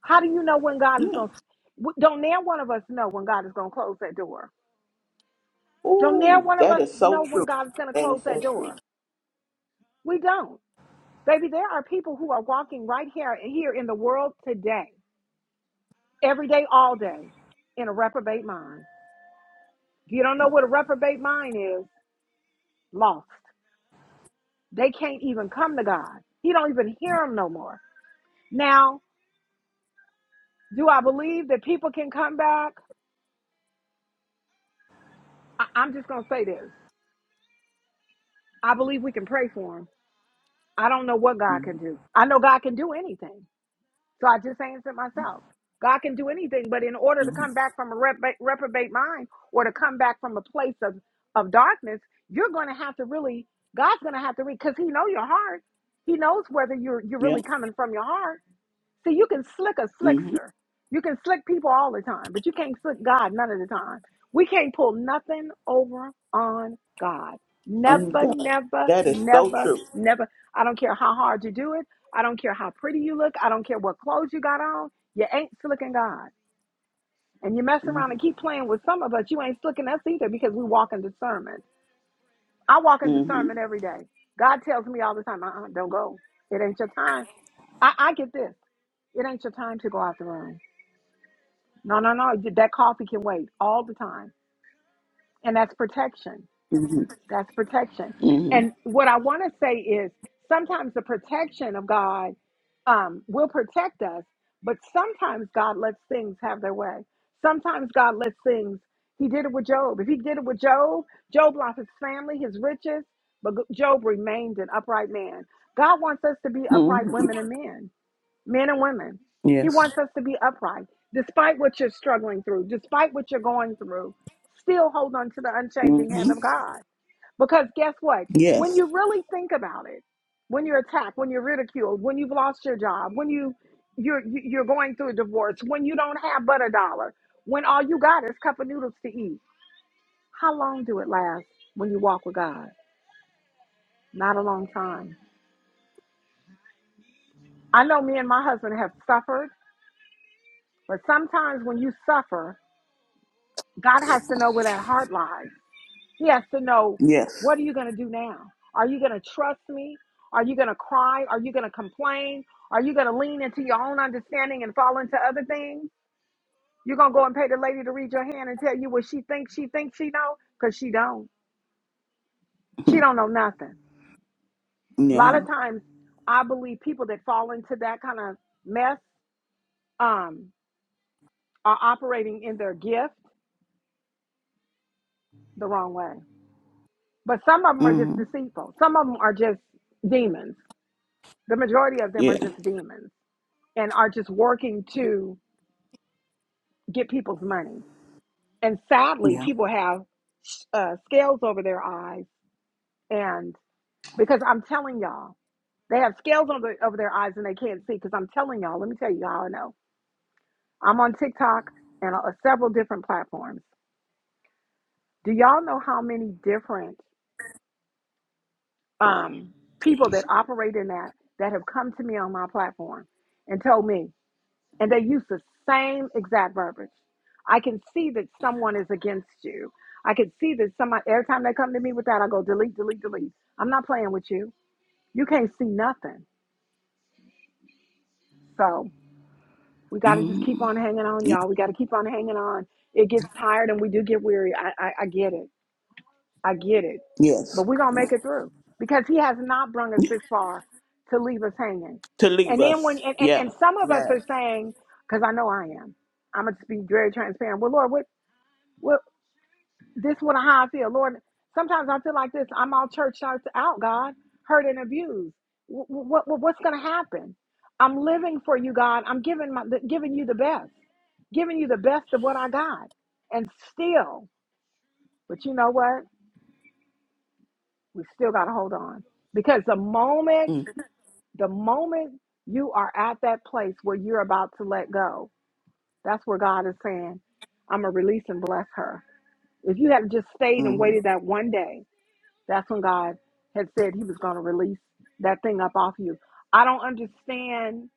Speaker 1: how do you know when God is
Speaker 3: you. Yeah.
Speaker 1: going to? Don't near one of us know when God is going to close that door. Don't near
Speaker 3: Ooh,
Speaker 1: one of
Speaker 3: that
Speaker 1: us
Speaker 3: is so
Speaker 1: know when
Speaker 3: true.
Speaker 1: God is going to
Speaker 3: That is
Speaker 1: close
Speaker 3: so
Speaker 1: that
Speaker 3: true.
Speaker 1: door. We don't. Baby, there are people who are walking right here here in the world today, every day, all day, in a reprobate mind. you don't know what a reprobate mind is, lost. They can't even come to God. He don't even hear them no more. Now, do I believe that people can come back? I- I'm just gonna say this. I believe we can pray for them. I don't know what God
Speaker 3: Mm-hmm.
Speaker 1: can do. I know God can do anything. So I just answered myself. God can do anything, but in order to
Speaker 3: Mm-hmm.
Speaker 1: come back from a reprobate reprobate mind or to come back from a place of, of darkness, you're gonna have to really, God's gonna have to read because He know your heart. He knows whether you're you're
Speaker 3: Yeah.
Speaker 1: really coming from your heart. See, you can slick a
Speaker 3: Mm-hmm.
Speaker 1: slickster. You can slick people all the time, but you can't slick God none of the time. We can't pull nothing over on God.
Speaker 3: And
Speaker 1: Never,
Speaker 3: God,
Speaker 1: never,
Speaker 3: that is so
Speaker 1: never,
Speaker 3: true.
Speaker 1: never. I don't care how hard you do it. I don't care how pretty you look. I don't care what clothes you got on. You ain't slicking God. And you mess around
Speaker 3: Mm-hmm.
Speaker 1: and keep playing with some of us. You ain't slicking us either because we walk in discernment. I walk in
Speaker 3: Mm-hmm.
Speaker 1: discernment every day. God tells me all the time, uh-uh, don't go. It ain't your time. I, I get this. It ain't your time to go out the room. No, no, no. you- That coffee can wait all the time. And that's protection.
Speaker 3: Mm-hmm.
Speaker 1: That's protection.
Speaker 3: Mm-hmm.
Speaker 1: And what I want to say is sometimes the protection of God um, will protect us, but sometimes God lets things have their way. Sometimes God lets things, He did it with Job. If He did it with Job, Job lost his family, his riches, but Job remained an upright man. God wants us to be upright
Speaker 3: Mm-hmm.
Speaker 1: women and men men and women. He
Speaker 3: Yes.
Speaker 1: wants us to be upright, despite what you're struggling through, despite what you're going through. Still hold on to the unchanging
Speaker 3: Mm-hmm.
Speaker 1: hand of God. Because guess what? When
Speaker 3: Yes.
Speaker 1: you really think about it, when you're attacked, when you're ridiculed, when you've lost your job, when you you're you- are you are going through a divorce, when you don't have but a dollar, when all you got is cup of noodles to eat, how long do it last when you walk with God? Not a long time. I know me and my husband have suffered, but sometimes when you suffer, God has to know where that heart lies. He has to know
Speaker 3: Yes.
Speaker 1: what are you going to do now? Are you going to trust me? Are you going to cry? Are you going to complain? Are you going to lean into your own understanding and fall into other things? You're going to go and pay the lady to read your hand and tell you what she thinks she thinks she know cuz she don't. She
Speaker 3: Mhm.
Speaker 1: don't know nothing. A lot
Speaker 3: Yeah.
Speaker 1: of times I believe people that fall into that kind of mess um are operating in their gift the wrong way. But some of them are just
Speaker 3: Mm-hmm.
Speaker 1: deceitful. Some of them are just demons. the majority of them
Speaker 3: Yeah.
Speaker 1: are just demons and are just working to get people's money. And sadly,
Speaker 3: Yeah.
Speaker 1: people have uh, scales over their eyes. And because I'm telling y'all, they have scales over, over their eyes and they can't see. Because I'm telling y'all, let me tell you how I know. I'm on TikTok and uh, several different platforms. Do y'all know how many different um, people that operate in that that have come to me on my platform and told me, and they use the same exact verbiage. I can see that someone is against you. I can see that someone, every time they come to me with that, I go delete, delete, delete. I'm not playing with you. You can't see nothing. So we got to just keep
Speaker 3: Mm-hmm.
Speaker 1: on hanging on,
Speaker 3: Yeah.
Speaker 1: y'all. We got to keep on hanging on. It gets tired and we do get weary. I, I, I get it. I get it.
Speaker 3: Yes.
Speaker 1: But we're going to
Speaker 3: Yeah.
Speaker 1: make it through because he has not brought us
Speaker 3: Yeah.
Speaker 1: this far to leave us hanging.
Speaker 3: To leave
Speaker 1: And then when,
Speaker 3: us.
Speaker 1: and, and,
Speaker 3: Yeah.
Speaker 1: and some of us
Speaker 3: Yeah.
Speaker 1: are saying, because I know I am, I'm going to be very transparent. Well, Lord, what? Well, this what how I feel, Lord. Sometimes I feel like this. I'm all church shirts out, God, hurt and abused. What, what, what's going to happen? I'm living for you, God. I'm giving my the- giving you the best, giving you the best of what I got, and still. But you know what? We still got to hold on because the moment
Speaker 3: Mm-hmm.
Speaker 1: the moment you are at that place where you're about to let go, that's where God is saying, "I'm gonna release and bless her." If you had just stayed and
Speaker 3: Mm-hmm.
Speaker 1: waited that one day, That's when God had said he was going to release that thing up off you. I don't understand.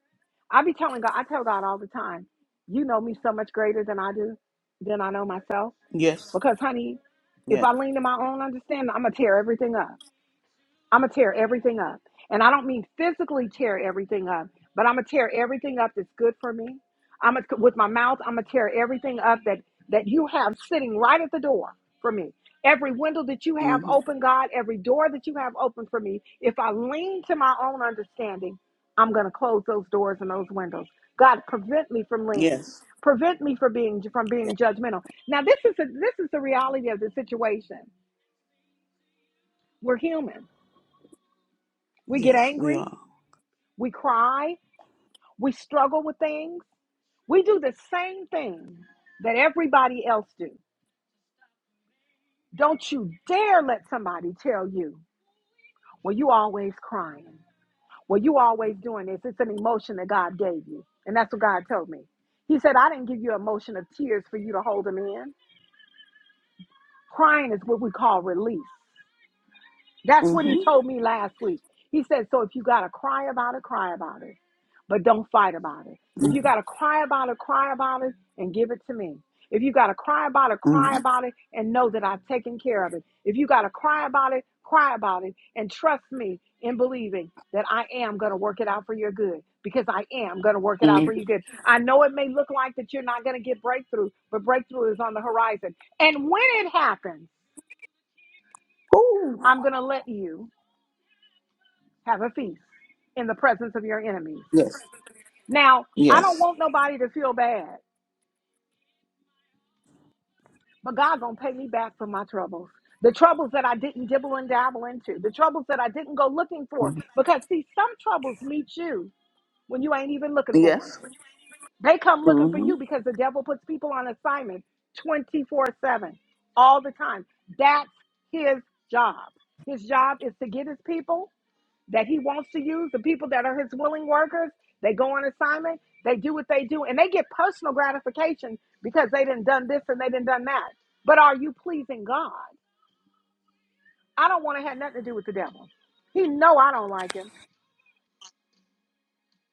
Speaker 1: I be telling God, I tell God all the time, you know me so much greater than I do, than I know myself.
Speaker 3: Yes.
Speaker 1: Because, honey, if
Speaker 3: Yeah.
Speaker 1: I lean to my own understanding, I'm going to tear everything up. I'm gonna tear everything up. And I don't mean physically tear everything up, but I'm gonna tear everything up that's good for me. I'm gonna, with my mouth, I'm gonna tear everything up that that you have sitting right at the door for me. Every window that you have
Speaker 3: Mm-hmm.
Speaker 1: open, God, every door that you have open for me, if I lean to my own understanding, I'm gonna close those doors and those windows. God, prevent me from leaning.
Speaker 3: Yes.
Speaker 1: Prevent me from being from
Speaker 3: Yes,
Speaker 1: being judgmental. Now, this is a, this is the reality of the situation. We're human. We get
Speaker 3: yes, we
Speaker 1: angry.
Speaker 3: are.
Speaker 1: we cry, we struggle with things. We do the same thing that everybody else do. Don't you dare let somebody tell you, well, you always crying. Well, you always doing this. It's an emotion that God gave you. And that's what God told me. He said, I didn't give you an emotion of tears for you to hold them in. Crying is what we call release. That's what he
Speaker 3: Mm-hmm.
Speaker 1: told me last week. He said, So if you got to cry about it, cry about it, but don't fight about it. If you got to cry about it, cry about it and give it to me. If you got to cry about it, cry
Speaker 3: Mm-hmm.
Speaker 1: about it and know that I've taken care of it. If you got to cry about it, cry about it and trust me in believing that I am going to work it out for your good because I am going to work it out for
Speaker 3: Mm-hmm.
Speaker 1: your good. I know it may look like that you're not going to get breakthrough, but breakthrough is on the horizon. And when it happens,
Speaker 3: Ooh.
Speaker 1: I'm going to let you Have a feast in the presence of your enemies.
Speaker 3: Yes.
Speaker 1: Now, I don't
Speaker 3: Yes.
Speaker 1: want nobody to feel bad, but God gonna pay me back for my troubles. The troubles that I didn't dibble and dabble into, the troubles that I didn't go looking for.
Speaker 3: Mhm.
Speaker 1: Because see, some troubles meet you when you ain't even looking for them.
Speaker 3: Yes.
Speaker 1: They come looking for
Speaker 3: Mm-hmm.
Speaker 1: you because the devil puts people on assignment 24-7 all the time. That's his job. His job is to get his people that he wants to use, the people that are his willing workers, they go on assignment, they do what they do, and they get personal gratification because they didn't done this and they didn't done that. But are you pleasing God? I don't want to have nothing to do with the devil. He know I don't like him.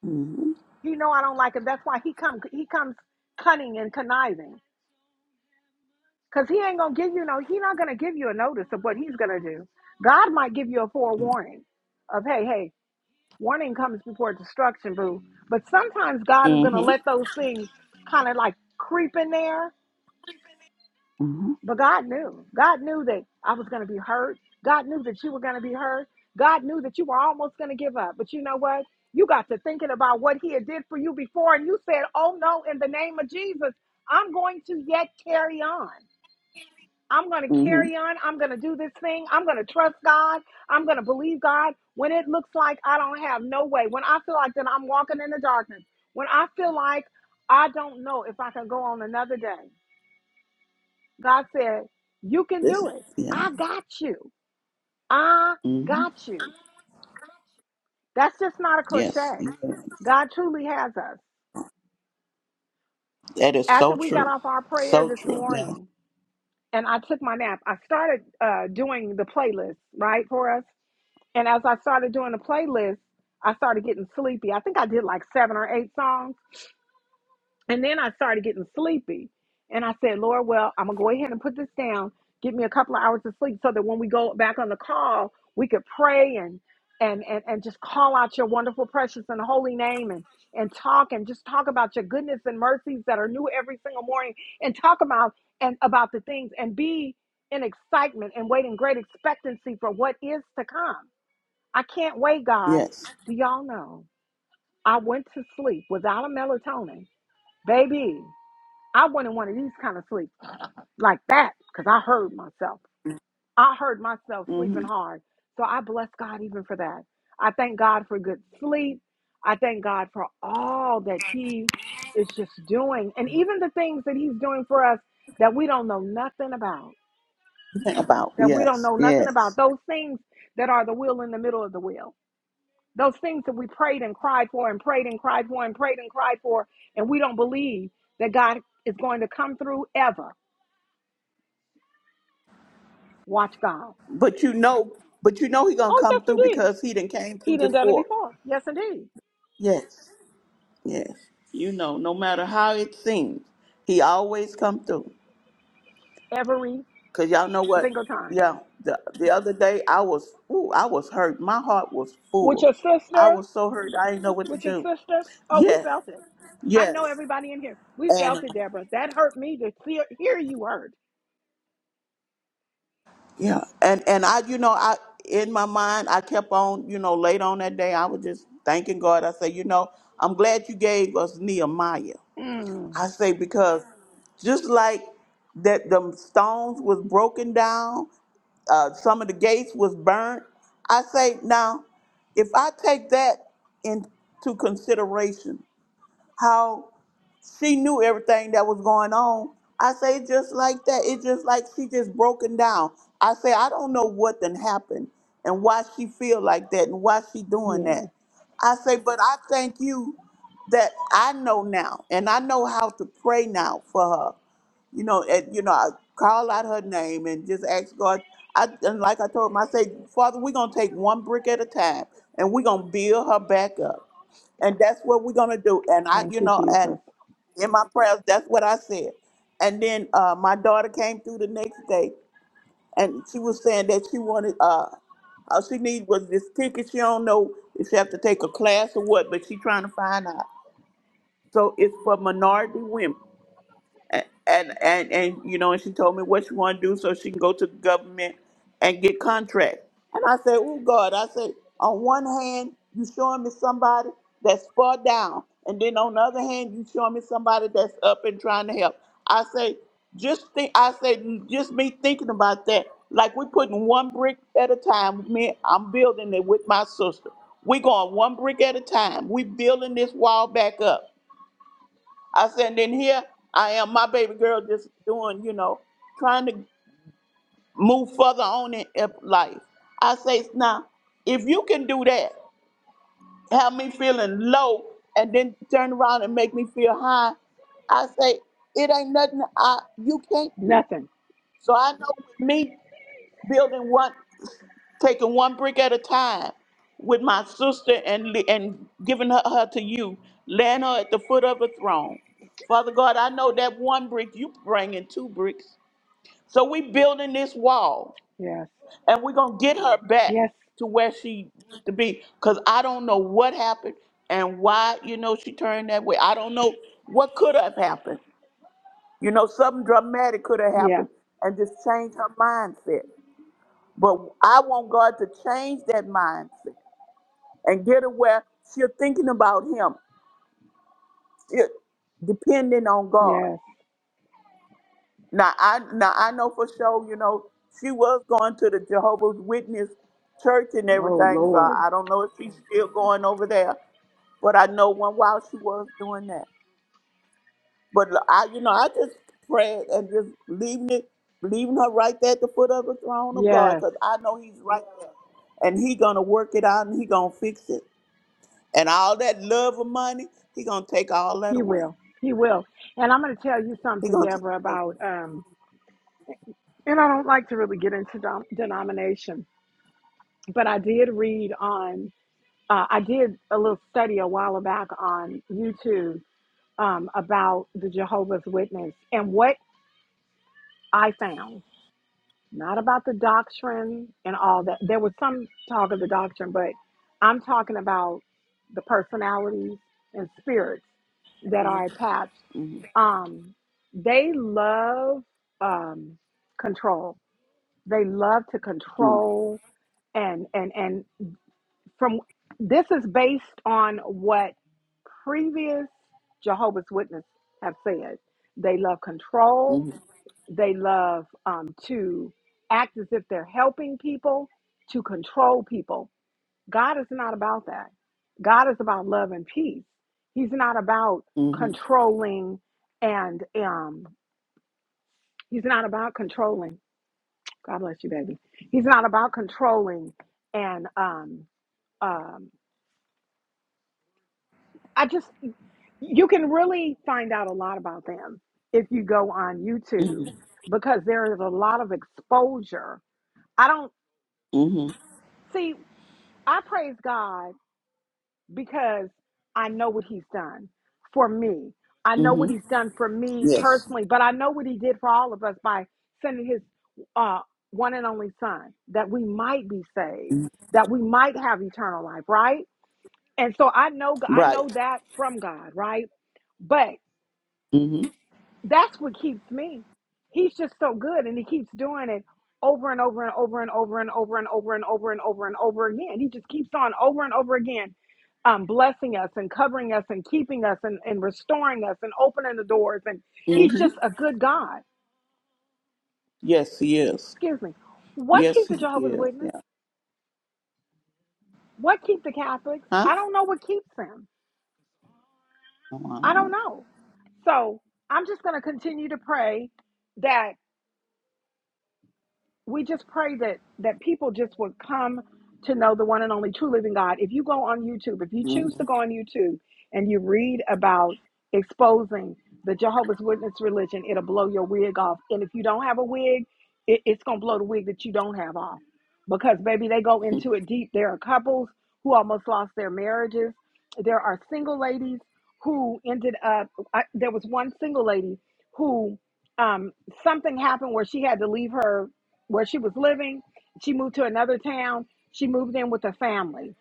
Speaker 3: Mm-hmm.
Speaker 1: He know I don't like him. That's why he come he comes cunning and conniving. Cause he ain't gonna give you no, he not gonna give you a notice of what he's gonna do. God might give you a forewarning of hey, hey, Warning comes before destruction, boo. But sometimes God is going to
Speaker 3: Mm-hmm.
Speaker 1: let those things kind of like creep in there.
Speaker 3: Mm-hmm.
Speaker 1: But God knew. God knew that I was going to be hurt. God knew that you were going to be hurt. God knew that you were almost going to give up. But you know what? You got to thinking about what He had did for you before, and you said, Oh no, in the name of Jesus, I'm going to yet carry on. I'm going to
Speaker 3: Mm-hmm.
Speaker 1: carry on. I'm going to do this thing. I'm going to trust God. I'm going to believe God when it looks like I don't have no way. When I feel like that I'm walking in the darkness. When I feel like I don't know if I can go on another day. God said, You can
Speaker 3: This.
Speaker 1: do it.
Speaker 3: Yeah.
Speaker 1: I got you. I
Speaker 3: Mm-hmm.
Speaker 1: got you. That's just not a
Speaker 3: Yes.
Speaker 1: cliche.
Speaker 3: Yeah.
Speaker 1: God truly has us.
Speaker 3: That is
Speaker 1: After
Speaker 3: so
Speaker 1: we got
Speaker 3: true.
Speaker 1: off our prayer
Speaker 3: So
Speaker 1: this
Speaker 3: true. Yeah.
Speaker 1: morning and I took my nap, I started uh, doing the playlist, right, for us And as I started doing the playlist, I started getting sleepy. I think I did like seven or eight songs. And then I started getting sleepy. And I said, Lord, well, I'm going to go ahead and put this down, get me a couple of hours of sleep so that when we go back on the call, we could pray and, and, and, and just call out your wonderful, precious, and holy name and, and talk and just talk about your goodness and mercies that are new every single morning and talk about and about the things and be in excitement and waiting great expectancy for what is to come. I can't wait, God.
Speaker 3: Yes.
Speaker 1: Do y'all know? I went to sleep without a melatonin. Baby, I went in one of these kind of sleep like that because I heard myself. I heard myself sleeping
Speaker 3: Mm-hmm.
Speaker 1: hard. So I bless God even for that. I thank God for good sleep. I thank God for all that He is just doing and even the things that He's doing for us that we don't know nothing about.
Speaker 3: Think about
Speaker 1: That we don't
Speaker 3: yes.
Speaker 1: know nothing about.
Speaker 3: Yes.
Speaker 1: Those things that are the wheel in the middle of the wheel. Those things that we prayed and cried for and prayed and cried for and prayed and cried for, and we don't believe that God is going to come through ever. Watch God.
Speaker 3: But you know, but you know he gonna
Speaker 1: Oh, yes,
Speaker 3: come through
Speaker 1: indeed.
Speaker 3: because he done came through
Speaker 1: He done done it
Speaker 3: before.
Speaker 1: before. Yes, indeed.
Speaker 3: Yes. Yes. You know, no matter how it seems, he always come through.
Speaker 1: Every
Speaker 3: Cause y'all know what?
Speaker 1: single time.
Speaker 3: Yeah, the the other day I was, ooh, I was hurt. My heart was
Speaker 1: With
Speaker 3: full.
Speaker 1: your
Speaker 3: I
Speaker 1: sister,
Speaker 3: was so hurt. I didn't know what to
Speaker 1: with your
Speaker 3: do.
Speaker 1: sister. Oh, we
Speaker 3: Yes,
Speaker 1: felt it. I know
Speaker 3: yes,
Speaker 1: everybody in here. We
Speaker 3: and uh,
Speaker 1: felt it, Deborah. That hurt me to see, hear you hurt.
Speaker 3: yeah, and and I, you know, I in my mind I kept on, you know, late on that day I was just thanking God. I say, you know, I'm glad you gave us Nehemiah.
Speaker 1: Mm,
Speaker 3: I say because just like that, the stones was broken down uh, some of the gates was burned. I say now, if I take that into consideration, how? she knew everything that was going on. I say it just like that. It just like she just broken down. I say I don't know what then happened and why she feel like that and why she doing
Speaker 1: yeah.
Speaker 3: that. I say, but I thank you that I know now and I know how to pray now for her. You know, and you know, I call out her name and just ask God. I and like I told him, I say, Father, we're gonna take one brick at a time and we're gonna build her back up and that's what we're gonna do. And I,
Speaker 1: Thank
Speaker 3: you
Speaker 1: you,
Speaker 3: know, and
Speaker 1: Jesus.
Speaker 3: in my prayers. That's what I said. And then uh, my daughter came through the next day, and she was saying that she wanted uh, all she needed was this ticket. She don't know if she have to take a class or what, but she trying to find out. So it's for minority women and and and you know, and she told me what she want to do so she can go to the government and get contracts. And I said, "Oh God!" I said, "On one hand, you showing me somebody that's far down, and then on the other hand, you showing me somebody that's up and trying to help." I say, "Just think," I say, "Just me thinking about that." Like we putting one brick at a time. Me, I'm building it with my sister. We going one brick at a time. We building this wall back up. I said, and then here I am, my baby girl just doing, you know, trying to move further on in in life. I say, now, if you can do that, have me feeling low and then turn around and make me feel high, I say, it ain't nothing I you can't do.
Speaker 1: Nothing.
Speaker 3: So I know with me building one taking one brick at a time with my sister and li- and giving her, her to you, laying her at the foot of a throne. Father God, I know that one brick you bringing two bricks. So we building this wall,
Speaker 1: Yes.
Speaker 3: and we're gonna get her back
Speaker 1: Yes.
Speaker 3: to where she used to be. Cause I don't know what happened and why you know she turned that way. I don't know what could have happened. You know, something dramatic could have
Speaker 1: Yeah.
Speaker 3: happened and just changed her mindset. But I want God to change that mindset and get aware She's thinking about him, she, depending on God.
Speaker 1: Yes.
Speaker 3: Now I now I know for sure, you know, she was going to the Jehovah's Witness church and
Speaker 1: Oh,
Speaker 3: everything, so
Speaker 1: Lord.
Speaker 3: I don't know if she's still going over there. But I know one while she was doing that. But I you know, I just prayed and just leaving it leaving her right there at the foot of the throne of God,
Speaker 1: Yes.
Speaker 3: because I know he's right there. And he gonna work it out and he gonna fix it. And all that love of money, he gonna take all that
Speaker 1: He
Speaker 3: away.
Speaker 1: will. He will. And I'm going to tell you
Speaker 3: He
Speaker 1: something,
Speaker 3: gonna take that
Speaker 1: Deborah,
Speaker 3: away.
Speaker 1: about, um, and I don't like to really get into dom- denomination, but I did read on, uh, I did a little study a while back on YouTube um, about the Jehovah's Witness and what I found. not about the doctrine and all that. There was some talk of the doctrine, but I'm talking about the personalities and spirits that are
Speaker 3: Mm-hmm.
Speaker 1: attached. Um, they love um, control. They love to
Speaker 3: Mm-hmm.
Speaker 1: control and and and from this is based on what previous Jehovah's Witnesses have said. They love control they love um, to act as if they're helping people, to control people. God is not about that. God is about love and peace. He's not about
Speaker 3: Mm-hmm.
Speaker 1: controlling and um, he's not about controlling. God bless you, baby. He's not about controlling and um, um, I just you can really find out a lot about them if you go on YouTube
Speaker 3: Mm-hmm.
Speaker 1: because there is a lot of exposure. I don't
Speaker 3: Mm-hmm.
Speaker 1: see. I praise God because I know what He's done for me. I know what
Speaker 3: Mm-hmm.
Speaker 1: He's done for me
Speaker 3: Yes.
Speaker 1: personally, but I know what He did for all of us by sending His uh, one and only Son that we might be saved,
Speaker 3: Mhm.
Speaker 1: that we might have eternal life, right? And so I know I
Speaker 3: Right.
Speaker 1: know that from God, right? But.
Speaker 3: Mm-hmm.
Speaker 1: That's what keeps me. He's just so good and he keeps doing it over and over and over and over and over and over and over and over and over again. He just keeps on over and over again um, blessing us and covering us and keeping us and, and restoring us and opening the doors. And he's
Speaker 3: Mm-hmm.
Speaker 1: just a good God.
Speaker 3: Yes, he is.
Speaker 1: Excuse me. What
Speaker 3: Yes,
Speaker 1: keeps
Speaker 3: he
Speaker 1: the Jehovah's
Speaker 3: is. Yeah.
Speaker 1: Witness? What keeps the Catholics?
Speaker 3: Huh?
Speaker 1: I don't know what keeps them.
Speaker 3: Oh, I
Speaker 1: I
Speaker 3: don't
Speaker 1: don't
Speaker 3: know.
Speaker 1: know. So I'm just going to continue to pray that we just pray that that people just would come to know the one and only true living God. If you go on YouTube, if you choose to
Speaker 3: Mm-hmm.
Speaker 1: go on YouTube and you read about exposing the Jehovah's Witness religion, it'll blow your wig off. And if you don't have a wig, it, it's gonna blow the wig that you don't have off. Because baby, they go into it deep. There are couples who almost lost their marriages. There are single ladies who ended up. I, there was one single lady who um, something happened where she had to leave her where she was living. She moved to another town. She moved in with a family.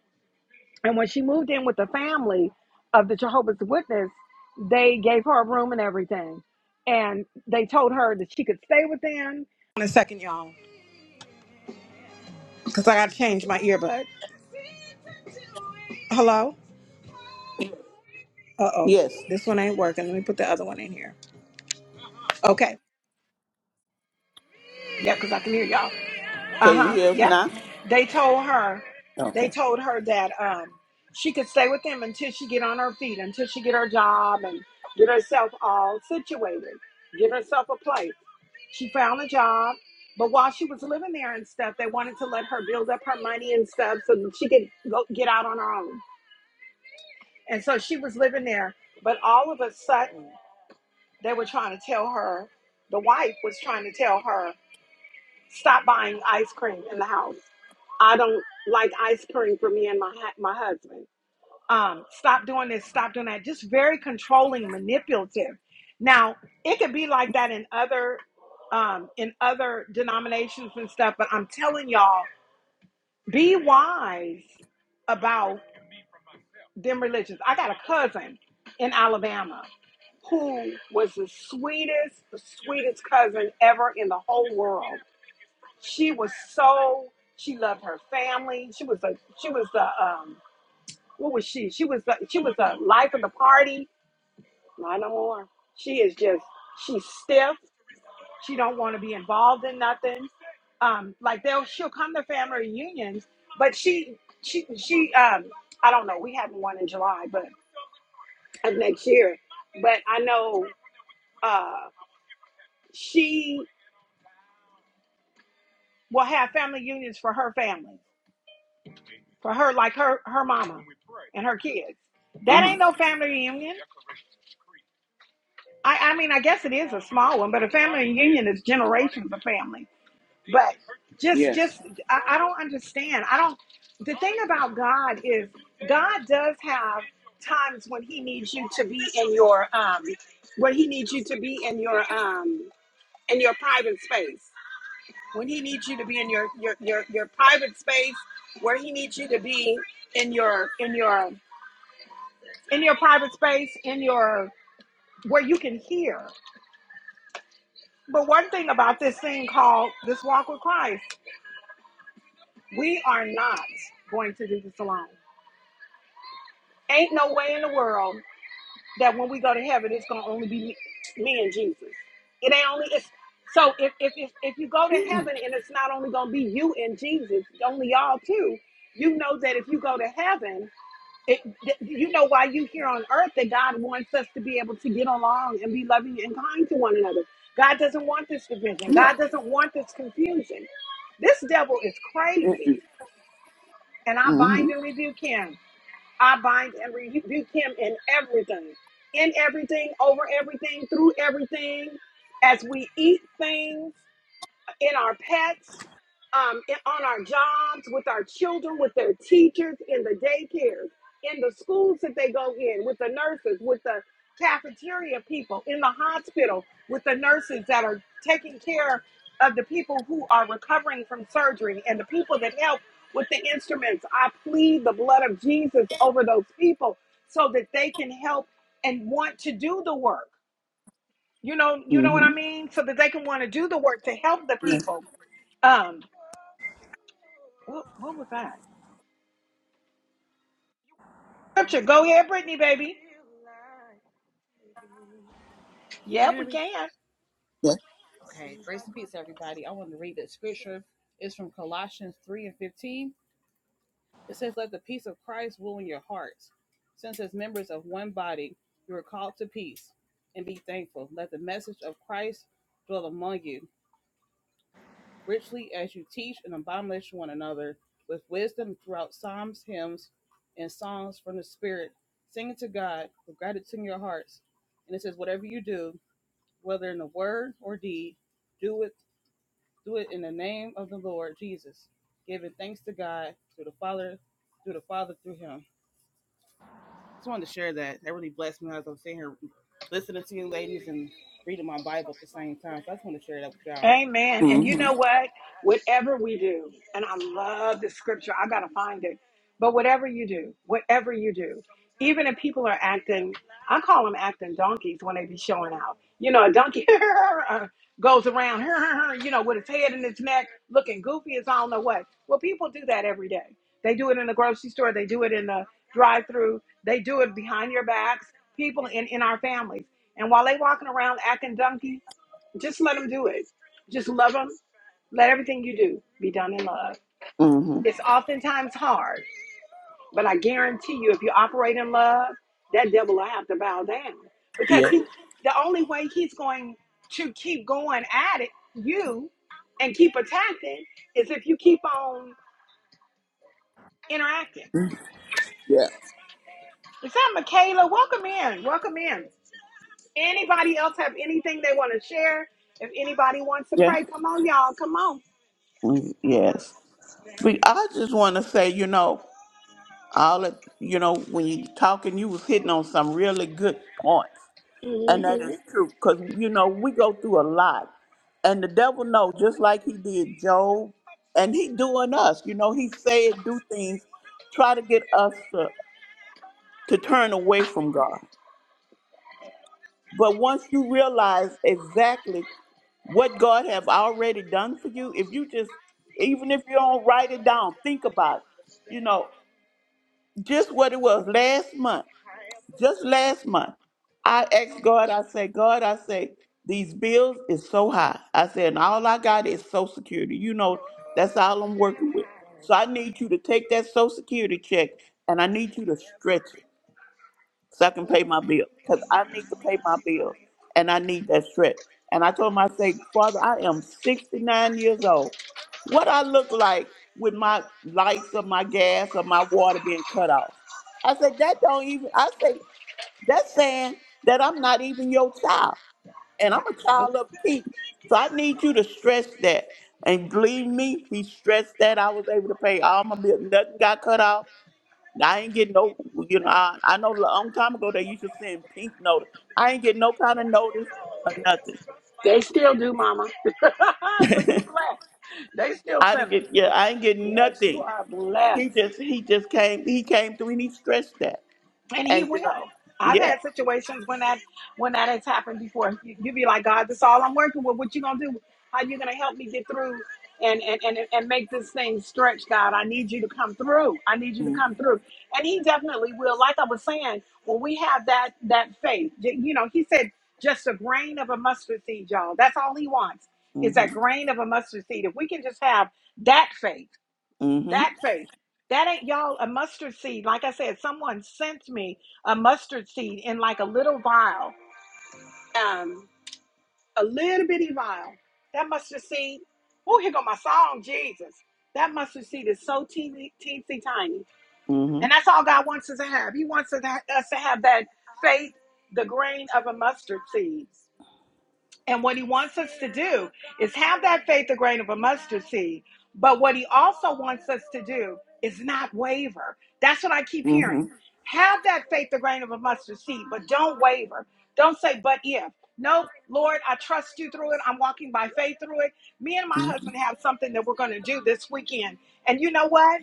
Speaker 1: And when she moved in with the family of the Jehovah's Witness, they gave her a room and everything. And they told her that she could stay with them. In a second, y'all, because I got to change my earbud. Hello? Uh oh.
Speaker 3: Yes.
Speaker 1: This one ain't working. Let me put the other one in here. Okay. Yeah, because I can hear y'all.
Speaker 3: Can you
Speaker 1: Uh-huh.
Speaker 3: hear us
Speaker 1: Yep.
Speaker 3: now?
Speaker 1: They told her
Speaker 3: Okay.
Speaker 1: they told her that um she could stay with them until she get on her feet, until she get her job and get herself all situated, get herself a place. She found a job, but while she was living there and stuff, they wanted to let her build up her money and stuff so that she could go get out on her own. And so she was living there, but all of a sudden they were trying to tell her the wife was trying to tell her Stop buying ice cream in the house. I don't like ice cream for me and my hu- my husband. Um, stop doing this, stop doing that. Just very controlling, manipulative. Now it could be like that in other um, in other denominations and stuff, but I'm telling y'all, be wise about them religions. I got a cousin in Alabama who was the sweetest, the sweetest cousin ever in the whole world she was so she loved her family. She was a she was a um what was she? She was a, she was a life of the party. Not no more. She is just she's stiff. She don't want to be involved in nothing. Um, like they'll she'll come to family reunions, but she she she um I don't know. We having one in July, but of next year. But I know uh she will have family unions for her family for her, like her her mama and her kids.
Speaker 3: Uh
Speaker 1: That
Speaker 3: huh.
Speaker 1: ain't no family reunion. I I mean, I guess it is a small one, but a family reunion is generations of family. But just
Speaker 3: Yes.
Speaker 1: just I, I don't understand. I don't. The thing about God is God does have times when He needs you to be in your um when He needs you to be in your um in your private space. When He needs you to be in your your your, your private space, where He needs you to be in your in your in your private space, in your where you can hear. But one thing about this thing called this walk with Christ, we are not going to do this alone. Ain't no way in the world that when we go to heaven, it's gonna only be me, me and Jesus. It ain't only it's so if, if if if you go to heaven and it's not only gonna be you and Jesus, only y'all two, you know that if you go to heaven it, th- you know why you here on earth that God wants us to be able to get along and be loving and kind to one another. God doesn't want this division.
Speaker 3: Yeah.
Speaker 1: God doesn't want this confusion. This devil is crazy, and I
Speaker 3: Mm-hmm.
Speaker 1: bind and rebuke him. I bind and rebuke him in everything, in everything, over everything, through everything, as we eat things in our pets, um, in, on our jobs, with our children, with their teachers, in the daycares, in the schools that they go in, with the nurses, with the cafeteria people, in the hospital, with the nurses that are taking care of the people who are recovering from surgery and the people that help with the instruments. I plead the blood of Jesus over those people so that they can help and want to do the work. You know, you know what
Speaker 3: Mm-hmm.
Speaker 1: I mean? So that they can want to do the work to help the
Speaker 3: Yes.
Speaker 1: people um, what, what was I? Scripture. Go ahead, Brittany, baby.
Speaker 4: Can y'all
Speaker 1: Yeah,
Speaker 4: hear
Speaker 1: we
Speaker 4: me?
Speaker 1: can.
Speaker 3: Yes.
Speaker 4: Okay. Grace and peace, everybody. I want to read that scripture. It's from Colossians 3 and 15. It says, Let the peace of Christ rule in your hearts. Since, as members of one body, you are called to peace and be thankful. Let the message of Christ dwell among you richly as you teach and admonish one another with wisdom throughout psalms, hymns, and songs from the Spirit, singing to God with gratitude in your hearts. And it says, whatever you do, whether in the word or deed, do it do it in the name of the Lord Jesus, giving thanks to God through the Father, through the Father through Him. Just wanted to share that. That really blessed me as I'm sitting here listening to you ladies and reading my Bible at the same time. So I just want to share that with y'all.
Speaker 1: Amen. And you
Speaker 3: Mm-hmm.
Speaker 1: know what? Whatever we do, and I love the scripture, I got to find it. But whatever you do, whatever you do, even if people are acting, I call them acting donkeys when they be showing out. You know, a donkey goes around, you know, with his head in his neck, looking goofy as I don't know what. Well, people do that every day. They do it in the grocery store, they do it in the drive through, they do it behind your backs, people in, in our families. And while they walking around acting donkey, just let them do it. Just love them. Let everything you do be done in love.
Speaker 3: Mm-hmm.
Speaker 1: It's oftentimes hard, but I guarantee you, if you operate in love, that devil will have to bow down because
Speaker 3: Yeah.
Speaker 1: he, the only way he's going to keep going at it, you, and keep attacking is if you keep on interacting.
Speaker 3: Yeah.
Speaker 1: Is that Michaela? Welcome in. Welcome in. Anybody else have anything they want to share? If anybody wants to
Speaker 3: Yeah.
Speaker 1: pray, come on, y'all. Come
Speaker 3: Mm, Yes. But I just want to say, you know. all it, you know when you talking you was hitting on some really good points and
Speaker 1: on.
Speaker 3: that is true because you know we go through a lot and the devil know just like he did job and he doing us you know he said do things try to get us to, to turn away from god but once you realize exactly what god have already done for you if you just even if you don't write it down think about it you know just what it was last month just last month, I asked God, I said, God, I say, these bills is so high. I said, and all I got is social security. You know, that's all I'm working with. So I need you to take that social security check and I need you to stretch it so I can pay my bill. Because I need to pay my bills and I need that stretch. And I told him, I say, Father, I am 69 years old. What I look like with my lights or my gas or my water being cut off. I said, that don't even. I say. That's saying that I'm not even your child, and I'm a child of King. So I need you to stress that. And believe me, he stressed that I was able to pay all my bills. Nothing got cut off. I ain't get no, you know, I, I know a long time ago they used to send pink notice. I ain't get no kind of notice or nothing.
Speaker 1: They still do, Mama. so you blessed. They still
Speaker 3: I didn't
Speaker 1: send
Speaker 3: get,
Speaker 1: them.
Speaker 3: yeah, I ain't get
Speaker 1: Yes, you
Speaker 3: nothing.
Speaker 1: are
Speaker 3: He
Speaker 1: blessed.
Speaker 3: just, he just came, he came through and he stressed that.
Speaker 1: and he
Speaker 3: And you
Speaker 1: will.
Speaker 3: know,
Speaker 1: I've
Speaker 3: yeah.
Speaker 1: had situations when that when that has happened before. You, you be like, God, this is all I'm working with. What you gonna do? How you gonna help me get through and, and and and make this thing stretch, God? I need you to come through. I need you to come
Speaker 3: Mm-hmm,
Speaker 1: through. And He definitely will. Like I was saying, when we have that that faith, j- you know, He said just a grain of a mustard seed, y'all. That's all He wants. Is that
Speaker 3: mm-hmm,
Speaker 1: grain of a mustard seed. If we can just have that faith
Speaker 3: mm-hmm,
Speaker 1: that faith. That ain't y'all a mustard seed. Like I said, someone sent me a mustard seed in like a little vial, um, a little bitty vial. That mustard seed. Oh, here go my song, Jesus. That mustard seed is so teeny, teensy tiny, and
Speaker 3: mm-hmm,
Speaker 1: that's all God wants us to have. He wants us to ha- us to have that faith, the grain of a mustard seed. And what he wants us to do is have that faith, a grain of a mustard seed. But what he also wants us to do is not waver. That's what I keep hearing. Have that faith, the grain of a mustard seed, but don't waver. Don't say, but if. Nope, Lord, I trust you through it. I'm walking by faith through it. Me and my
Speaker 3: mm-hmm.
Speaker 1: husband have something that we're going to do this weekend. And you know what?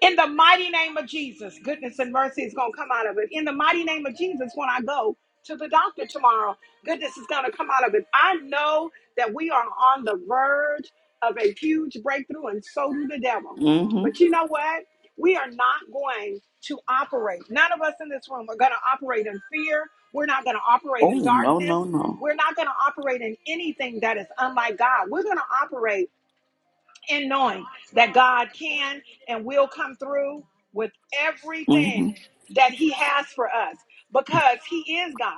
Speaker 1: In the mighty name of Jesus, goodness and mercy is going to come out of it. In the mighty name of Jesus, when I go to the doctor tomorrow, goodness is going to come out of it. I know that we are on the verge of a huge breakthrough, and so do the devil.
Speaker 3: mm-hmm.
Speaker 1: But you know what? We are not going to operate. None of us in this room are going to operate in fear. We're not going to operate
Speaker 3: Oh
Speaker 1: in
Speaker 3: no
Speaker 1: darkness.
Speaker 3: no no.
Speaker 1: We're not going to operate in anything that is unlike God. We're going to operate in knowing that God can and will come through with
Speaker 3: Mm-hmm.
Speaker 1: everything that He has for us because He is God.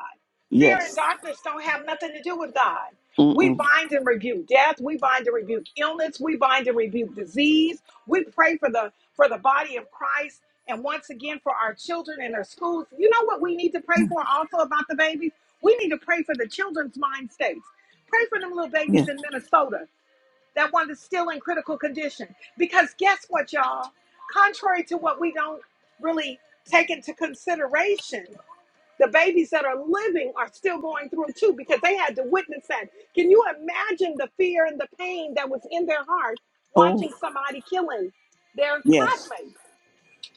Speaker 1: Fear and
Speaker 3: Yes.
Speaker 1: darkness don't have nothing to do with God. We
Speaker 3: Mm-mm.
Speaker 1: bind and rebuke death. We bind and rebuke illness. We bind and rebuke disease. We pray for the for the body of Christ and once again for our children and their schools. You know what we need to pray for also about the babies? We need to pray for the children's mind states. Pray for them little
Speaker 3: Yeah.
Speaker 1: babies in Minnesota that one is still in critical condition. Because guess what, y'all? Contrary to what we don't really take into consideration, the babies that are living are still going through too because they had to witness that. Can you imagine the fear and the pain that was in their heart
Speaker 3: Oh
Speaker 1: watching somebody killing their
Speaker 3: yes.
Speaker 1: classmate?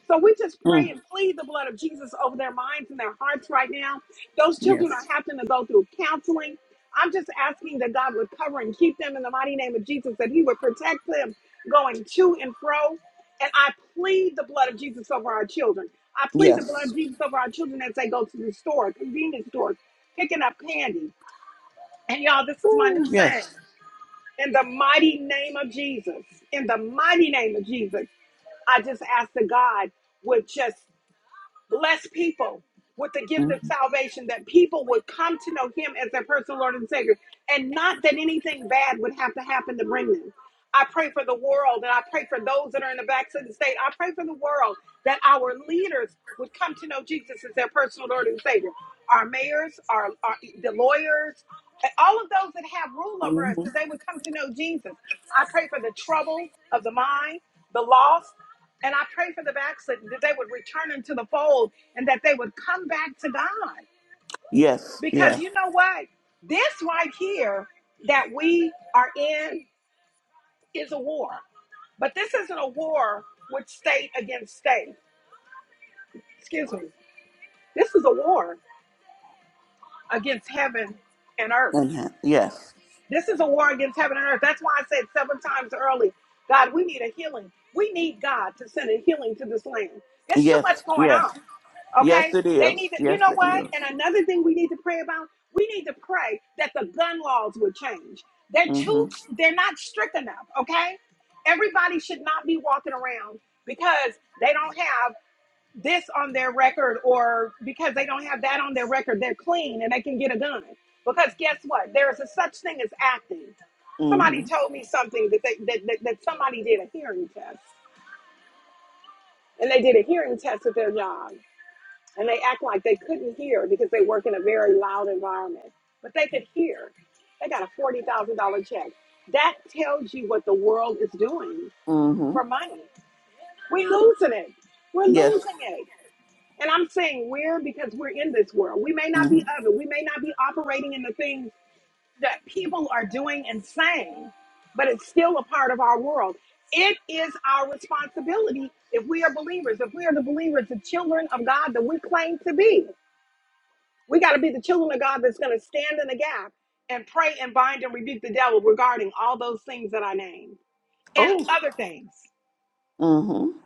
Speaker 1: So we just pray
Speaker 3: Mm.
Speaker 1: and plead the blood of Jesus over their minds and their hearts right now. Those children are
Speaker 3: Yes.
Speaker 1: having to go through counseling. I'm just asking that God would cover and keep them in the mighty name of Jesus, that He would protect them going to and fro. And I plead the blood of Jesus over our children. I plead the blood
Speaker 3: Yes.
Speaker 1: of Jesus over our children as they go to the store, convenience stores, picking up candy. And y'all, this is my
Speaker 3: Ooh,
Speaker 1: new saying.
Speaker 3: yes.
Speaker 1: In the mighty name of Jesus, in the mighty name of Jesus, I just ask that God would just bless people with the gift of
Speaker 3: Mm-hmm.
Speaker 1: salvation that people would come to know him as their personal lord and savior and not that anything bad would have to happen to bring them i pray for the world and i pray for those that are in the backs of the state i pray for the world that our leaders would come to know jesus as their personal lord and savior our mayors our, our the lawyers and all of those that have rule over us
Speaker 3: Mm-hmm.
Speaker 1: that they would come to know jesus i pray for the trouble of the mind the loss and I pray for the backslidden that they would return into the fold and that they would come back to God.
Speaker 3: Yes.
Speaker 1: Because
Speaker 3: Yes.
Speaker 1: you know what? This right here that we are in is a war. But this isn't a war with state against state. Excuse me. This is a war against heaven and earth.
Speaker 3: And ha- yes.
Speaker 1: This is a war against heaven and earth. That's why I said seven times early, God, we need a healing. We need God to send a healing to this land. There's too
Speaker 3: Yes.
Speaker 1: much going
Speaker 3: Yes.
Speaker 1: on.
Speaker 3: Yes.
Speaker 1: Okay?
Speaker 3: It
Speaker 1: They
Speaker 3: is.
Speaker 1: need to, you
Speaker 3: Yes.
Speaker 1: know
Speaker 3: It
Speaker 1: what?
Speaker 3: is.
Speaker 1: And another thing we need to pray about, we need to pray that the gun laws would change. They're
Speaker 3: Mm-hmm.
Speaker 1: too, they're not strict enough, okay? Everybody should not be walking around because they don't have this on their record or because they don't have that on their record. They're clean and they can get a gun. Because guess what? There is a such thing as acting. Somebody
Speaker 3: Mm-hmm.
Speaker 1: told me something that, they, that, that, that somebody did a hearing test and they did a hearing test at their job and they act like they couldn't hear because they work in a very loud environment, but they could hear. They got a forty thousand dollar check. That tells you what the world is doing
Speaker 3: Mm-hmm.
Speaker 1: for money. We're losing it. We're
Speaker 3: Yes.
Speaker 1: losing it. And I'm saying we're because we're in this world. We may not
Speaker 3: Mm-hmm.
Speaker 1: be of it. We may not be operating in the things that people are doing and saying, but it's still a part of our world. It is our responsibility if we are believers, if we are the believers, the children of God that we claim to be. We got to be the children of God that's going to stand in the gap and pray and bind and rebuke the devil regarding all those things that I named and
Speaker 3: Oh.
Speaker 1: other things.
Speaker 3: Mm-hmm.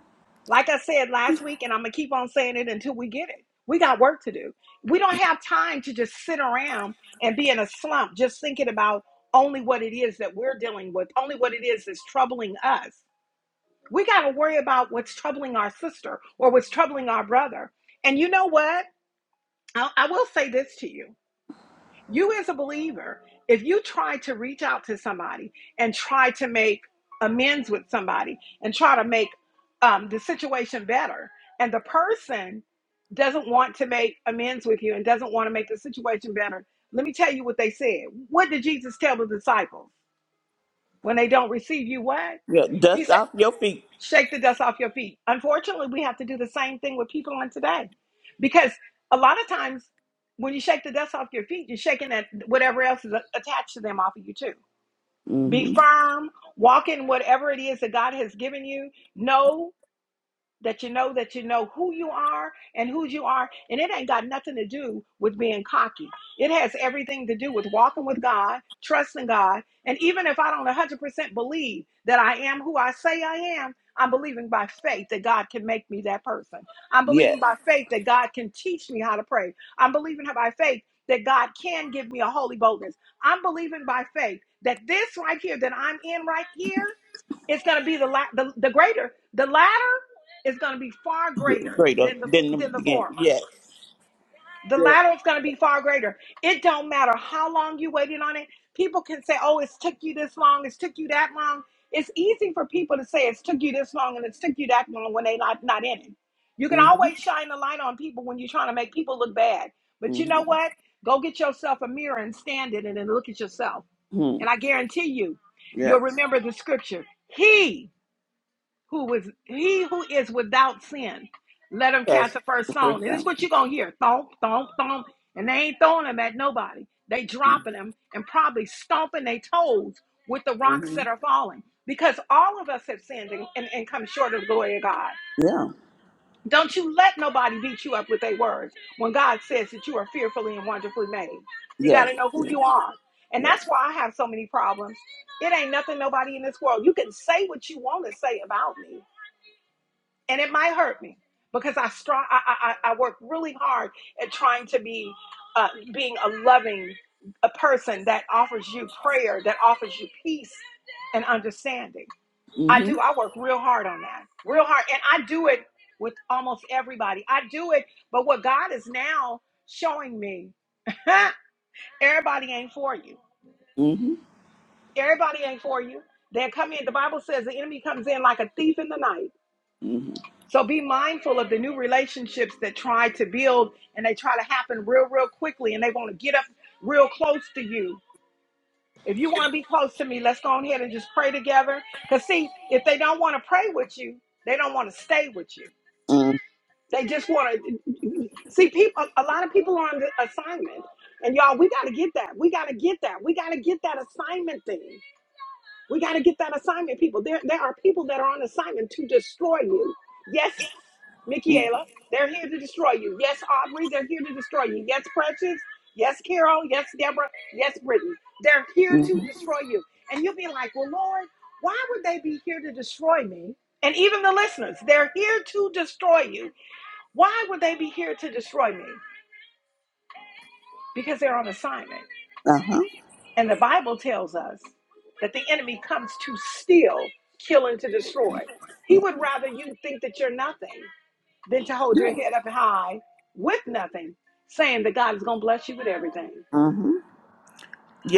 Speaker 1: Like I said last week, and I'm going to keep on saying it until we get it. We got work to do. We don't have time to just sit around and be in a slump just thinking about only what it is that we're dealing with, only what it is that's troubling us. We got to worry about what's troubling our sister or what's troubling our brother. And you know what? I, I will say this to you You, as a believer, if you try to reach out to somebody and try to make amends with somebody and try to make um, the situation better, and the person doesn't want to make amends with you and doesn't want to make the situation better, let me tell you what they said. What did Jesus tell the disciples when they don't receive you? What?
Speaker 3: Yeah.
Speaker 1: he
Speaker 3: Dust
Speaker 1: said
Speaker 3: off your feet.
Speaker 1: shake the dust off your feet. Unfortunately, we have to do the same thing with people on today because a lot of times when you shake the dust off your feet, you're shaking that whatever else is a- attached to them off of you too. Be
Speaker 3: Mm-hmm.
Speaker 1: firm, walk in whatever it is that God has given you. Know that you know that you know who you are and who you are and it ain't got nothing to do with being cocky it has everything to do with walking with god trusting god and even if i don't 100% believe that i am who i say i am i'm believing by faith that god can make me that person i'm
Speaker 3: Yes.
Speaker 1: believing by faith that god can teach me how to pray i'm believing by faith that god can give me a holy boldness i'm believing by faith that this right here that i'm in right here, is going to be the, la- the the greater the latter is going to be far greater
Speaker 3: Greater
Speaker 1: than the
Speaker 3: than them
Speaker 1: than the
Speaker 3: again.
Speaker 1: former.
Speaker 3: Yes.
Speaker 1: The
Speaker 3: Yes.
Speaker 1: latter is going to be far greater. It don't matter how long you waited on it. People can say, "Oh, it's took you this long. It's took you that long." It's easy for people to say it's took you this long and it's took you that long when they are not not in it. You can
Speaker 3: Mm-hmm.
Speaker 1: always shine the light on people when you're trying to make people look bad. But you
Speaker 3: Mm-hmm.
Speaker 1: know what? Go get yourself a mirror and stand in it and look at yourself.
Speaker 3: Hmm.
Speaker 1: And I guarantee you, you'll
Speaker 3: Yes.
Speaker 1: remember the scripture. He who is he who is without sin. Let him
Speaker 3: Yes.
Speaker 1: cast the first stone. And this is what you're gonna hear. Thump, thump, thump. And they ain't throwing them at nobody. They
Speaker 3: Mm-hmm.
Speaker 1: dropping them and probably stomping their toes with the rocks that are falling. Because all of us have sinned and, and, and come short of the glory of God.
Speaker 3: Yeah.
Speaker 1: Don't you let nobody beat you up with their words when God says that you are fearfully and wonderfully made. You
Speaker 3: Yes.
Speaker 1: gotta know who
Speaker 3: Yes.
Speaker 1: you are. And
Speaker 3: Yeah.
Speaker 1: that's why I have so many problems. It ain't nothing nobody in this world. You can say what you want to say about me and it might hurt me because I strong I I, I I work really hard at trying to be uh, being a loving a person that offers you prayer that offers you peace and understanding. I
Speaker 3: Mm-hmm.
Speaker 1: do I work real hard on that real hard and I do it with almost everybody. I do it, but what God is now showing me, everybody ain't for you.
Speaker 3: Mm-hmm.
Speaker 1: Everybody ain't for you. They come in. The Bible says the enemy comes in like a thief in the night
Speaker 3: Mm-hmm.
Speaker 1: So be mindful of the new relationships that try to build and they try to happen real, real quickly and they want to get up real close to you. If you want to be close to me, let's go on ahead and just pray together. Because, see, if they don't want to pray with you, they don't want to stay with you. They just want to see people. A lot of people are on the assignment. And y'all, we got to get that. We got to get that. We got to get that assignment thing. We got to get that assignment, people. There, there are people that are on assignment to destroy you. Yes,
Speaker 3: Mm-hmm.
Speaker 1: Michaela, they're here to destroy you. Yes, Aubrey, they're here to destroy you. Yes, Precious. Yes, Carol. Yes, Deborah. Yes, Brittany. They're here to
Speaker 3: Mm-hmm.
Speaker 1: destroy you. And you'll be like, well, Lord, why would they be here to destroy me? And even the listeners, they're here to destroy you. Why would they be here to destroy me? Because they're on assignment.
Speaker 3: Uh-huh.
Speaker 1: And the Bible tells us that the enemy comes to steal, kill, and to destroy. He would rather you think that you're nothing. than to hold your head up high with nothing, saying that God is going to bless you with everything.
Speaker 3: Mm-hmm.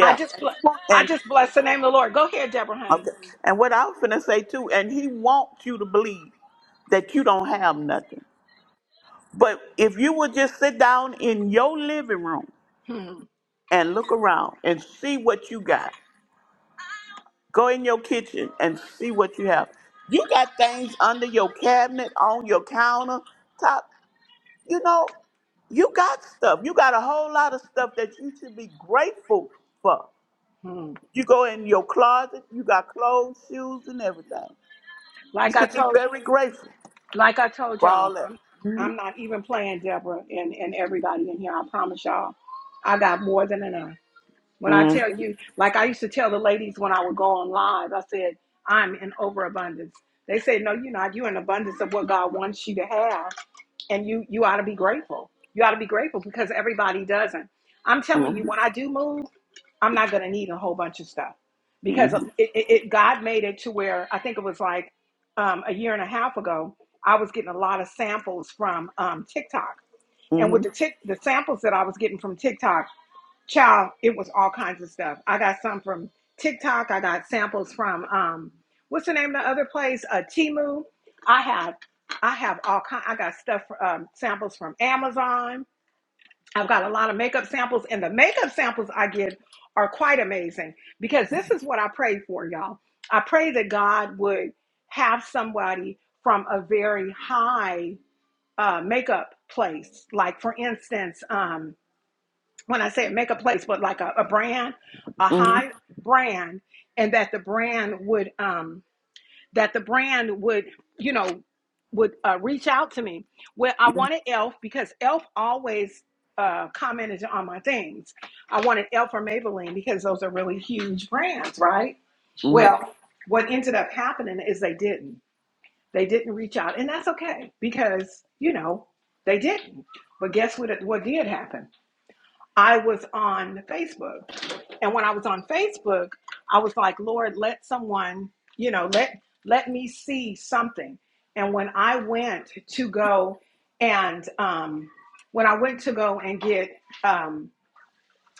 Speaker 1: I just,
Speaker 3: And he want-
Speaker 1: I
Speaker 3: and-
Speaker 1: just bless the name of the Lord. Go ahead, Deborah, honey.
Speaker 3: okay. And what I was gonna say too, and he wants you to believe that you don't have nothing. But if you would just sit down in your living room
Speaker 1: Hmm,
Speaker 3: and look around and see what you got. Go in your kitchen and see what you have. You got things under your cabinet, on your counter, top. you know, you got stuff. You got a whole lot of stuff that you should be grateful for.
Speaker 1: hmm.
Speaker 3: You go in your closet, you got clothes, shoes, and everything. You
Speaker 1: Like I
Speaker 3: should be
Speaker 1: told, you,
Speaker 3: very grateful
Speaker 1: like I told
Speaker 3: for all
Speaker 1: y'all,
Speaker 3: that.
Speaker 1: I'm, I'm not even playing Deborah and, and everybody in here. I promise y'all, I got more than enough. When I
Speaker 3: Mhm,
Speaker 1: tell you, like I used to tell the ladies when I would go on live, I said, I'm in overabundance. They said, no, you're not. You're in abundance of what God wants you to have. and you you ought to be grateful you ought to be grateful because everybody doesn't i'm telling you
Speaker 3: mhm,
Speaker 1: when i do move i'm not going to need a whole bunch of stuff because it,
Speaker 3: mhm,
Speaker 1: it, it god made it to where i think it was like um, a year and a half ago i was getting a lot of samples from um, tiktok and with
Speaker 3: mhm, mhm,
Speaker 1: the tick the samples that i was getting from tiktok child, it was all kinds of stuff. I got some from TikTok. I got samples from um, what's the name of the other place? Uh, Timu. I have, I have all kind. I got stuff um, samples from Amazon. I've got a lot of makeup samples, and the makeup samples I get are quite amazing because this is what I pray for, y'all. I pray that God would have somebody from a very high uh, makeup place, like for instance. um, when I say make a place, but like a, a brand, a
Speaker 3: mhm,
Speaker 1: high brand, and that the brand would um that the brand would you know would uh, reach out to me. Well, I wanted Elf because Elf always uh, commented on my things. I wanted Elf or Maybelline because those are really huge brands, right? Well, what ended up happening is they didn't. They didn't reach out, and that's okay because you know they didn't. But guess what? What did happen? I was on Facebook. And when I was on Facebook, I was like, Lord, let someone, you know, let let me see something. And when I went to go and um, when I went to go and get um,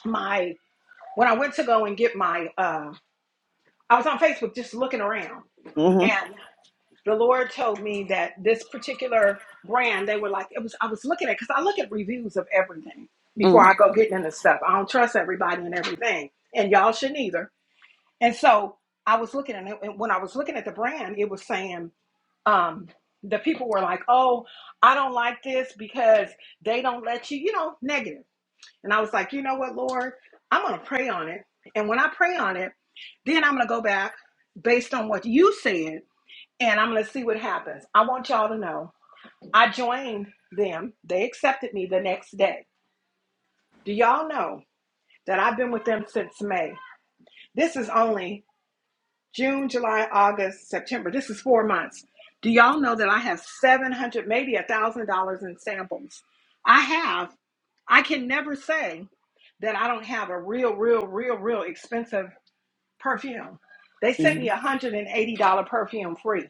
Speaker 1: my when I went to go and get my uh, I was on Facebook just looking around.
Speaker 3: mhm,
Speaker 1: and the Lord told me that this particular brand, they were like, it was. I was looking at because I look at reviews of everything before
Speaker 3: mhm,
Speaker 1: I go getting into stuff. I don't trust everybody and everything, and y'all shouldn't either. And so I was looking at it, and when I was looking at the brand, it was saying um, the people were like, "Oh, I don't like this because they don't let you," you know, negative. And I was like, you know what, Lord, I'm gonna pray on it. And when I pray on it, then I'm gonna go back based on what you said and I'm going to see what happens. I want y'all to know I joined them. They accepted me the next day. Do y'all know that I've been with them since May? This is only June, July, August, September. This is four months. Do y'all know that I have 700, maybe a $1,000 in samples? I have, I can never say that I don't have a real, real, real, real expensive perfume. They sent me
Speaker 3: mhm,
Speaker 1: a $180 perfume free.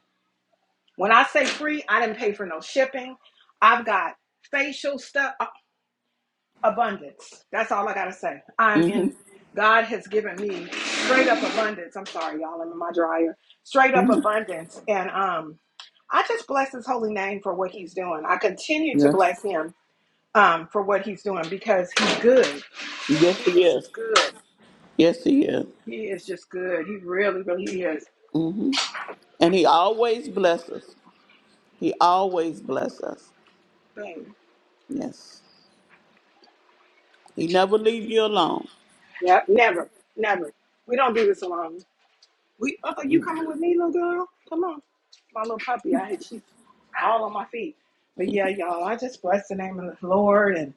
Speaker 1: When I say free, I didn't pay for no shipping. I've got facial stuff, a- abundance. That's all I got to say. I'm
Speaker 3: mhm,
Speaker 1: in, God has given me straight up abundance. I'm sorry, y'all, I'm in my dryer. Straight up
Speaker 3: mhm.
Speaker 1: abundance. And um, I just bless his holy name for what he's doing. I continue to
Speaker 3: Yes.
Speaker 1: bless him um, for what he's doing because he's good.
Speaker 3: Yes,
Speaker 1: He
Speaker 3: he
Speaker 1: is
Speaker 3: is.
Speaker 1: just good.
Speaker 3: Yes, he is.
Speaker 1: He is just good. He really, really is.
Speaker 3: hmm And he always blesses us. He always blesses us.
Speaker 1: Dang.
Speaker 3: Yes. He never leave you alone.
Speaker 1: Yep, never, never. We don't do this alone. We, uh, you coming with me, little girl? Come on, my little puppy. I she's all on my feet. But yeah, y'all, I just bless the name of the Lord and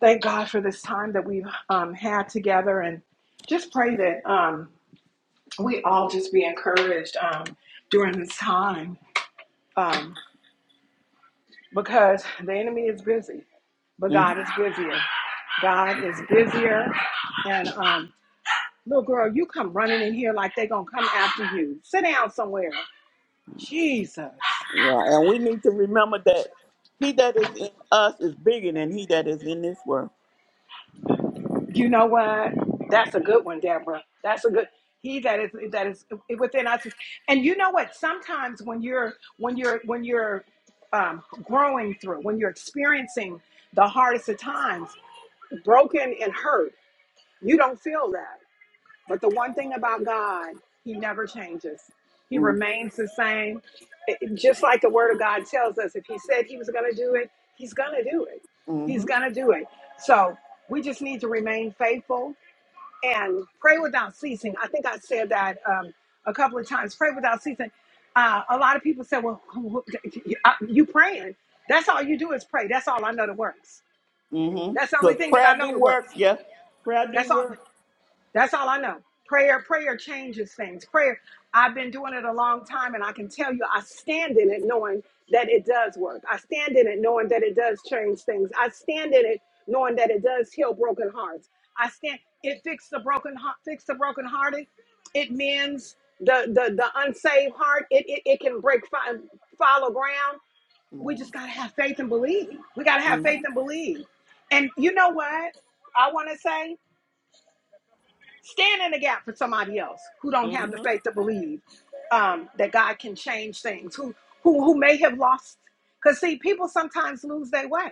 Speaker 1: thank God for this time that we've um, had together, and just pray that um, we all just be encouraged um, during this time um, because the enemy is busy, but God is busier. God is busier, and um, little girl, you come running in here like they gonna come after you. Sit down somewhere. Jesus.
Speaker 3: Yeah, and we need to remember that he that is in us is bigger than he that is in this world.
Speaker 1: You know what? That's a good one, Deborah. That's a good. He that is that is within us. And you know what? Sometimes when you're when you're when you're um, growing through, when you're experiencing the hardest of times, broken and hurt, you don't feel that. But the one thing about God, He never changes. He remains the same. It- it- just like the Word of God tells us, if He said He was going to do it, He's going to do it.
Speaker 3: Mm-hmm.
Speaker 1: He's going to do it. So we just need to remain faithful and pray without ceasing. I think I said that um, a couple of times. Pray without ceasing. Uh, a lot of people say, "Well, who- who- uh, you praying? That's all you do is pray. That's all I know that works.
Speaker 3: Mm-hmm.
Speaker 1: That's the only
Speaker 3: Because
Speaker 1: thing that I
Speaker 3: prayer
Speaker 1: know
Speaker 3: do
Speaker 1: that works.
Speaker 3: work, yeah. Prayer do
Speaker 1: That's all.
Speaker 3: work.
Speaker 1: That's all I know. Prayer, prayer changes things. Prayer, I've been doing it a long time, and I can tell you, I stand in it knowing that it does work. I stand in it knowing that it does change things. I stand in it knowing that it does heal broken hearts. I stand. It fixed the broken heart. Fix the broken hearted. It mends the the the unsaved heart. It it, it can break fi- follow ground. We
Speaker 3: Mm-hmm.
Speaker 1: just gotta have faith and believe. We gotta have faith and
Speaker 3: Mm-hmm.
Speaker 1: believe. And you know what? I want to say. Stand in the gap for somebody else who don't have the
Speaker 3: Mm-hmm.
Speaker 1: faith to believe um, that God can change things, who who who may have lost. Because see, people sometimes lose their way.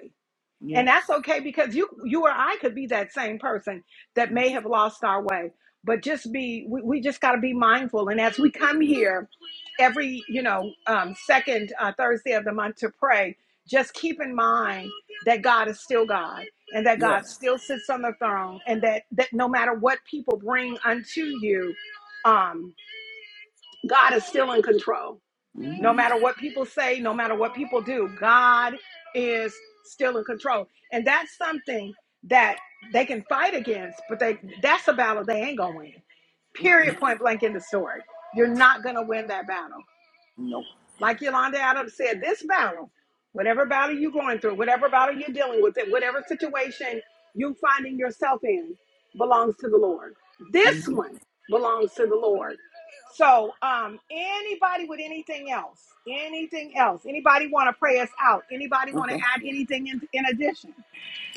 Speaker 3: Yeah.
Speaker 1: And that's okay because you you or I could be that same person that may have lost our way. But just be we, we just gotta be mindful. And as we come here every, you know, um, second uh, Thursday of the month to pray, just keep in mind that God is still God and that God
Speaker 3: Yes.
Speaker 1: still sits on the throne and that, that no matter what people bring unto you, um, God is still in control no
Speaker 3: Mm-hmm.
Speaker 1: matter what people say, no matter what people do, God is still in control. And that's something that they can fight against, but they that's a battle they ain't gonna win.
Speaker 3: Mm-mm.
Speaker 1: Period point blank in the story. You're not gonna win that battle.
Speaker 3: No.
Speaker 1: Like Yolanda Adams said, this battle, whatever battle you're going through, whatever battle you're dealing with, and whatever situation you're finding yourself in, belongs to the Lord. This
Speaker 3: Mm-hmm.
Speaker 1: one belongs to the Lord. So, um, anybody with anything else, anything else, anybody want to pray us out? Anybody want
Speaker 3: Okay.
Speaker 1: to add anything in, in addition?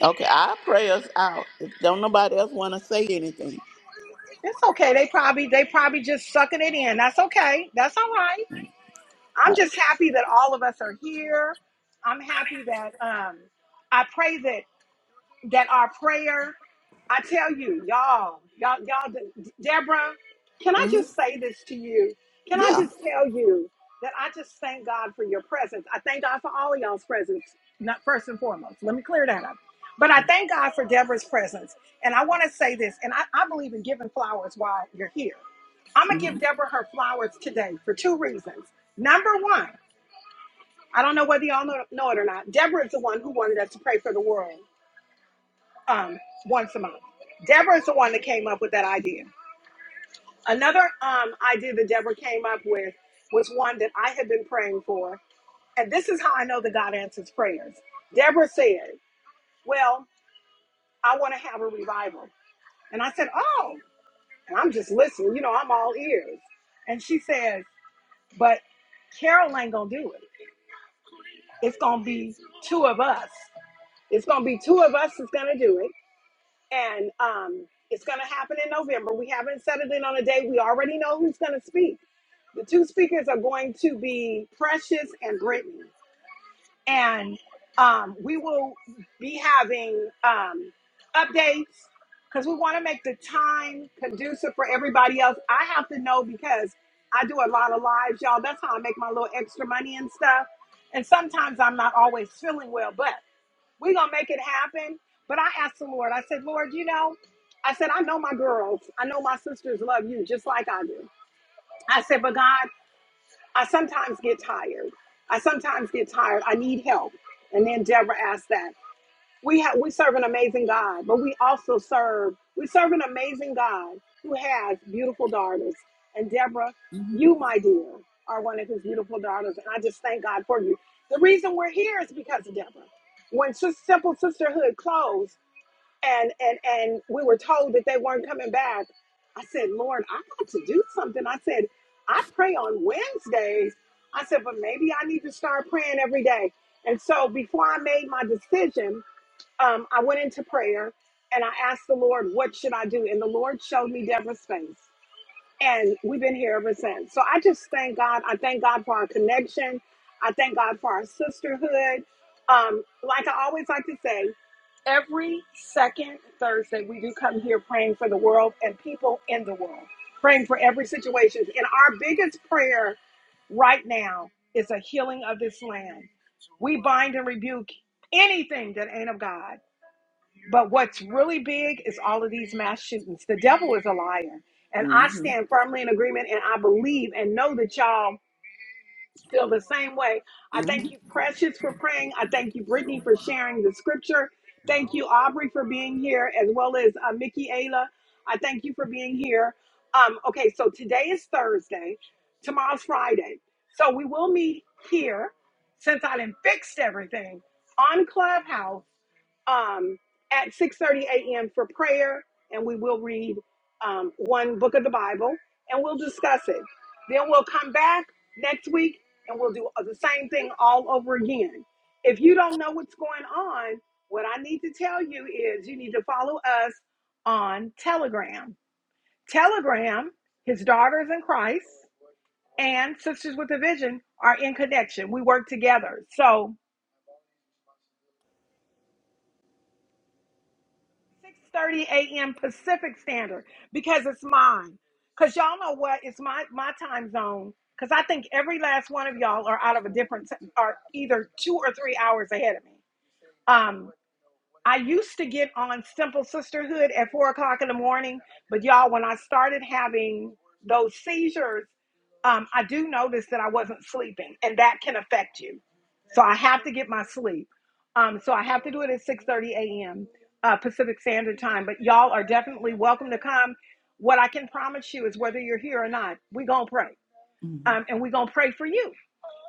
Speaker 3: Okay. I pray us out. If don't nobody else want to say anything.
Speaker 1: It's okay. They probably they probably just sucking it in. That's okay. That's all right.
Speaker 3: Uh,
Speaker 1: I'm just happy that all of us are here. I'm happy that um, I pray that that our prayer, I tell you, y'all, y'all, y'all, Deborah, can I
Speaker 3: mm-hmm.
Speaker 1: just say this to you? Can I
Speaker 3: Yeah.
Speaker 1: just tell you that I just thank God for your presence? I thank God for all of y'all's presence, not first and foremost. Let me clear that up. But I thank God for Deborah's presence. And I want to say this, and I, I believe in giving flowers while you're here. I'm gonna
Speaker 3: Mm-hmm.
Speaker 1: give Deborah her flowers today for two reasons. Number one, I don't know whether y'all know, know it or not. Deborah is the one who wanted us to pray for the world um, once a month. Deborah's the one that came up with that idea. Another um, idea that Deborah came up with was one that I had been praying for. And this is how I know that God answers prayers. Deborah said, Well, I want to have a revival. And I said, Oh, and I'm just listening. You know, I'm all ears. And she says, But Carol ain't going to do it. It's going to be two of us. It's going to be two of us that's going to do it and um, it's going to happen in November. We haven't settled in on a day. We already know who's going to speak. The two speakers are going to be Precious and Brittany, and um, we will be having um, updates because we want to make the time conducive for everybody else. I have to know because I do a lot of lives, y'all. That's how I make my little extra money and stuff. And sometimes I'm not always feeling well, but. We're going to make it happen. But I asked the Lord, I said, Lord, you know, I said, I know my girls, I know my sisters love you just like I do. I said, but God, I sometimes get tired. I sometimes get tired. I need help. And then Deborah asked that we have we serve an amazing God, but we also serve we serve an amazing God who has beautiful daughters. And Deborah, you, my dear, are one of his beautiful daughters, and I just thank God for you. The reason we're here is because of Deborah. When Sis- Simple Sisterhood closed, and and and we were told that they weren't coming back, I said, Lord, I got to do something. I said, I pray on Wednesdays. I said, but maybe I need to start praying every day. And so before I made my decision um, I went into prayer and I asked the Lord, what should I do? And the Lord showed me Deborah's face. And we've been here ever since. So I just thank God. I thank God for our connection. I thank God for our sisterhood. Um, like I always like to say, every second Thursday, we do come here praying for the world and people in the world, praying for every situation. And our biggest prayer right now is a healing of this land. We bind and rebuke anything that ain't of God. But what's really big is all of these mass shootings. The devil is a liar. And I
Speaker 3: Mm-hmm.
Speaker 1: stand firmly in agreement and I believe and know that y'all feel the same way. I
Speaker 3: Mm-hmm.
Speaker 1: thank you, Precious, for praying. I thank you, Brittany, for sharing the scripture. Thank you, Aubrey, for being here, as well as uh, Mickey Ayla. I thank you for being here. Um, okay, so today is Thursday, tomorrow's Friday. So we will meet here since I done fixed everything on Clubhouse um, at 6:30 a.m. for prayer, and we will read um, one book of the Bible and we'll discuss it. Then we'll come back next week and we'll do the same thing all over again. If you don't know what's going on, what I need to tell you is you need to follow us on Telegram. Telegram, his daughters in Christ and Sisters with a Vision are in connection. We work together. So 6:30 a.m. Pacific Standard because it's mine. Cause y'all know what? It's my my time zone. Cause I think every last one of y'all are out of a different are either two or three hours ahead of me. Um, I used to get on Simple Sisterhood at four o'clock in the morning, but y'all, when I started having those seizures, um, I do notice that I wasn't sleeping, and that can affect you. So I have to get my sleep. Um, so I have to do it at 6:30 a.m. Uh, Pacific Standard Time. But y'all are definitely welcome to come. What I can promise you is whether you're here or not, we gonna pray,
Speaker 3: Mm-hmm.
Speaker 1: um, and we gonna pray for you.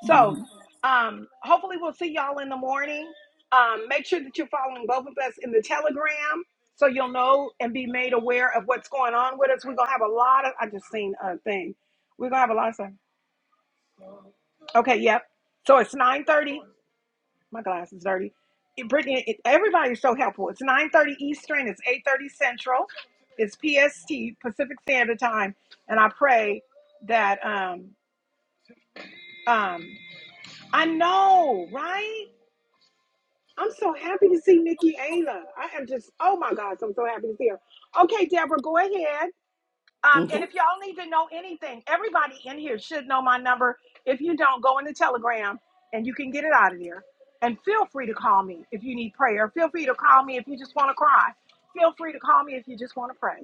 Speaker 1: So,
Speaker 3: Mm-hmm.
Speaker 1: um, hopefully, we'll see y'all in the morning. Um, make sure that you're following both of us in the Telegram so you'll know and be made aware of what's going on with us. We're gonna have a lot of. I just seen a thing. We're gonna have a lot of stuff. Okay, yep. So it's nine thirty. My glass is dirty. It, Brittany, it, everybody's so helpful. It's nine thirty Eastern. It's eight thirty Central. It's PST Pacific Standard Time, and I pray that um um I know right I'm so happy to see Nikki Ayla. I am just, oh my gosh, I'm so happy to see her. Okay, Deborah, go ahead. Um,
Speaker 3: Okay.
Speaker 1: and if y'all need to know anything, everybody in here should know my number. If you don't, go in the telegram and you can get it out of there. And feel free to call me if you need prayer. Feel free to call me if you just want to cry. Feel free to call me if you just want to pray.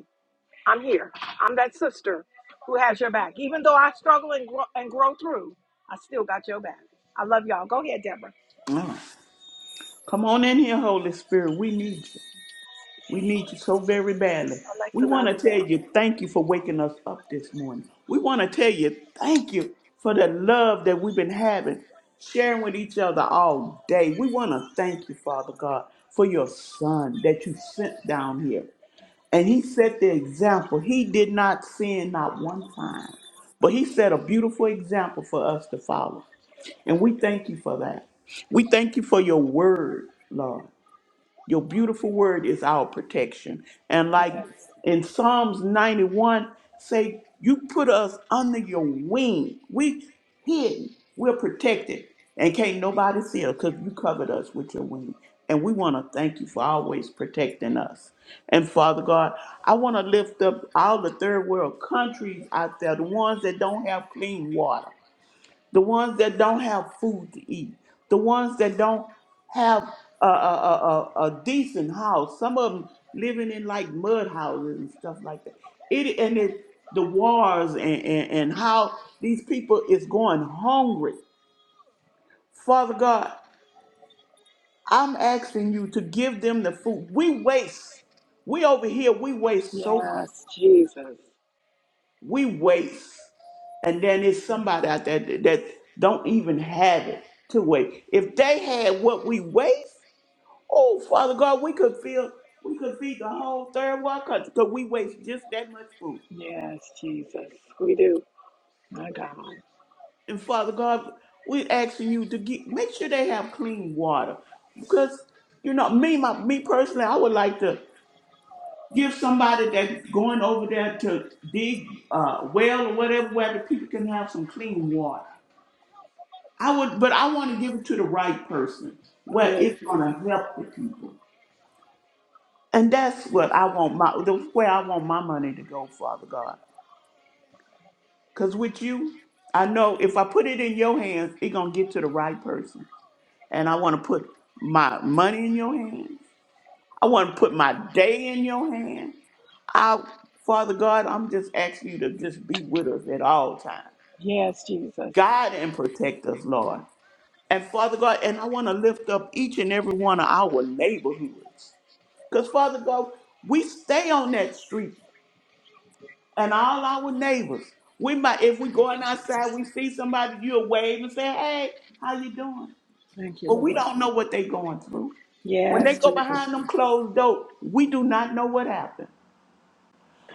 Speaker 1: I'm here. I'm that sister who has your back. Even though I struggle and grow, and grow through, I still got your back. I love y'all. Go ahead, Deborah.
Speaker 3: All right. Come on in here, Holy Spirit. We need you. We need you so very badly. We want to tell you thank you for waking us up this morning. We want to tell you thank you for the love that we've been having, sharing with each other all day. We want to thank you, Father God, for your son that you sent down here. And he set the example. He did not sin not one time, but he set a beautiful example for us to follow. And we thank you for that. We thank you for your word, Lord. Your beautiful word is our protection. And like
Speaker 1: Yes.
Speaker 3: in Psalms 91, say, you put us under your wing. We hidden. We're protected. And can't nobody see us because you covered us with your wing. And we want to thank you for always protecting us. And Father God, I want to lift up all the third world countries out there, the ones that don't have clean water the ones that don't have food to eat, the ones that don't have a, a, a, a a decent house. Some of them living in like mud houses and stuff like that. It and it, the wars and, and, and how these people is going hungry. Father God, I'm asking you to give them the food. We waste. We over here, we waste so much.
Speaker 1: Yes, Jesus.
Speaker 3: We waste and then it's somebody out there that, that don't even have it to waste. If they had what we waste, oh Father God, we could feel we could feed the whole third world country because we waste just that much food.
Speaker 1: Yes, Jesus. We do. My God.
Speaker 3: And Father God, we're asking you to get make sure they have clean water because you know me my me personally, I would like to give somebody that's going over there to dig uh, well or whatever where the people can have some clean water. I would, but I want to give it to the right person where
Speaker 1: Yes,
Speaker 3: it's
Speaker 1: Jesus.
Speaker 3: going to help the people. And that's what I want my, that's where I want my money to go, Father God. Because with you, I know if I put it in your hands, it's going to get to the right person. And I want to put my money in your hands. I want to put my day in your hands. I, Father God, I'm just asking you to just be with us at all times.
Speaker 1: Yes, Jesus.
Speaker 3: Guide and protect us, Lord. And Father God, and I want to lift up each and every one of our neighborhoods. Because Father God, we stay on that street and all our neighbors. We might, if we
Speaker 1: Thank you,
Speaker 3: going outside,
Speaker 1: Jesus.
Speaker 3: we see somebody, you'll wave and say, hey, how you doing?
Speaker 1: Thank you,
Speaker 3: But we
Speaker 1: Lord.
Speaker 3: don't know what they going through. When they
Speaker 1: Yes,
Speaker 3: go
Speaker 1: Jesus.
Speaker 3: behind them closed door, we do not know what happened.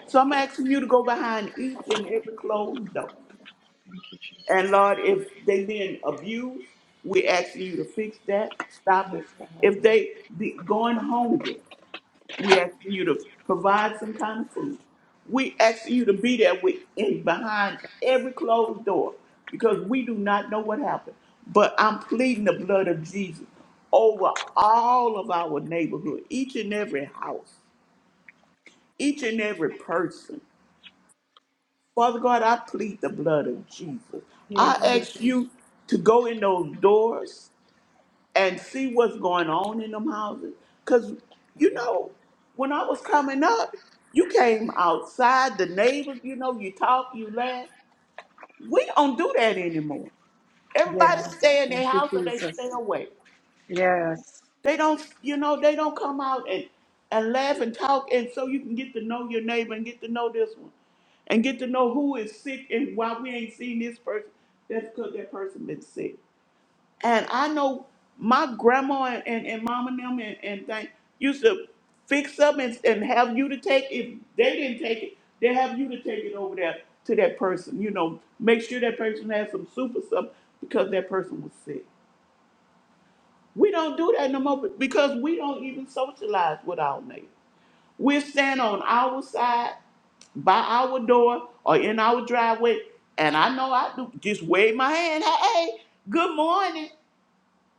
Speaker 3: So I'm asking you to go behind each and every closed door.
Speaker 1: Thank you,
Speaker 3: And
Speaker 1: Jesus.
Speaker 3: Lord, if they being abused, we're asking you to fix that, stop it.
Speaker 1: Yes, God.
Speaker 3: If they be going hungry, we asking you to provide some kind of food. We asking you to be there with in behind every closed door because we do not know what happened. But I'm pleading the blood of Jesus over all of our neighborhood, each and every house, each and every person. Father God, I plead the blood of Jesus. I
Speaker 1: Yes,
Speaker 3: Yes. ask
Speaker 1: Jesus.
Speaker 3: you to go in those doors and see what's going on in them houses. Because, you know, when I was coming up, you came outside, the neighbors, you know, you talk, you laugh. We don't do that anymore. Everybody
Speaker 1: Yeah.
Speaker 3: stay in their
Speaker 1: Thank you,
Speaker 3: house or they stay
Speaker 1: Jesus.
Speaker 3: away.
Speaker 1: Yes.
Speaker 3: They don't, you know, they don't come out and, and laugh and talk, and so you can get to know your neighbor and get to know this one and get to know who is sick and why we ain't seen this person. That's because that person been sick. And I know my grandma and, and, and mom and them and, and thing used to fix up and, and have you to take, if they didn't take it, they have you to take it over there to that person, you know, make sure that person has some soup or something because that person was sick. We don't do that no more because we don't even socialize with our neighbors. We stand on our side by our door or in our driveway, and I know I do just wave my hand, hey, hey, good morning.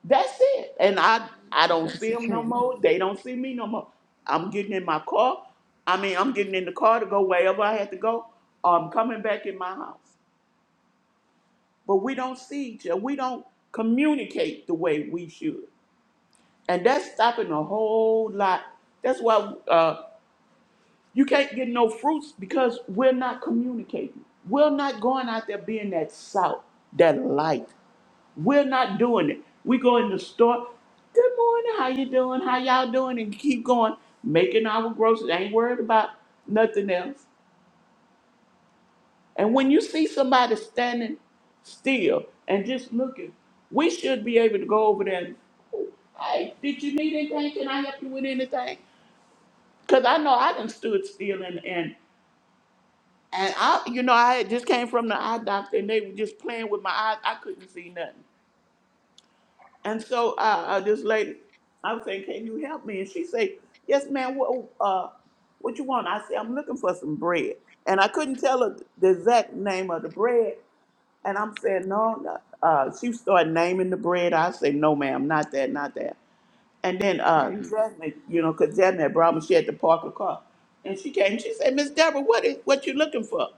Speaker 3: That's it. And I I
Speaker 1: Jesus,
Speaker 3: don't
Speaker 1: That's
Speaker 3: see
Speaker 1: the
Speaker 3: them no
Speaker 1: truth.
Speaker 3: more. They don't see me no more. I'm getting in my car. I mean, I'm getting in the car to go wherever I had to go. Or I'm coming back in my house. But we don't see each other. We don't communicate the way we should. And that's stopping a whole lot. That's why uh, you can't get no fruits because we're not communicating. We're not going out there being that salt, that light. We're not doing it. We go in the store. Good morning. How you doing? How y'all doing? And keep going, making our groceries. Ain't worried about nothing else. And when you see somebody standing still and just looking, we should be able to go over there. And, hey, did you need anything? Can I help you with anything? Cause I know I done stood still and and and I, you know, I had just came from the eye doctor and they were just playing with my eyes. I couldn't see nothing. And so uh, uh this lady, I was saying, "Can you help me?" And she said, "Yes, ma'am. What uh, what you want?" I said, "I'm looking for some bread." And I couldn't tell her the exact name of the bread. And I'm saying, "No." no. Uh, she started naming the bread. I said, "No, ma'am, not that, not that." And then uh, Jasmine, you know, because Jasmine had brought me, she had to park her car. And she came, she said, Miss Deborah, what is what you looking for?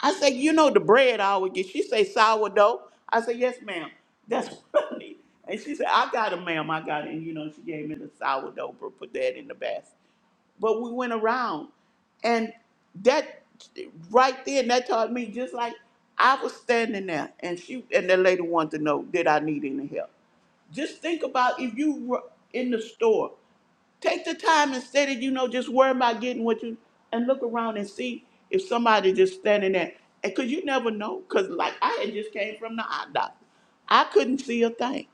Speaker 3: I said, you know the bread I always get. She say sourdough. I said, yes, ma'am. That's what I need. And she said, I got it, ma'am. I got it. And you know, she gave me the sourdough, but put that in the basket. But we went around and that right there, that taught me just like I was standing there and she and the lady wanted to know, did I need any help? Just think about if you were in the store, take the time instead of, you know, just worry about getting what you, and look around and see if somebody just standing there. And cause you never know. Cause like I had just came from the eye doctor. I couldn't see a thing.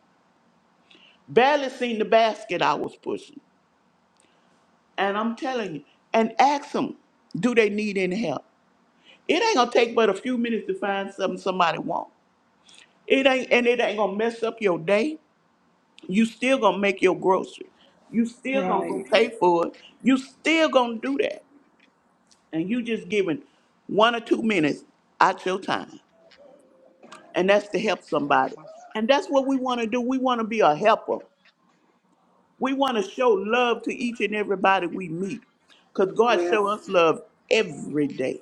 Speaker 3: Barely seen the basket I was pushing. And I'm telling you, and ask them, do they need any help? It ain't gonna take but a few minutes to find something somebody want. It ain't, and it ain't gonna mess up your day. You still gonna make your groceries. You still gonna go
Speaker 1: Right.
Speaker 3: pay for it. You still gonna do that. And you just giving one or two minutes out your time. And that's to help somebody.
Speaker 1: Jesus.
Speaker 3: And that's what we wanna do. We wanna be a helper. We wanna show love to each and everybody we meet. Because God show
Speaker 1: Yes.
Speaker 3: us love every day.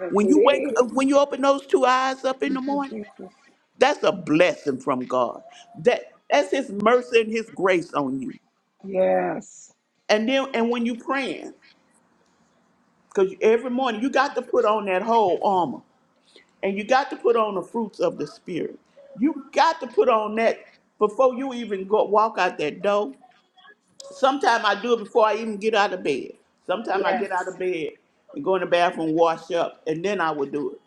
Speaker 1: Yes,
Speaker 3: When you wake
Speaker 1: indeed.
Speaker 3: up, when you open those two eyes up in the
Speaker 1: Thank you,
Speaker 3: morning,
Speaker 1: Jesus.
Speaker 3: that's a blessing from God. That that's his mercy and his grace on you.
Speaker 1: Yes.
Speaker 3: And then and when you praying. Because every morning you got to put on that whole armor and you got to put on the fruits of the spirit. You got to put on that before you even go walk out that door. Sometimes I do it before I even get out of bed. Sometimes I
Speaker 1: Yes.
Speaker 3: get out of bed and go in the bathroom, wash up, and then I will do it.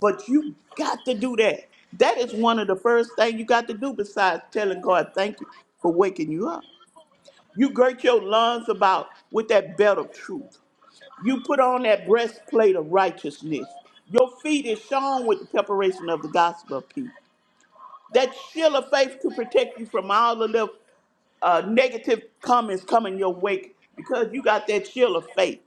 Speaker 3: But you got to do that. That is one of the first things you got to do besides telling God thank you for waking you up. You girt your lungs about with that belt of truth. You put on that breastplate of righteousness. Your feet is shown with the preparation of the gospel of peace. That shield of faith to protect you from all the uh, negative comments coming your way because you got that shield of faith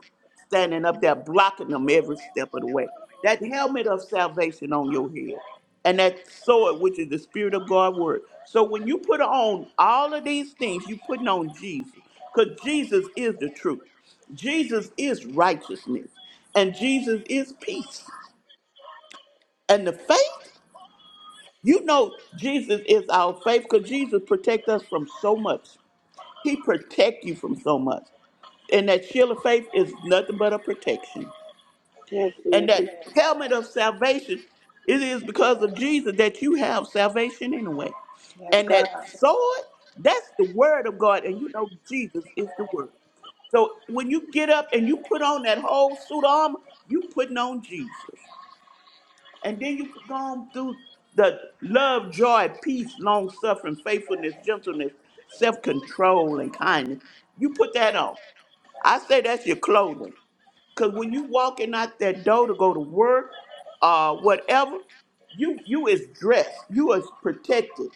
Speaker 3: standing up there blocking them every step of the way. That helmet of salvation on your head and that sword, which is the Spirit of God word. So when you put on all of these things, you putting on Jesus because Jesus is the truth. Jesus is righteousness and Jesus is peace. And the faith, you know Jesus is our faith because Jesus protect us from so much. He protect you from so much. And that shield of faith is nothing but a protection.
Speaker 1: Yes,
Speaker 3: And
Speaker 1: yes, it
Speaker 3: that
Speaker 1: is.
Speaker 3: helmet of salvation, it is because of Jesus that you have salvation anyway.
Speaker 1: Yes,
Speaker 3: And
Speaker 1: God.
Speaker 3: that sword, that's the word of God. And you know Jesus is the word. So when you get up and you put on that whole suit of armor, you putting on Jesus. And then you go on through the love, joy, peace, long suffering, faithfulness, gentleness, self control, and kindness. You put that on. I say that's your clothing. Because when you walking out that door to go to work uh, whatever, you you is dressed. You is protected.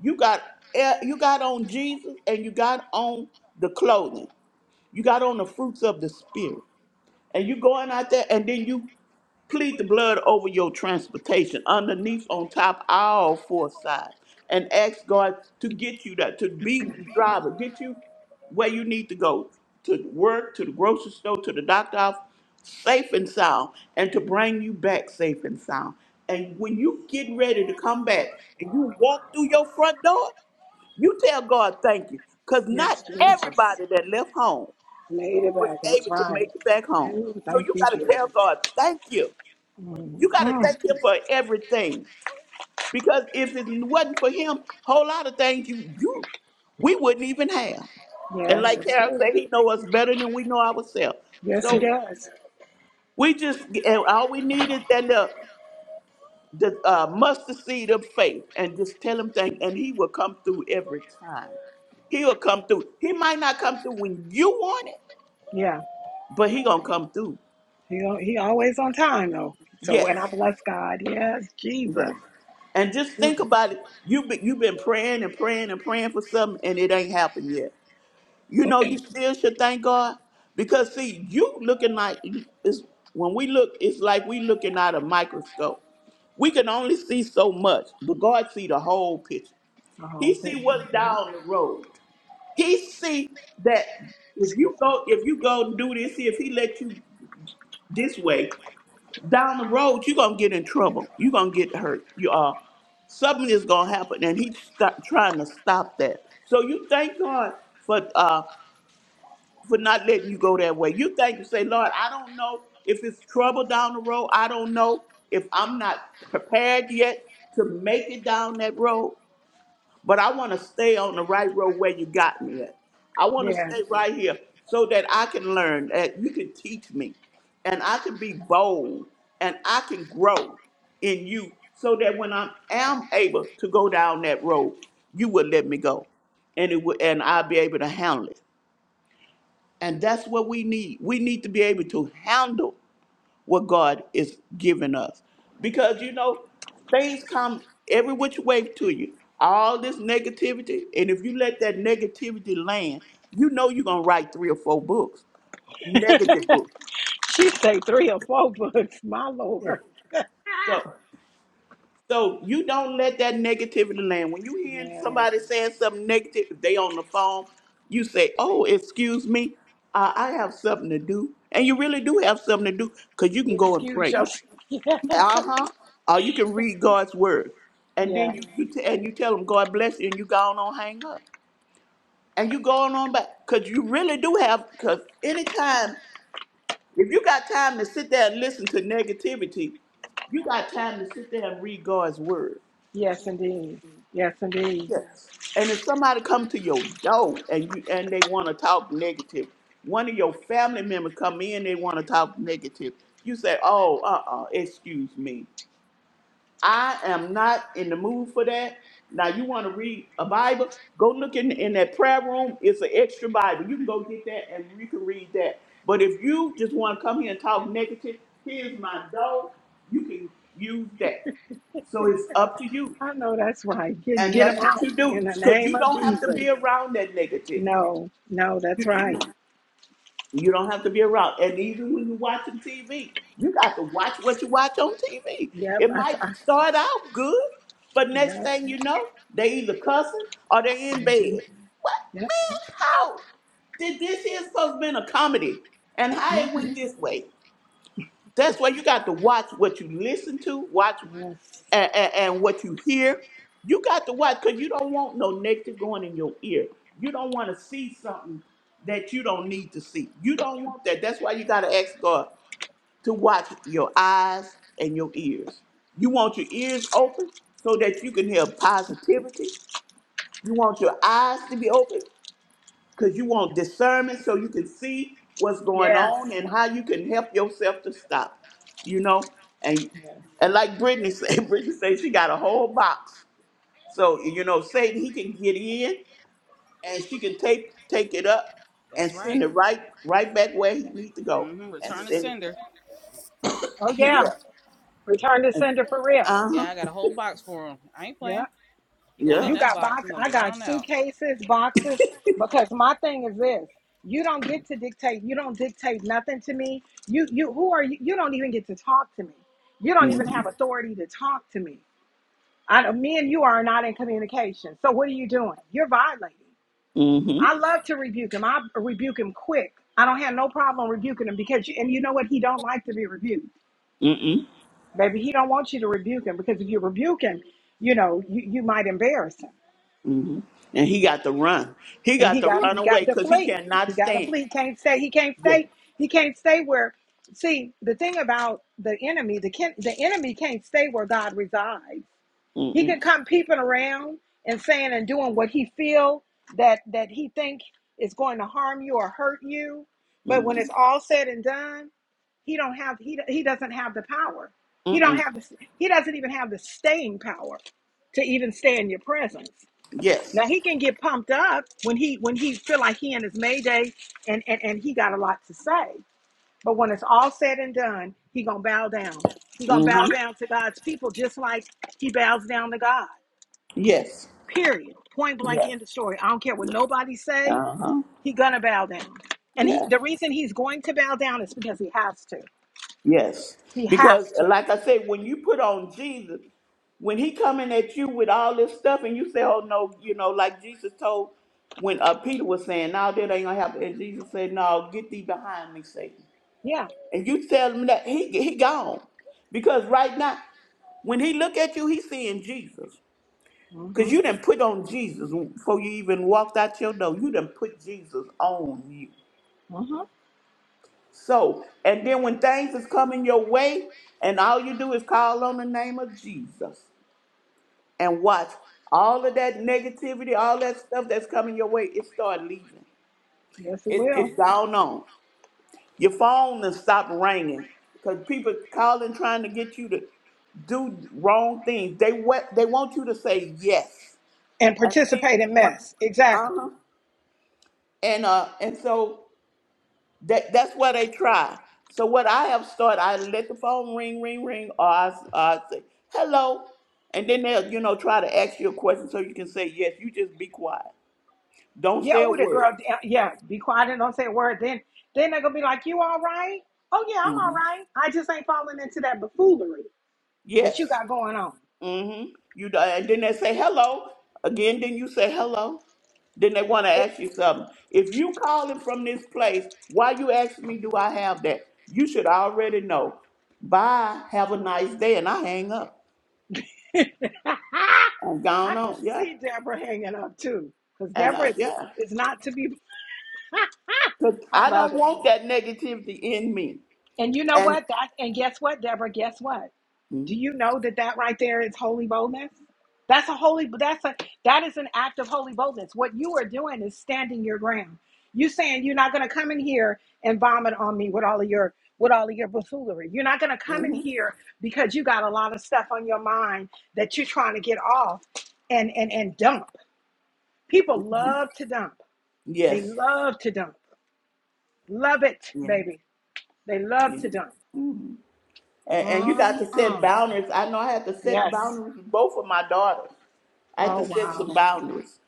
Speaker 3: You got eh, you got on Jesus and you got on the clothing. You got on the fruits of the spirit. And you going out there and then you Plead the blood over your transportation, underneath, on top, all four sides, and ask God to get you that, to be the driver, get you where you need to go, to work, to the grocery store, to the doctor office, safe and sound, and to bring you back safe and sound. And when you get ready to come back and you walk through your front door, you tell God thank you, because not
Speaker 1: Yes, Jesus.
Speaker 3: everybody that left home
Speaker 1: Made it
Speaker 3: was
Speaker 1: back. That's
Speaker 3: able to make
Speaker 1: right.
Speaker 3: it back home.
Speaker 1: Ooh,
Speaker 3: So
Speaker 1: thank
Speaker 3: you
Speaker 1: you,
Speaker 3: got to
Speaker 1: Jesus.
Speaker 3: tell God thank you
Speaker 1: Mm,
Speaker 3: you got to
Speaker 1: mm.
Speaker 3: thank him for everything because if it wasn't for him, whole lot of things you you we wouldn't even have. And
Speaker 1: Yes,
Speaker 3: like
Speaker 1: that's
Speaker 3: Carol
Speaker 1: true.
Speaker 3: said, he know us better than we know ourselves.
Speaker 1: Yes, he
Speaker 3: So
Speaker 1: does.
Speaker 3: we just and all we need is that the the uh, mustard seed of faith and just tell him thank, and he will come through every time. He'll come through. He might not come through when you want it,
Speaker 1: Yeah,
Speaker 3: but he gonna come through.
Speaker 1: he al- he always on time though. So and I
Speaker 3: Yes.
Speaker 1: bless God. Yes, Jesus.
Speaker 3: Yeah. And just think about it. You've been, you've been praying and praying and praying for something, and it ain't happened yet. You know, you still should thank God because see, you looking like it's, when we look, it's like we looking out a microscope. We can only see so much, but God see the whole picture. He
Speaker 1: Oh, good
Speaker 3: see
Speaker 1: for
Speaker 3: what's
Speaker 1: him.
Speaker 3: down the road. He see that if
Speaker 1: Excuse
Speaker 3: you
Speaker 1: me.
Speaker 3: go, if you go and do this, if He let you this way, down the road, you're gonna get in trouble. You're gonna get hurt. You are. Something is gonna happen, and he's sto- trying to stop that. So you thank God for uh for not letting you go that way. You thank you say, Lord, I don't know if it's trouble down the road. I don't know if I'm not prepared yet to make it down that road but I want to stay on the right road where you got me at. I want to
Speaker 1: Yeah.
Speaker 3: stay right here so that I can learn, that you can teach me, and I can be bold, and I can grow in you so that when I am able to go down that road, you will let me go, and it will, and I'll be able to handle it. And that's what we need. We need to be able to handle what God is giving us. Because you know, things come every which way to you. All this negativity, and if you let that negativity land, you know you're gonna write three or four books, negative books.
Speaker 1: she say three or four books. My Lord.
Speaker 3: Yeah.
Speaker 1: Ah,
Speaker 3: So, so you don't let that negativity land. When you hear
Speaker 1: yes.
Speaker 3: somebody saying something negative, if they on the phone, you say, "Oh, excuse me, uh, I have something to do," and you really do have something to do because you can go and
Speaker 1: Excuse
Speaker 3: pray.
Speaker 1: yourself. Yeah.
Speaker 3: Uh-huh. Or you can read God's word. And then
Speaker 1: yeah.
Speaker 3: you, you t- and you tell them God bless you and you gone on on hang up. And you going on back. Cause you really do have cause anytime if you got time to sit there and listen to negativity, you got time to sit there and read God's word.
Speaker 1: Yes, indeed. Yes, indeed.
Speaker 3: Yes. And if somebody come to your door and you and they want to talk negative, one of your family members come in, they want to talk negative. You say, "Oh, uh, uh excuse me." I am not in the mood for that. Now, you want to read a Bible? Go look in, in that prayer room. It's an extra Bible. You can go get that and you can read that. But if you just want to come here and talk negative, here's my dough. You can use that. So it's up to you.
Speaker 1: I know that's right. Get
Speaker 3: And
Speaker 1: get them
Speaker 3: that's what
Speaker 1: out
Speaker 3: you do.
Speaker 1: in the
Speaker 3: Because
Speaker 1: name
Speaker 3: you
Speaker 1: of
Speaker 3: don't have to
Speaker 1: Jesus.
Speaker 3: be around that negativity.
Speaker 1: No, no, that's right.
Speaker 3: You don't have to be around. And even when you're watching TV, you got to watch what you watch on TV.
Speaker 1: Yep.
Speaker 3: It
Speaker 1: I. I,
Speaker 3: might start out good, but next
Speaker 1: yep.
Speaker 3: thing you know, they either cussing or they in
Speaker 1: hmm
Speaker 3: bed. What
Speaker 1: Yep.
Speaker 3: man, how did this here supposed to been a comedy? And how it
Speaker 1: hmm
Speaker 3: went this way? That's why you got to watch what you listen to, watch
Speaker 1: Yes.
Speaker 3: and, and, and what you hear. You got to watch because you don't want no negative going in your ear. You don't want to see something that you don't need to see. You don't want that. That's why you got to ask God to watch your eyes and your ears. You want your ears open so that you can hear positivity. You want your eyes to be open because you want discernment so you can see what's going
Speaker 1: Yes.
Speaker 3: on and how you can help yourself to stop, you know? And and like Brittany said, Brittany said she got a whole box. So, you know, Satan, he can get in and she can take take it up and
Speaker 4: That's
Speaker 3: send
Speaker 4: right.
Speaker 3: it right right back where he needs to go.
Speaker 4: hmm
Speaker 3: And
Speaker 4: Return to
Speaker 3: send it.
Speaker 4: sender.
Speaker 1: Oh
Speaker 3: yeah.
Speaker 1: yeah. Return to sender for real.
Speaker 3: uh-huh.
Speaker 4: Yeah, I got a whole box for him. I ain't
Speaker 1: Yeah.
Speaker 4: playing. He going in
Speaker 3: Yeah.
Speaker 1: You
Speaker 4: that
Speaker 1: got
Speaker 4: box. He
Speaker 1: box.
Speaker 4: gonna
Speaker 1: I
Speaker 4: get right
Speaker 1: got
Speaker 4: on out.
Speaker 1: suitcases, boxes. Because my thing is this: you don't get to dictate. You don't dictate nothing to me. You you who are you? You don't even get to talk to me. You don't even
Speaker 3: Mm-hmm.
Speaker 1: have authority to talk to me. I me and you are not in communication. So what are you doing? You're violating.
Speaker 3: Mm-hmm.
Speaker 1: I love to rebuke him. I rebuke him quick. I don't have no problem rebuking him because, and you know what? He don't like to be rebuked.
Speaker 3: Mm-hmm.
Speaker 1: Baby, he don't want you to rebuke him because if you rebuke him, you know, you, you might embarrass him.
Speaker 3: hmm And he got to run. He
Speaker 1: And
Speaker 3: got
Speaker 1: he
Speaker 3: to
Speaker 1: got
Speaker 3: run
Speaker 1: he
Speaker 3: away
Speaker 1: got to
Speaker 3: because he
Speaker 1: flee.
Speaker 3: cannot
Speaker 1: He got to
Speaker 3: stand.
Speaker 1: flee. He can't stay. He can't
Speaker 3: Yeah.
Speaker 1: stay. He can't stay where. See, the thing about the enemy, the kin- the enemy can't stay where God resides. He can
Speaker 3: Mm-mm.
Speaker 1: come peeping around and saying and doing what he feel that that he think is going to harm you or hurt you. But when
Speaker 3: Mm-hmm.
Speaker 1: it's all said and done, he don't have he he doesn't have the power. He don't
Speaker 3: Mm-mm.
Speaker 1: have the, he doesn't even have the staying power to even stay in your presence.
Speaker 3: Yes.
Speaker 1: Now he can get pumped up when he when he feel like he in his mayday and and and he got a lot to say. But when it's all said and done, he gonna bow down. He gonna bow
Speaker 3: Mm-hmm.
Speaker 1: down to God's people just like he bows down to God.
Speaker 3: Yes.
Speaker 1: Period. Point blank.
Speaker 3: Yes.
Speaker 1: End of story. I don't care what nobody say.
Speaker 3: Uh huh.
Speaker 1: He gonna bow down, and he,
Speaker 3: Yes.
Speaker 1: the reason he's going to bow down is because he has to.
Speaker 3: Yes.
Speaker 1: He has
Speaker 3: Because,
Speaker 1: to.
Speaker 3: like I said, when you put on Jesus, when he coming at you with all this stuff, and you say, "Oh no," you know, like Jesus told when uh, Peter was saying, "No, that ain't gonna happen," and Jesus said, "No, get thee behind me, Satan."
Speaker 1: Yeah.
Speaker 3: And you tell him that he he gone because right now, when he look at you, he seeing Jesus. Cause
Speaker 1: Mhm.
Speaker 3: you didn't put on Jesus before you even walked out your door. You didn't put Jesus on you.
Speaker 1: Mhm.
Speaker 3: So, and then when things is coming your way, and all you do is call on the name of Jesus and watch all of that negativity, all that stuff that's coming your way, it start leaving.
Speaker 1: Yes, it
Speaker 3: It,
Speaker 1: will.
Speaker 3: it's gone on. Your phone has stopped ringing because people calling trying to get you to do wrong things. They what they want you to say yes.
Speaker 1: And
Speaker 3: And see,
Speaker 1: participate in
Speaker 3: when,
Speaker 1: mess. Exactly.
Speaker 3: uh-huh. and uh, and so That that's where they try. So what I have started, I let the phone ring, ring, ring, or I I say hello, and then they'll you know try to ask you a question so you can say yes. You just be quiet. Don't
Speaker 1: Yeah.
Speaker 3: say a
Speaker 1: Oh, that
Speaker 3: word.
Speaker 1: girl. Yeah. yeah. Be quiet and don't say a word. Then, then they're gonna be like, "You all right? Oh yeah, I'm all
Speaker 3: hmm
Speaker 1: right. I just ain't falling into that buffoonery that you
Speaker 3: Yes.
Speaker 1: got going on."
Speaker 3: Mm-hmm. You do- and then they say hello again. Then you say hello. Then they want to ask you something. If you calling from this place, why you ask me? Do I have that? You should already know. Bye. Have a nice day, and I hang up and
Speaker 1: I
Speaker 3: gone
Speaker 1: could
Speaker 3: on. Yeah.
Speaker 1: see Deborah hanging up too, because
Speaker 3: And
Speaker 1: Deborah
Speaker 3: uh,
Speaker 1: is,
Speaker 3: yeah,
Speaker 1: is not to be.
Speaker 3: because
Speaker 1: I
Speaker 3: I
Speaker 1: love
Speaker 3: don't
Speaker 1: it.
Speaker 3: want that negativity in me.
Speaker 1: And you know
Speaker 3: And
Speaker 1: what? That and guess what, Deborah? Guess what? Do you know that that right there is holy boldness? That's a holy. That's a that is an act of holy boldness. What you are doing is standing your ground. You saying you're not going to come in here and vomit on me with all of your with all of your buffoonery. You're not going to come in
Speaker 3: mhm,
Speaker 1: here because you got a lot of stuff on your mind that you're trying to get off and and and dump. People love to dump. They
Speaker 3: yes,
Speaker 1: love to dump. Love it,
Speaker 3: yeah,
Speaker 1: baby. They love
Speaker 3: yeah.
Speaker 1: to dump.
Speaker 3: And, and you got to set
Speaker 1: Mm-mm.
Speaker 3: boundaries. I know I had to set
Speaker 1: Yes.
Speaker 3: boundaries with both of my daughters. I had
Speaker 1: Oh
Speaker 3: to set
Speaker 1: wow.
Speaker 3: some boundaries.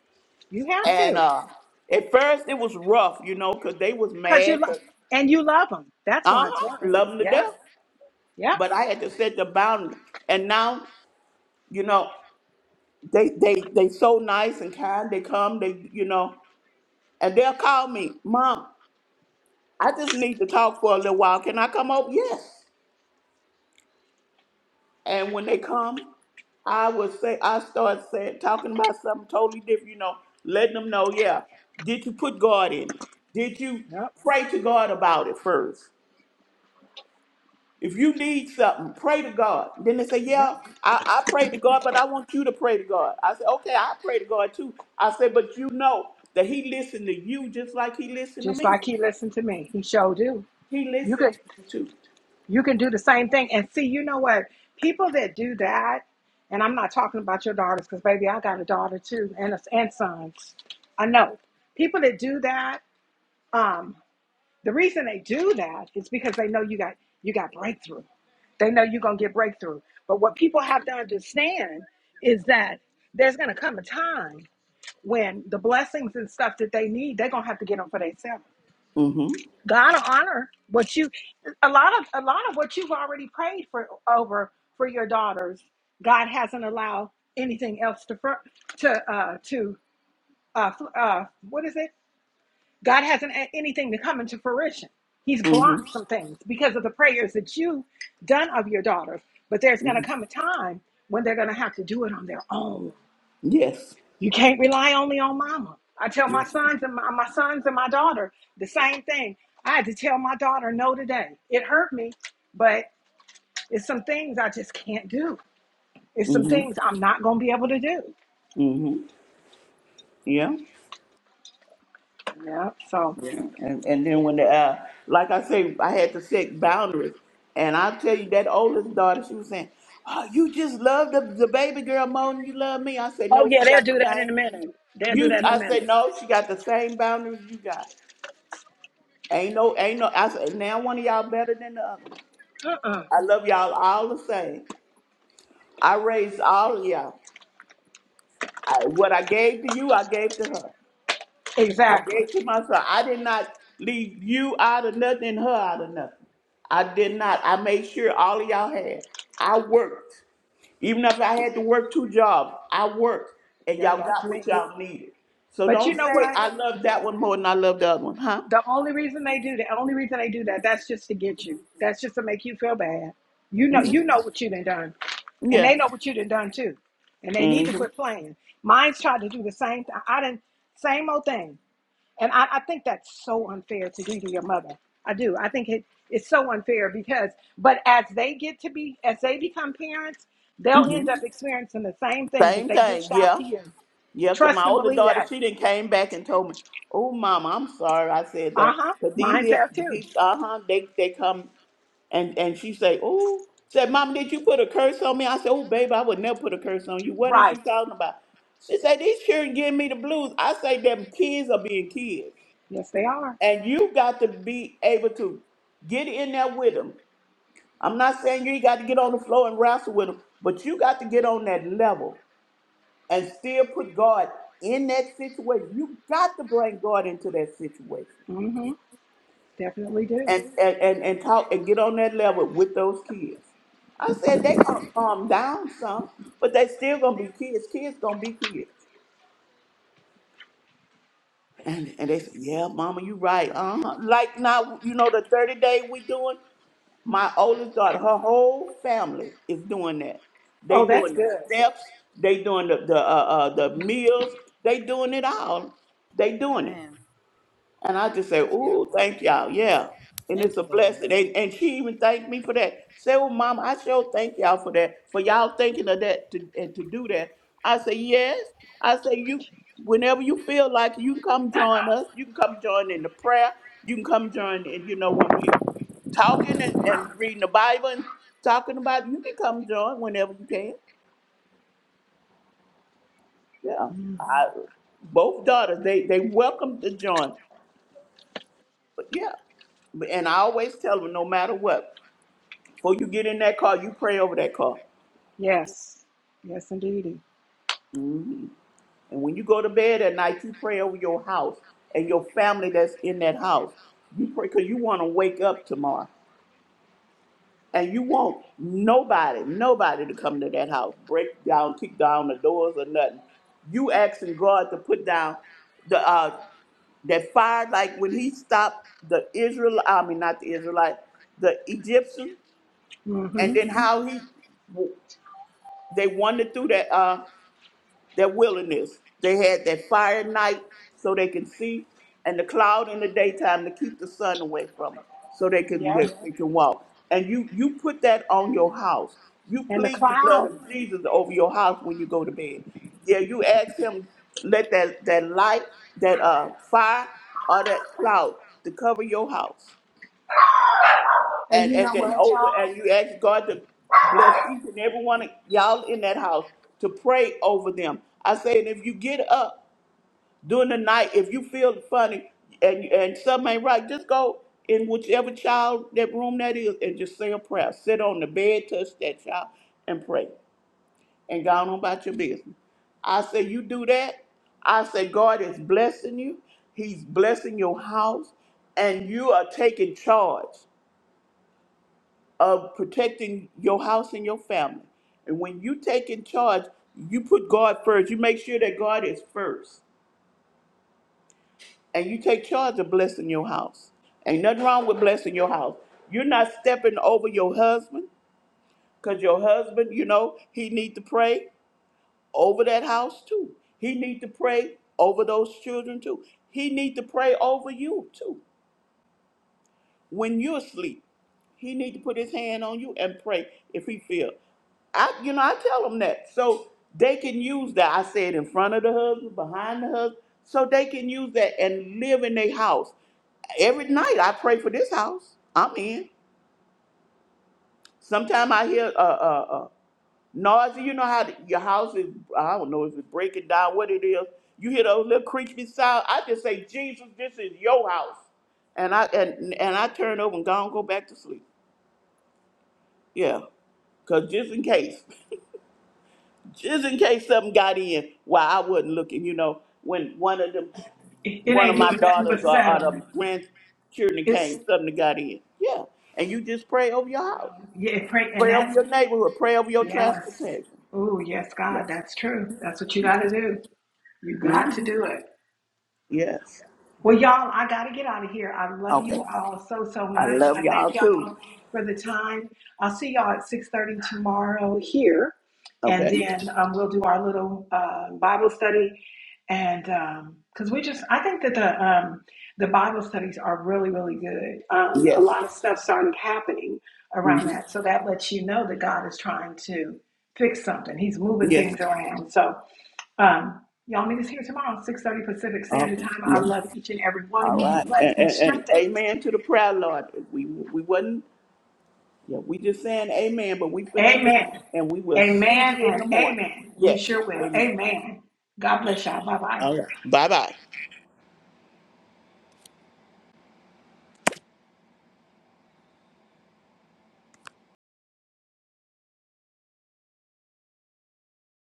Speaker 1: You have
Speaker 3: And
Speaker 1: to,
Speaker 3: uh, at first it was rough, you know, because they was
Speaker 1: cause you
Speaker 3: mad,
Speaker 1: love, and you love him. That's
Speaker 3: uh
Speaker 1: why it's
Speaker 3: huh,
Speaker 1: rough.
Speaker 3: love them to
Speaker 1: Yep.
Speaker 3: death.
Speaker 1: Yep.
Speaker 3: But I had to set the boundary. And now, you know, they they they so nice and kind. They come, they you know, and they'll call me, mom. I just need to talk for a little while. Can I come over? Yes. And when they come, I would say I start saying talking about something totally different, you know, letting them know, yeah, did you put God in it? Did you
Speaker 1: Yep.
Speaker 3: pray to God about it first? If you need something, pray to God. Then they say,
Speaker 1: Yep.
Speaker 3: Yeah, I, I pray to God, but I want you to pray to God. I said, Okay, I pray to God too. I said, but you know that He listened to you just like He listened to
Speaker 1: Just like
Speaker 3: me.
Speaker 1: he listened to me, he sure do.
Speaker 3: He
Speaker 1: You
Speaker 3: listened
Speaker 1: could
Speaker 3: to you too.
Speaker 1: you can do the same thing. And see, you know what? People that do that, and I'm not talking about your daughters, cause baby, I got a daughter too, and a, and sons. I know people that do that. Um, The reason they do that is because they know you got you got breakthrough. They know you're gonna get breakthrough. But what people have to understand is that there's gonna come a time when the blessings and stuff that they need, they're gonna have to get them for themselves.
Speaker 3: Mm-hmm.
Speaker 1: God will honor what you a lot of a lot of what you've already prayed for over for your daughters. God hasn't allowed anything else to fr- to uh to uh, fl- uh what is it? God hasn't had anything to come into fruition. He's blocked
Speaker 3: Mm-hmm.
Speaker 1: some things because of the prayers that you've done of your daughters. But there's going
Speaker 3: Mm-hmm.
Speaker 1: to come a time when they're going to have to do it on their own.
Speaker 3: Yes.
Speaker 1: You can't rely only on mama. I tell my sons and my, my sons and my daughter the same thing. I had to tell my daughter no today. It hurt me, but it's some things I just can't do. It's some
Speaker 3: Mm-hmm.
Speaker 1: things I'm not going to be able to do.
Speaker 3: Mm-hmm. Yeah.
Speaker 1: Yeah. So,
Speaker 3: Yeah. And and then when the uh like I say, I had to set boundaries. And I tell you that oldest daughter, she was saying, Oh, you just love the, the baby girl more than you love me. I said,
Speaker 1: oh
Speaker 3: No,
Speaker 1: yeah,
Speaker 3: she
Speaker 1: they'll
Speaker 3: got the
Speaker 1: do that in a
Speaker 3: same
Speaker 1: minute. They'll do
Speaker 3: you
Speaker 1: that in a
Speaker 3: I said,
Speaker 1: minute.
Speaker 3: No, she got the same boundaries you got. Ain't no ain't no I said now one of y'all better than the other one.
Speaker 1: Uh-uh.
Speaker 3: I love y'all all the same. I raised all of y'all. I, what I gave to you, I gave to her. I
Speaker 1: Exactly.
Speaker 3: gave to myself, I did not leave you out of nothing and her out of nothing. I did not. I made sure all of y'all had. I worked. Even if I had to work two jobs, I worked and
Speaker 1: Yep,
Speaker 3: y'all
Speaker 1: that's
Speaker 3: got
Speaker 1: me.
Speaker 3: what y'all needed. So
Speaker 1: But you
Speaker 3: don't
Speaker 1: know
Speaker 3: say
Speaker 1: what?
Speaker 3: I love that one more than I love the other one, huh?
Speaker 1: The only reason they do that, the only reason they do that, that's just to get you. That's just to make you feel bad. You know,
Speaker 3: Mhm.
Speaker 1: you know what you done done, and
Speaker 3: Yeah.
Speaker 1: they know what you done done too, and they need to
Speaker 3: hmm
Speaker 1: quit playing. Mine's tried to do the same. Th- I didn't same old thing, and I, I think that's so unfair to do to your mother. I do. I think it it's so unfair because, but as they get to be, as they become parents, they'll
Speaker 3: hmm
Speaker 1: end up experiencing the same thing that
Speaker 3: Same
Speaker 1: they
Speaker 3: thing.
Speaker 1: dished out
Speaker 3: Yeah.
Speaker 1: to you.
Speaker 3: Yeah. Cause
Speaker 1: Trust
Speaker 3: my
Speaker 1: and
Speaker 3: older
Speaker 1: believe
Speaker 3: daughter,
Speaker 1: that.
Speaker 3: she then came back and told me, "Oh, mama, I'm sorry I said
Speaker 1: Uh
Speaker 3: that."
Speaker 1: huh.
Speaker 3: But
Speaker 1: Mine's
Speaker 3: these,
Speaker 1: have too.
Speaker 3: uh huh, they they come. And and she say, "Oh," said, "Mama, did you put a curse on me?" I said, "Oh, baby, I would never put a curse on you. What is
Speaker 1: Right.
Speaker 3: you talking about?" She said, "These children giving me the blues." I say, "Them kids are being kids,
Speaker 1: Yes, they are.
Speaker 3: and you got to be able to get in there with them. I'm not saying you ain't got to get on the floor and wrestle with them, but you got to get on that level and still put God in that situation. You got to bring God into that situation."
Speaker 1: Mm-hmm. Definitely do.
Speaker 3: and, and, and, and talk and get on that level with those kids. I said they are gonna calm down some, but they still gonna be kids. Kids gonna be kids. And and they said, Yeah, mama, you right. Uh-huh. Like now, you know, the 30 day we doing, my oldest daughter, her whole family is doing that. They
Speaker 1: Oh, that's
Speaker 3: doing the
Speaker 1: good.
Speaker 3: steps, they doing the the uh, uh the meals, they doing it all. They doing it.
Speaker 4: Amen.
Speaker 3: And I just say,
Speaker 4: That's
Speaker 3: "Ooh,
Speaker 4: beautiful.
Speaker 3: thank y'all, yeah." And it's
Speaker 4: Thank
Speaker 3: a
Speaker 4: you, Lord.
Speaker 3: blessing. And, and she even thanked me for that. Say, "Well, Mama, I sure thank y'all for that, for y'all thinking of that to, and to do that." I say, "Yes." I say, "You, whenever you feel like it, you can come join us. You can come join in the prayer. You can come join, and you know when we talking and, and reading the Bible and talking about it, you can come join whenever you can. Yeah, I, both daughters they they welcome to join. But yeah. And I always tell them, no matter what, before you get in that car, you pray over that car.
Speaker 1: Yes. Yes, indeedy.
Speaker 3: hmm And when you go to bed at night, you pray over your house and your family that's in that house. You pray because you want to wake up tomorrow. And you want nobody, nobody to come to that house, break down, kick down the doors or nothing. You asking God to put down the uh that fire, like when he stopped the Israel, I mean not the Israelite, the Egyptian, and
Speaker 1: Mm-hmm.
Speaker 3: then how he They wandered through that uh that wilderness. They had that fire at night so they can see, and the cloud in the daytime to keep the sun away from them, so they can
Speaker 1: Yep.
Speaker 3: they, they can walk. And you you put that on your house. You
Speaker 1: And the
Speaker 3: plead the blood
Speaker 1: cloud.
Speaker 3: of Jesus over your house when you go to bed. Yeah, you ask Him let that that light that uh fire or that cloud to cover your house
Speaker 1: And
Speaker 3: and
Speaker 1: you
Speaker 3: and
Speaker 1: know
Speaker 3: then
Speaker 1: what, y'all?
Speaker 3: over and you ask God to bless each and every one of y'all in that house to pray over them. I say, and if you get up during the night, if you feel funny and and something ain't right, just go in whichever child that room that is and just say a prayer. Sit on the bed, touch that child, and pray. And go on about your business. I say, you do that. I say, God is blessing you. He's blessing your house, and you are taking charge of protecting your house and your family. And when you take in charge, you put God first. You make sure that God is first. And you take charge of blessing your house. Ain't nothing wrong with blessing your house. You're not stepping over your husband because your husband, you know, he need to pray over that house too. He need to pray over those children too. He need to pray over you too. When you're asleep, he need to put his hand on you and pray if he feel. I, you know, I tell them that so they can use that. I said in front of the husband, behind the husband, so they can use that and live in their house. Every night I pray for this house I'm in. Sometimes I hear uh, uh, uh, noise. You know how the- your house is? I don't know if it's breaking down, what it is. You hear those little creepy sounds. I just say, Jesus, this is your house, and I and and I turn over and go and go back to sleep. Yeah, because just in case, just in case something got in while I wasn't looking, you know, when one of them,
Speaker 1: It, it
Speaker 3: one of
Speaker 1: ain't
Speaker 3: my
Speaker 1: doing nothing
Speaker 3: daughters
Speaker 1: but
Speaker 3: or, or the
Speaker 1: settling.
Speaker 3: grandchildren
Speaker 1: It's
Speaker 3: came, something got in. Yeah, and you just pray over your
Speaker 1: no.
Speaker 3: house,
Speaker 1: Yeah, pray. And
Speaker 3: pray over
Speaker 1: that's
Speaker 3: your neighborhood, pray over your
Speaker 1: yes.
Speaker 3: transportation.
Speaker 1: Oh, yes, God.
Speaker 3: Yes.
Speaker 1: That's true. That's what you got to do. You got to
Speaker 3: hmm
Speaker 1: do it.
Speaker 3: Yes.
Speaker 1: Well, y'all, I got to get out of here. I love
Speaker 3: Okay.
Speaker 1: you all so, so
Speaker 3: I
Speaker 1: much. I
Speaker 3: love y'all
Speaker 1: thank
Speaker 3: too.
Speaker 1: y'all for the time. I'll see y'all at 6.30 tomorrow here. And
Speaker 3: Okay.
Speaker 1: then um, we'll do our little uh, Bible study and um, because we just i think that the um, the bible studies are really really good um, a
Speaker 3: Yes.
Speaker 1: lot of stuff started happening around
Speaker 3: hmm
Speaker 1: that so that lets you know that god is trying to fix something he's moving
Speaker 3: Yes.
Speaker 1: things around so um, y'all meet us here tomorrow 6.30 pacific standard
Speaker 3: Okay.
Speaker 1: time i
Speaker 3: Yeah.
Speaker 1: love each and every one of
Speaker 3: All
Speaker 1: you be
Speaker 3: right.
Speaker 1: blessed
Speaker 3: And,
Speaker 1: be
Speaker 3: and, and
Speaker 1: strengthened
Speaker 3: amen to the prayer, Lord. We we wasn't Yeah, we just saying amen, but we finna leave
Speaker 1: amen
Speaker 3: and we will see
Speaker 1: amen
Speaker 3: you in the
Speaker 1: and
Speaker 3: morning.
Speaker 1: amen we
Speaker 3: Yes,
Speaker 1: sure will
Speaker 3: amen.
Speaker 1: amen god bless y'all bye-bye
Speaker 3: All right, bye bye.